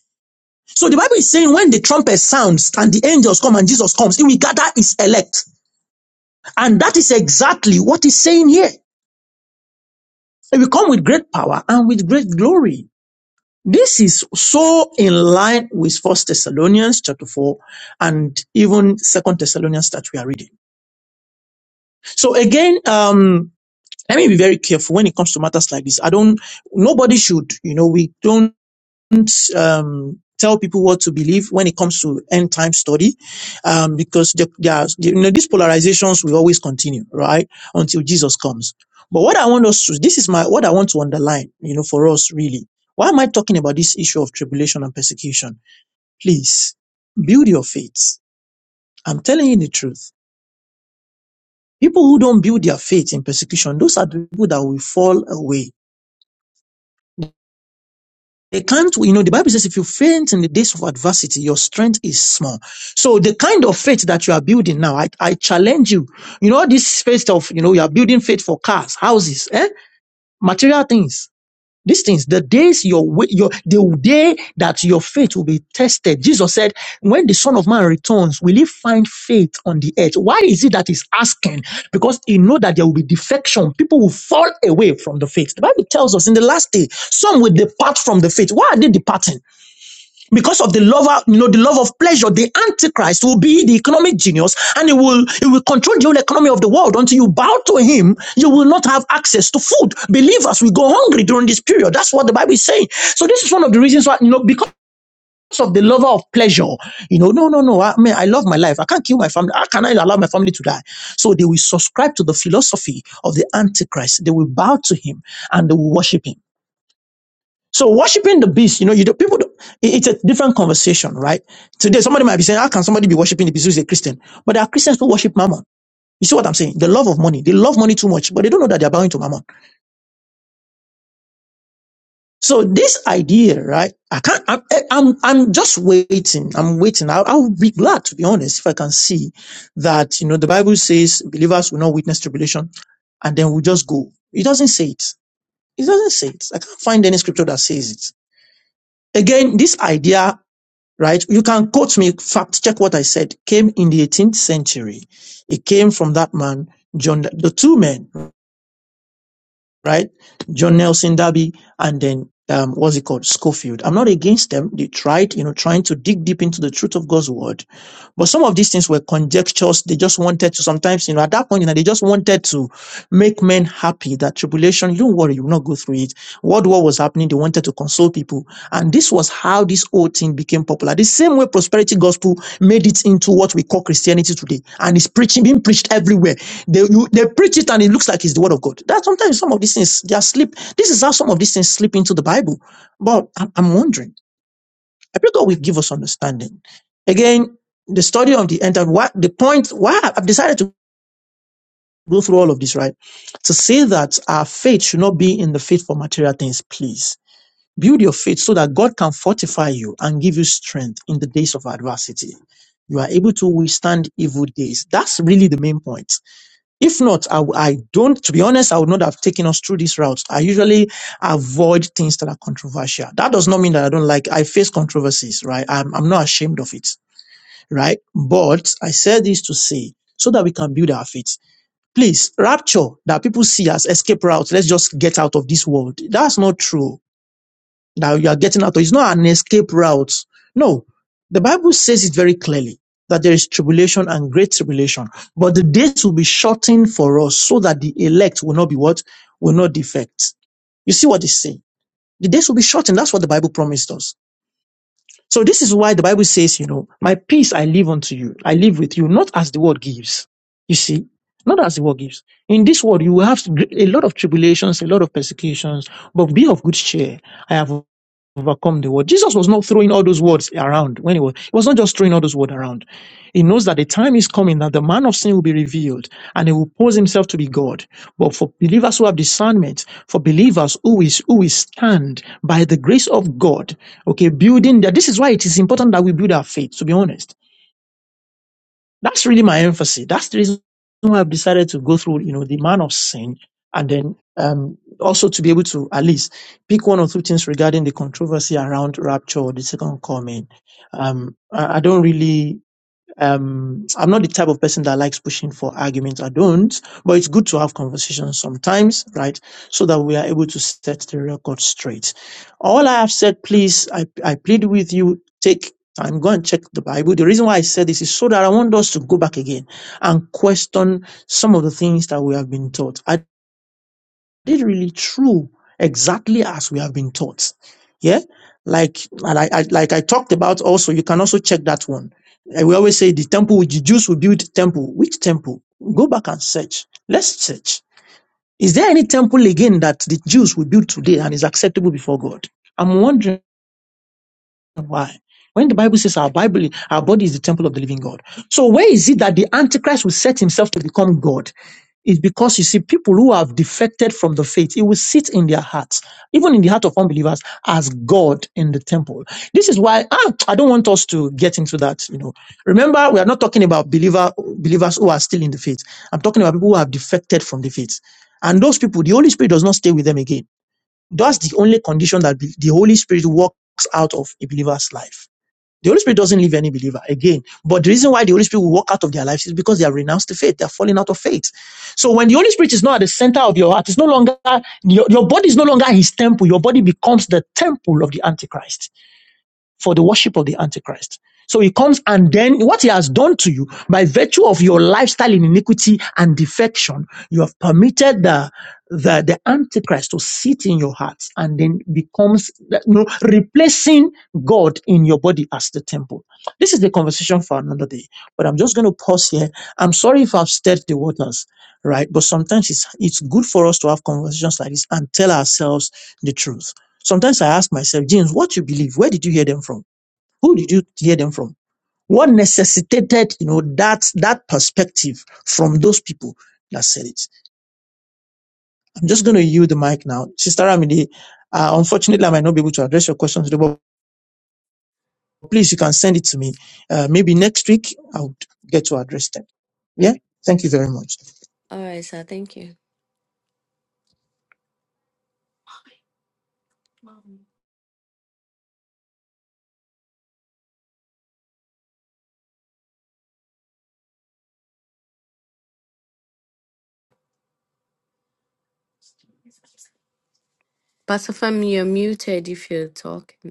S2: So the Bible is saying when the trumpet sounds and the angels come and Jesus comes, he will gather his elect. And that is exactly what he's saying here. He will come with great power and with great glory. This is so in line with First Thessalonians chapter four and even Second Thessalonians that we are reading. So again, um, let me be very careful when it comes to matters like this. I don't. Nobody should. You know, we don't. um, tell people what to believe when it comes to end time study, um, because the, there you know, these polarizations will always continue, right? Until Jesus comes. But what I want us to, this is my, what I want to underline, you know, for us really. Why am I talking about this issue of tribulation and persecution? Please build your faith. I'm telling you the truth. People who don't build their faith in persecution, those are the people that will fall away They can't, you know, the Bible says if you faint in the days of adversity, your strength is small. So the kind of faith that you are building now, I, I challenge you. You know, this faith of, you know, you are building faith for cars, houses, eh? Material things. These things, the days your wi- your the day that your faith will be tested. Jesus said, "When the Son of Man returns, will he find faith on the earth?" Why is it that he's asking? Because he know that there will be defection. People will fall away from the faith. The Bible tells us in the last day, some will depart from the faith. Why are they departing? because of the love, you know, the love of pleasure, the antichrist will be the economic genius and he will he will control the whole economy of the world. Until you bow to him, you will not have access to food. Believers will go hungry during this period. That's what the Bible is saying. So this is one of the reasons why, you know, because of the lover of pleasure, you know, no, no, no. I mean, I love my life. I can't kill my family. How can I allow my family to die? So they will subscribe to the philosophy of the Antichrist. They will bow to him and they will worship him. So worshiping the beast, you know, you do, people, do, it- it's a different conversation, right? Today, somebody might be saying, how can somebody be worshiping the beast who's a Christian? But there are Christians who worship mammon. You see what I'm saying? The love of money. They love money too much, but they don't know that they're bowing to mammon. So this idea, right? I can't, I'm, eh, I'm, I'm just waiting. I'm waiting. I'll, I'll be glad to be honest if I can see that, you know, the Bible says believers will not witness tribulation and then we'll just go. It doesn't say it. It doesn't say it. I can't find any scripture that says it. Again, this idea right? You can quote me, fact check what I said, came in the 18th century. It came from that man, John, the two men right? John Nelson Darby, and then um, what's it called? Schofield. I'm not against them. They tried, you know, trying to dig deep into the truth of God's word. But some of these things were conjectures. They just wanted to sometimes, you know, at that point, you know, they just wanted to make men happy that tribulation, don't worry, you will not go through it. World war was happening. They wanted to console people. And this was how this whole thing became popular. The same way prosperity gospel made it into what we call Christianity today. And it's preaching, being preached everywhere. They, you, they preach it and it looks like it's the word of God. That sometimes some of these things they are slip. This is how some of these things slip into the Bible. But I'm, I'm wondering. I pray God will give us understanding. Again, the study of the end time. What the point? Why I've decided to go through all of this, right? To say that our faith should not be in the faith for material things. Please build your faith so that God can fortify you and give you strength in the days of adversity. You are able to withstand evil days. That's really the main point if not, I w- I don't, to be honest, I would not have taken us through this route. I usually avoid things that are controversial. That does not mean that I don't like, I face controversies, right? I'm, I'm not ashamed of it, right? But I said this to say, so that we can build our faith. Please, rapture that people see as escape route, let's just get out of this world. That's not true that you are getting out of. It's not an escape route. No, the Bible says it very clearly that there is tribulation and great tribulation, but the days will be shortened for us so that the elect will not be what? Will not defect. You see what it's saying? The days will be shortened. That's what the Bible promised us. So this is why the Bible says, you know, my peace I leave unto you. I live with you, not as the world gives. You see, not as the world gives. In this world, you will have a lot of tribulations, a lot of persecutions, but be of good cheer. I have overcome the world. Jesus was not throwing all those words around when he was, he was not just throwing all those words around. He knows that the time is coming that the man of sin will be revealed and he will pose himself to be God. But for believers who have discernment, for believers who is who is stand by the grace of God, okay, building that this is why it is important that we build our faith, to be honest that's really my emphasis. That's the reason why I've decided to go through, you know, the man of sin and then um, also to be able to at least pick one or two things regarding the controversy around rapture or the second coming. Um, I, I don't really um, I'm not the type of person that likes pushing for arguments. I don't, but it's good to have conversations sometimes, right? So that we are able to set the record straight. All I have said, please, I, I plead with you, take time, go and check the Bible. The reason why I said this is so that I want us to go back again and question some of the things that we have been taught. This really true, exactly as we have been taught. Yeah, like and I, I like I talked about also. You can also check that one. And we always say the temple which the Jews will build temple. Which temple? Go back and search. Let's search. Is there any temple again that the Jews will build today and is acceptable before God? I'm wondering. Why? When the Bible says our Bible, our body is the temple of the living God. So where is it that the Antichrist will set himself to become God? It's because you see people who have defected from the faith, it will sit in their hearts, even in the heart of unbelievers, as God in the temple. This is why ah, I don't want us to get into that. You know, remember we are not talking about believer believers who are still in the faith. I'm talking about people who have defected from the faith, and those people, the Holy Spirit does not stay with them again. That's the only condition that the Holy Spirit works out of a believer's life. The Holy Spirit doesn't leave any believer again. But the reason why the Holy Spirit will walk out of their lives is because they have renounced the faith. They are falling out of faith. So when the Holy Spirit is not at the center of your heart, it's no longer, your, your body is no longer his temple. Your body becomes the temple of the Antichrist for the worship of the Antichrist. So he comes and then what he has done to you by virtue of your lifestyle in iniquity and defection, you have permitted the, the, the Antichrist to sit in your heart and then becomes, you know, replacing God in your body as the temple. This is the conversation for another day, but I'm just going to pause here. I'm sorry if I've stirred the waters, right? But sometimes it's, it's good for us to have conversations like this and tell ourselves the truth. Sometimes I ask myself, James, what you believe? Where did you hear them from? Who did you hear them from? What necessitated, you know, that that perspective from those people that said it? I'm just going to yield the mic now, Sister Ramide. Uh, unfortunately, I might not be able to address your questions today, but please, you can send it to me. Uh, maybe next week i would get to address them. Yeah. Thank you very much.
S1: All right, sir. Thank you. Pastor Femi, you're muted if you're talking.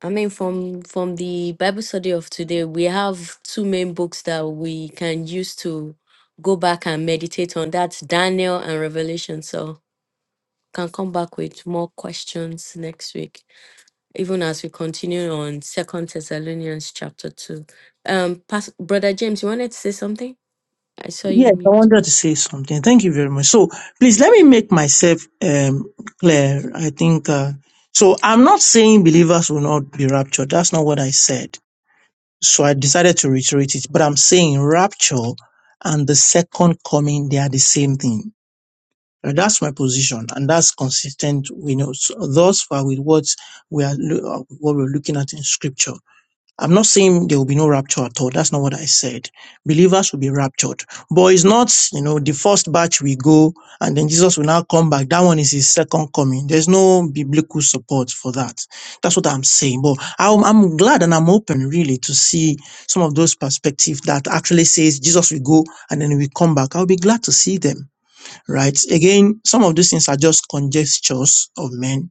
S1: I mean, from from the Bible study of today, we have two main books that we can use to go back and meditate on. That's Daniel and Revelation. So can come back with more questions next week, even as we continue on Second Thessalonians chapter two. Um, Pas- brother James, you wanted to say something? I saw you
S2: Yes, I
S1: mute.
S2: wanted to say something. Thank you very much. So please let me make myself um, clear. I think uh, so. I'm not saying believers will not be raptured. That's not what I said. So I decided to reiterate it. But I'm saying rapture and the second coming, they are the same thing. Uh, That's my position, and that's consistent, you know, so thus far with what we are, lo- uh, what we're looking at in Scripture. I'm not saying there will be no rapture at all. That's not what I said. Believers will be raptured. But it's not, you know, the first batch we go and then Jesus will now come back. That one is his second coming. There's no biblical support for that. That's what I'm saying. But I'm, I'm glad and I'm open really to see some of those perspectives that actually says Jesus will go and then we come back. I'll be glad to see them, right? Again, some of these things are just conjectures of men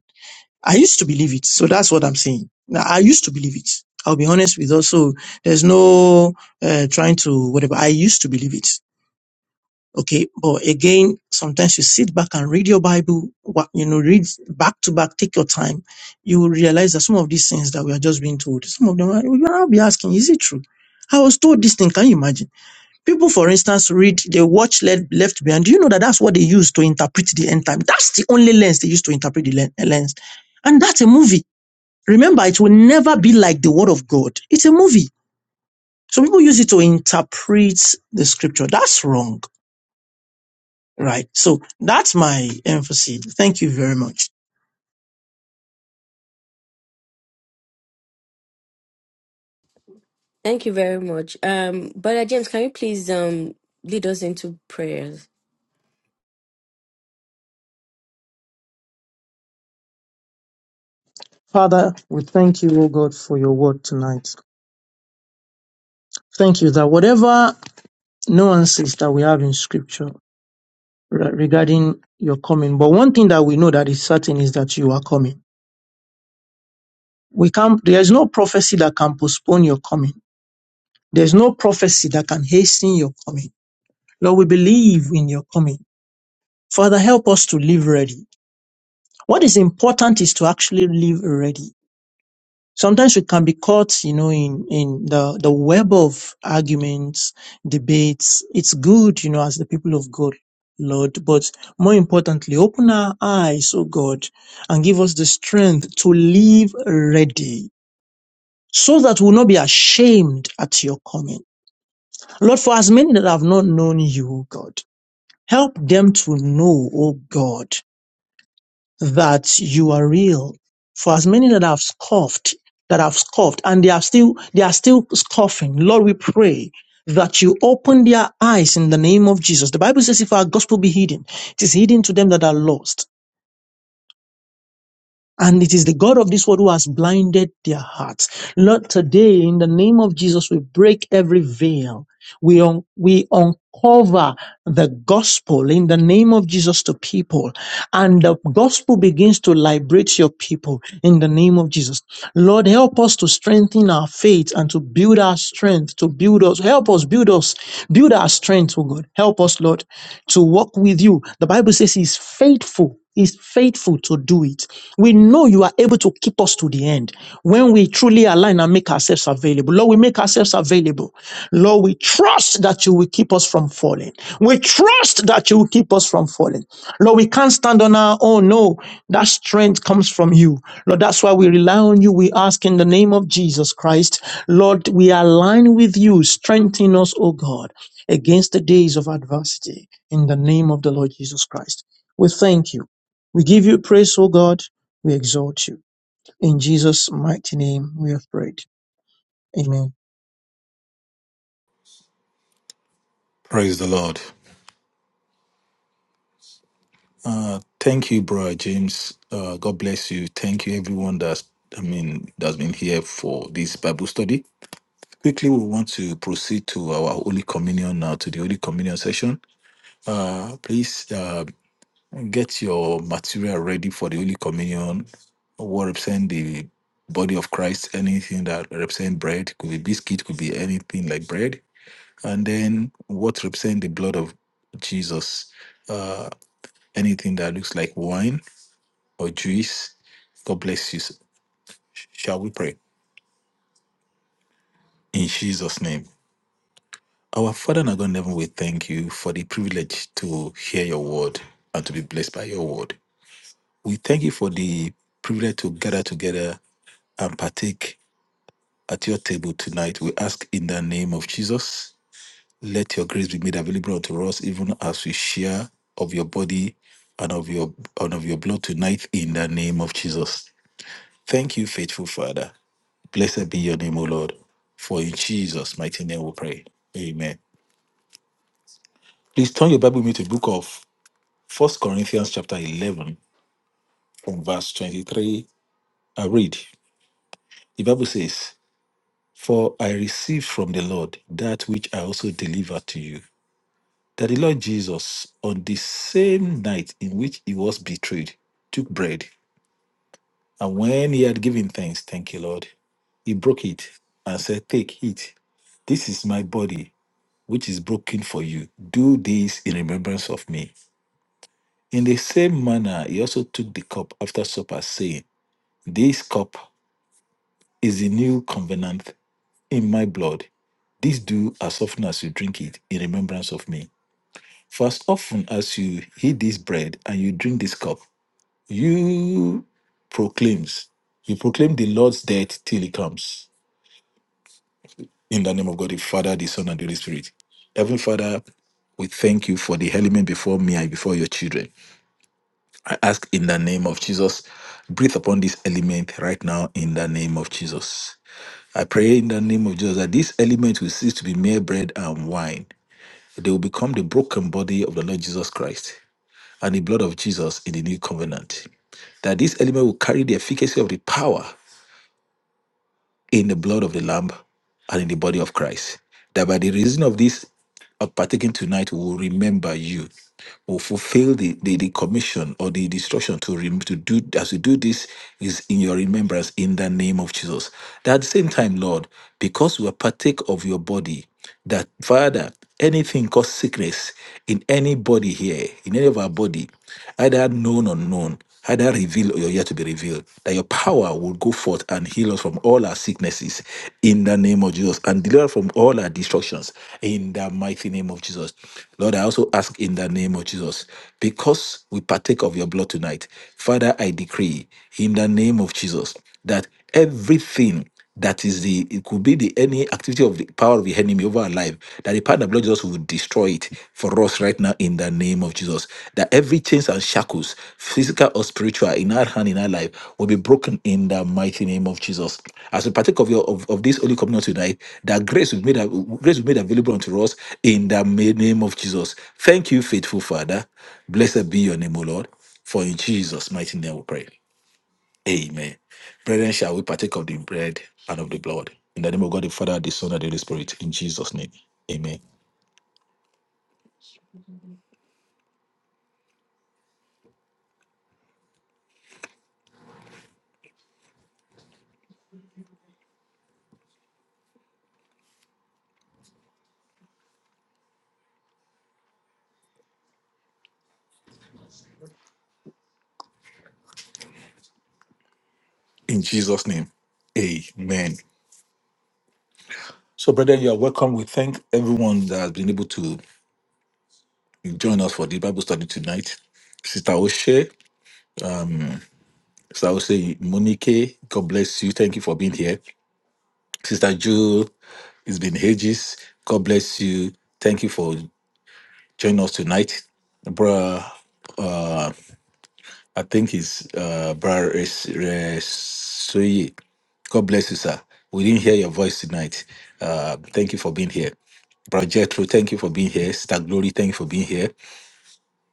S2: I used to believe it. So that's what I'm saying. Now, I used to believe it. I'll be honest with us. So there's no uh, trying to whatever. I used to believe it. Okay. But again, sometimes you sit back and read your Bible, wha- you know, read back to back, take your time. You will realize that some of these things that we are just being told, some of them, are- you will be asking, is it true? I was told this thing. Can you imagine? People, for instance, read, they watch Led, Left Behind. Do you know that that's what they use to interpret the end time? That's the only lens they use to interpret the len- lens. And that's a movie. Remember, it will never be like the word of God. It's a movie. So people use it to interpret the scripture. That's wrong, right? So that's my emphasis. Thank you very much.
S1: Thank you very much. Um, brother James, can you please um lead us into prayers?
S2: Father, we thank you, O God, for your word tonight. Thank you that whatever nuances that we have in scripture re- regarding your coming, but one thing that we know that is certain is that you are coming. We can't, there is no prophecy that can postpone your coming. There's no prophecy that can hasten your coming. Lord, we believe in your coming. Father, help us to live ready. What is important is to actually live ready. Sometimes we can be caught, you know, in, in the, the web of arguments, debates. It's good, you know, as the people of God, Lord, but more importantly, open our eyes, oh God, and give us the strength to live ready so that we'll not be ashamed at your coming. Lord, for as many that have not known you, O God, Help them to know, O God, that you are real. For as many that have scoffed, that have scoffed, and they are still, they are still scoffing. Lord, we pray that you open their eyes in the name of Jesus. The Bible says, if our gospel be hidden, it is hidden to them that are lost. And it is the God of this world who has blinded their hearts. Lord, today, in the name of Jesus, we break every veil We, un- we uncover the gospel in the name of Jesus to people, and the gospel begins to liberate your people in the name of Jesus. Lord, help us to strengthen our faith and to build our strength, to build us. Help us build us, build our strength, oh God. Help us, Lord, to walk with you. The Bible says He's faithful. Is faithful to do it. We know you are able to keep us to the end when we truly align and make ourselves available. Lord, we make ourselves available. Lord, we trust that you will keep us from falling. We trust that you will keep us from falling. Lord, we can't stand on our own. No, that strength comes from you. Lord, that's why we rely on you. We ask in the name of Jesus Christ. Lord, we align with you. Strengthen us, O God, against the days of adversity in the name of the Lord Jesus Christ. We thank you. We give you praise, O God. We exalt you. In Jesus' mighty name we have prayed. Amen.
S3: Praise the Lord. Uh, thank you, bro, James. Uh, God bless you. Thank you, everyone that's I mean that's been here for this Bible study. Quickly, we want to proceed to our Holy Communion now to the Holy Communion session. Uh, please uh, get your material ready for the Holy Communion. What represent the body of Christ? Anything that represent bread could be biscuit, could be anything like bread. And then what represent the blood of Jesus? Uh, anything that looks like wine or Jews. God bless you. Shall we pray? In Jesus' name. Our Father and our God in heaven, we thank you for the privilege to hear your word and to be blessed by your word. We thank you for the privilege to gather together and partake at your table tonight. We ask in the name of Jesus, let your grace be made available unto us, even as we share of your body and of your and of your blood tonight in the name of Jesus. Thank you, faithful Father. Blessed be your name, O Lord. For in Jesus' mighty name we pray. Amen. Please turn your Bible with to the book of First Corinthians chapter 11 from verse 23. I read. The Bible says, For I received from the Lord that which I also delivered to you. That the Lord Jesus, on the same night in which he was betrayed, took bread. And when he had given thanks, thank you, Lord, he broke it and said, Take, it. This is my body which is broken for you. Do this in remembrance of me. In the same manner, he also took the cup after supper, saying, This cup is the new covenant in my blood. This do as often as you drink it in remembrance of me. For as often as you eat this bread and you drink this cup, you proclaims, you proclaim the Lord's death till he comes. In the name of God, the Father, the Son, and the Holy Spirit. Heavenly Father, we thank you for the element before me and before your children. I ask in the name of Jesus, breathe upon this element right now in the name of Jesus. I pray in the name of Jesus that this element will cease to be mere bread and wine. They will become the broken body of the Lord Jesus Christ and the blood of Jesus in the new covenant. That this element will carry the efficacy of the power in the blood of the Lamb and in the body of Christ. That by the reason of this of partaking tonight, we will remember you. Will fulfill the, the, the commission or the instruction to rem- to do as you do this is in your remembrance in the name of Jesus. That at the same time, Lord, because we are partake of your body, that Father, anything cause sickness in anybody here, in any of our body, either known or unknown. Either reveal or you're yet to be revealed, that your power will go forth and heal us from all our sicknesses in the name of Jesus and deliver us from all our destructions in the mighty name of Jesus. Lord, I also ask in the name of Jesus, because we partake of your blood tonight, Father, I decree in the name of Jesus that everything that is the it could be the any activity of the power of the enemy over our life that the power of the blood of Jesus will destroy it for us right now in the name of Jesus. That every chains and shackles, physical or spiritual, in our hand in our life will be broken in the mighty name of Jesus. As we partake of your of, of this holy communion tonight, that grace will be made av- grace will be made available unto us in the ma- name of Jesus. Thank you, faithful Father. Blessed be your name, O Lord. For in Jesus' mighty name we pray. Amen. Brethren, shall we partake of the bread and of the blood? In the name of God, the Father, the Son, and the Holy Spirit. In Jesus' name. Amen. In Jesus' name. Amen. So, brethren, you are welcome. We thank everyone that has been able to join us for the Bible study tonight. Sister Oshe, Sister Oshe Monique, God bless you. Thank you for being here. Sister Jewel, it's been ages. God bless you. Thank you for joining us tonight. brother. I think it's uh, Brother Res- Resuye. God bless you, sir. We didn't hear your voice tonight. Uh, thank you for being here. Brother Jethro, thank you for being here. Sister Glory, thank you for being here.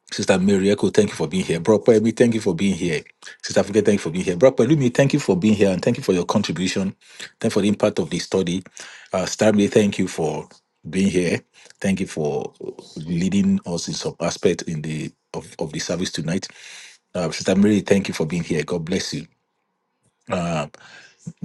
S3: Sister Mary Echo, thank you for being here. Bro Kwebe, thank you for being here. Sister Africa, thank you for being here. Bro Pelumi, thank you for being here and thank you for your contribution. Thank you for the impact of the study. Uh, Stanley, thank you for being here. Thank you for leading us in some aspect in the of, of the service tonight. Uh, Sister Mary, thank you for being here. God bless you.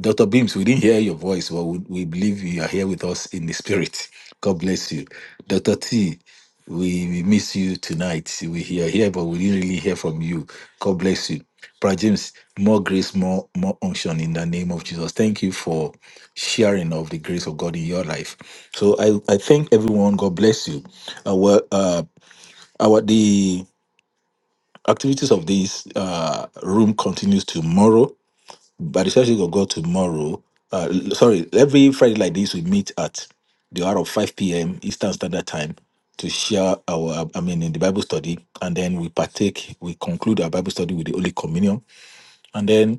S3: Dr. Beams, we didn't hear your voice, but we, we believe you are here with us in the spirit. God bless you. Dr. T, we, we miss you tonight. We are here, but we didn't really hear from you. God bless you. Brother James, more grace, more, more unction in the name of Jesus. Thank you for sharing of the grace of God in your life. So I, I thank everyone. God bless you. Our, uh, our, the activities of this uh, room continues tomorrow by the church of God tomorrow. Uh, l- sorry, every Friday like this, we meet at the hour of 5 p.m. Eastern Standard Time to share our, um, I mean, in the Bible study. And then we partake, we conclude our Bible study with the Holy Communion. and then.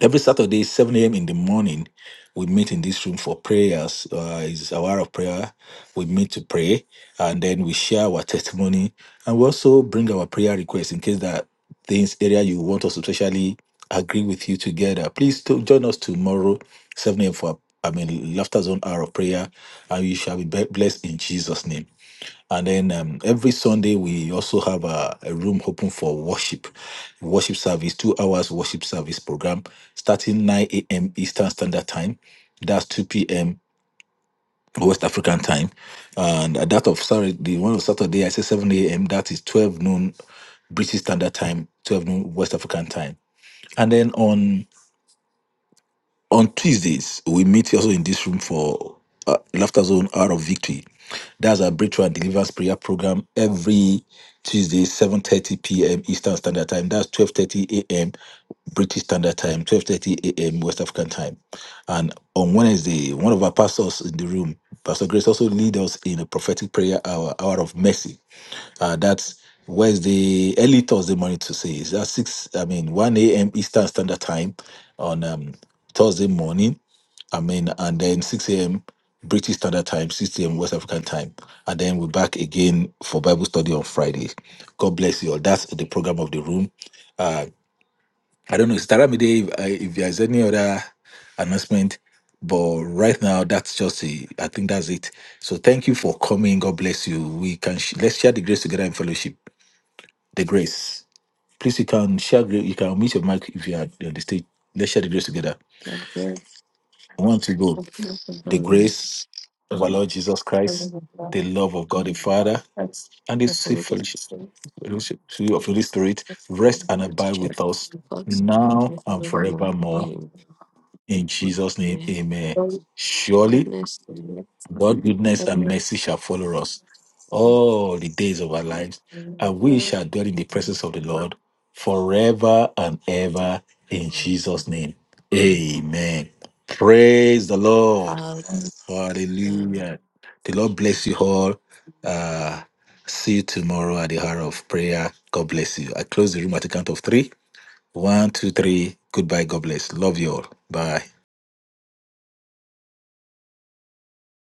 S3: Every Saturday, 7 a.m. in the morning, we meet in this room for prayers. Uh, it's our hour of prayer. We meet to pray and then we share our testimony and we also bring our prayer requests in case that things area you want us to especially agree with you together. Please to join us tomorrow, 7 a.m. for I mean laughter zone hour of prayer, and you shall be be- blessed in Jesus' name. And then um, every Sunday, we also have a, a room open for worship, worship service, two hours worship service program starting 9 a.m. Eastern Standard Time. That's 2 p.m. West African time. And at that of sorry, the one of Saturday, I say 7 a.m. That is 12 noon British Standard Time, 12 noon West African time. And then on on Tuesdays, we meet also in this room for uh, Laughter Zone Hour of Victory. That's our Breakthrough and Deliverance Prayer Program every Tuesday, 7.30 p.m. Eastern Standard Time. That's 12.30 a.m. British Standard Time, 12.30 a.m. West African Time. And on Wednesday, one of our pastors in the room, Pastor Grace, also lead us in a prophetic prayer hour, hour of mercy. Uh, that's where's the early Thursday morning to say is that six, I mean, 1 a.m. Eastern Standard Time on um, Thursday morning. I mean, and then 6 a.m. British Standard Time, 6 a.m. West African Time. And then we're back again for Bible study on Friday. God bless you all. That's the program of the room. Uh, I don't know, it's Taramide, if, uh, if there's any other announcement, but right now, that's just it. I think that's it. So thank you for coming. God bless you. We can sh- let's share the grace together in fellowship the grace. Please, you can share. gra- You can meet your mic if you are on the stage. Let's share the grace together.
S1: Thank
S3: I want to go. The
S1: you.
S3: grace of our Lord Jesus Christ, the love of God the Father,
S1: That's
S3: and the
S1: like the
S3: sweet
S1: greatest
S3: fellowship
S1: thing.
S3: fellowship of the Holy Spirit
S1: It's the
S3: rest and
S1: ability to
S3: abide
S1: check
S3: with us
S1: God's word
S3: now
S1: with
S3: and
S1: forevermore.
S3: forevermore.
S1: Amen.
S3: In Jesus' name,
S1: Amen.
S3: Amen.
S1: All
S3: Surely
S1: goodness and mercy
S3: God, goodness,
S1: and
S3: and
S1: mercy
S3: mercy shall follow us all the days
S1: is
S3: of our lives, and we
S1: our
S3: shall dwell in the presence of the Lord forever and ever in Jesus' name. Amen. Praise the Lord.
S1: Lord.
S3: Hallelujah. The Lord bless you all. Uh, see you tomorrow at the hour of prayer. God bless you. I close the room at the count of three. One, two, three. Goodbye. God bless. Love you all. Bye.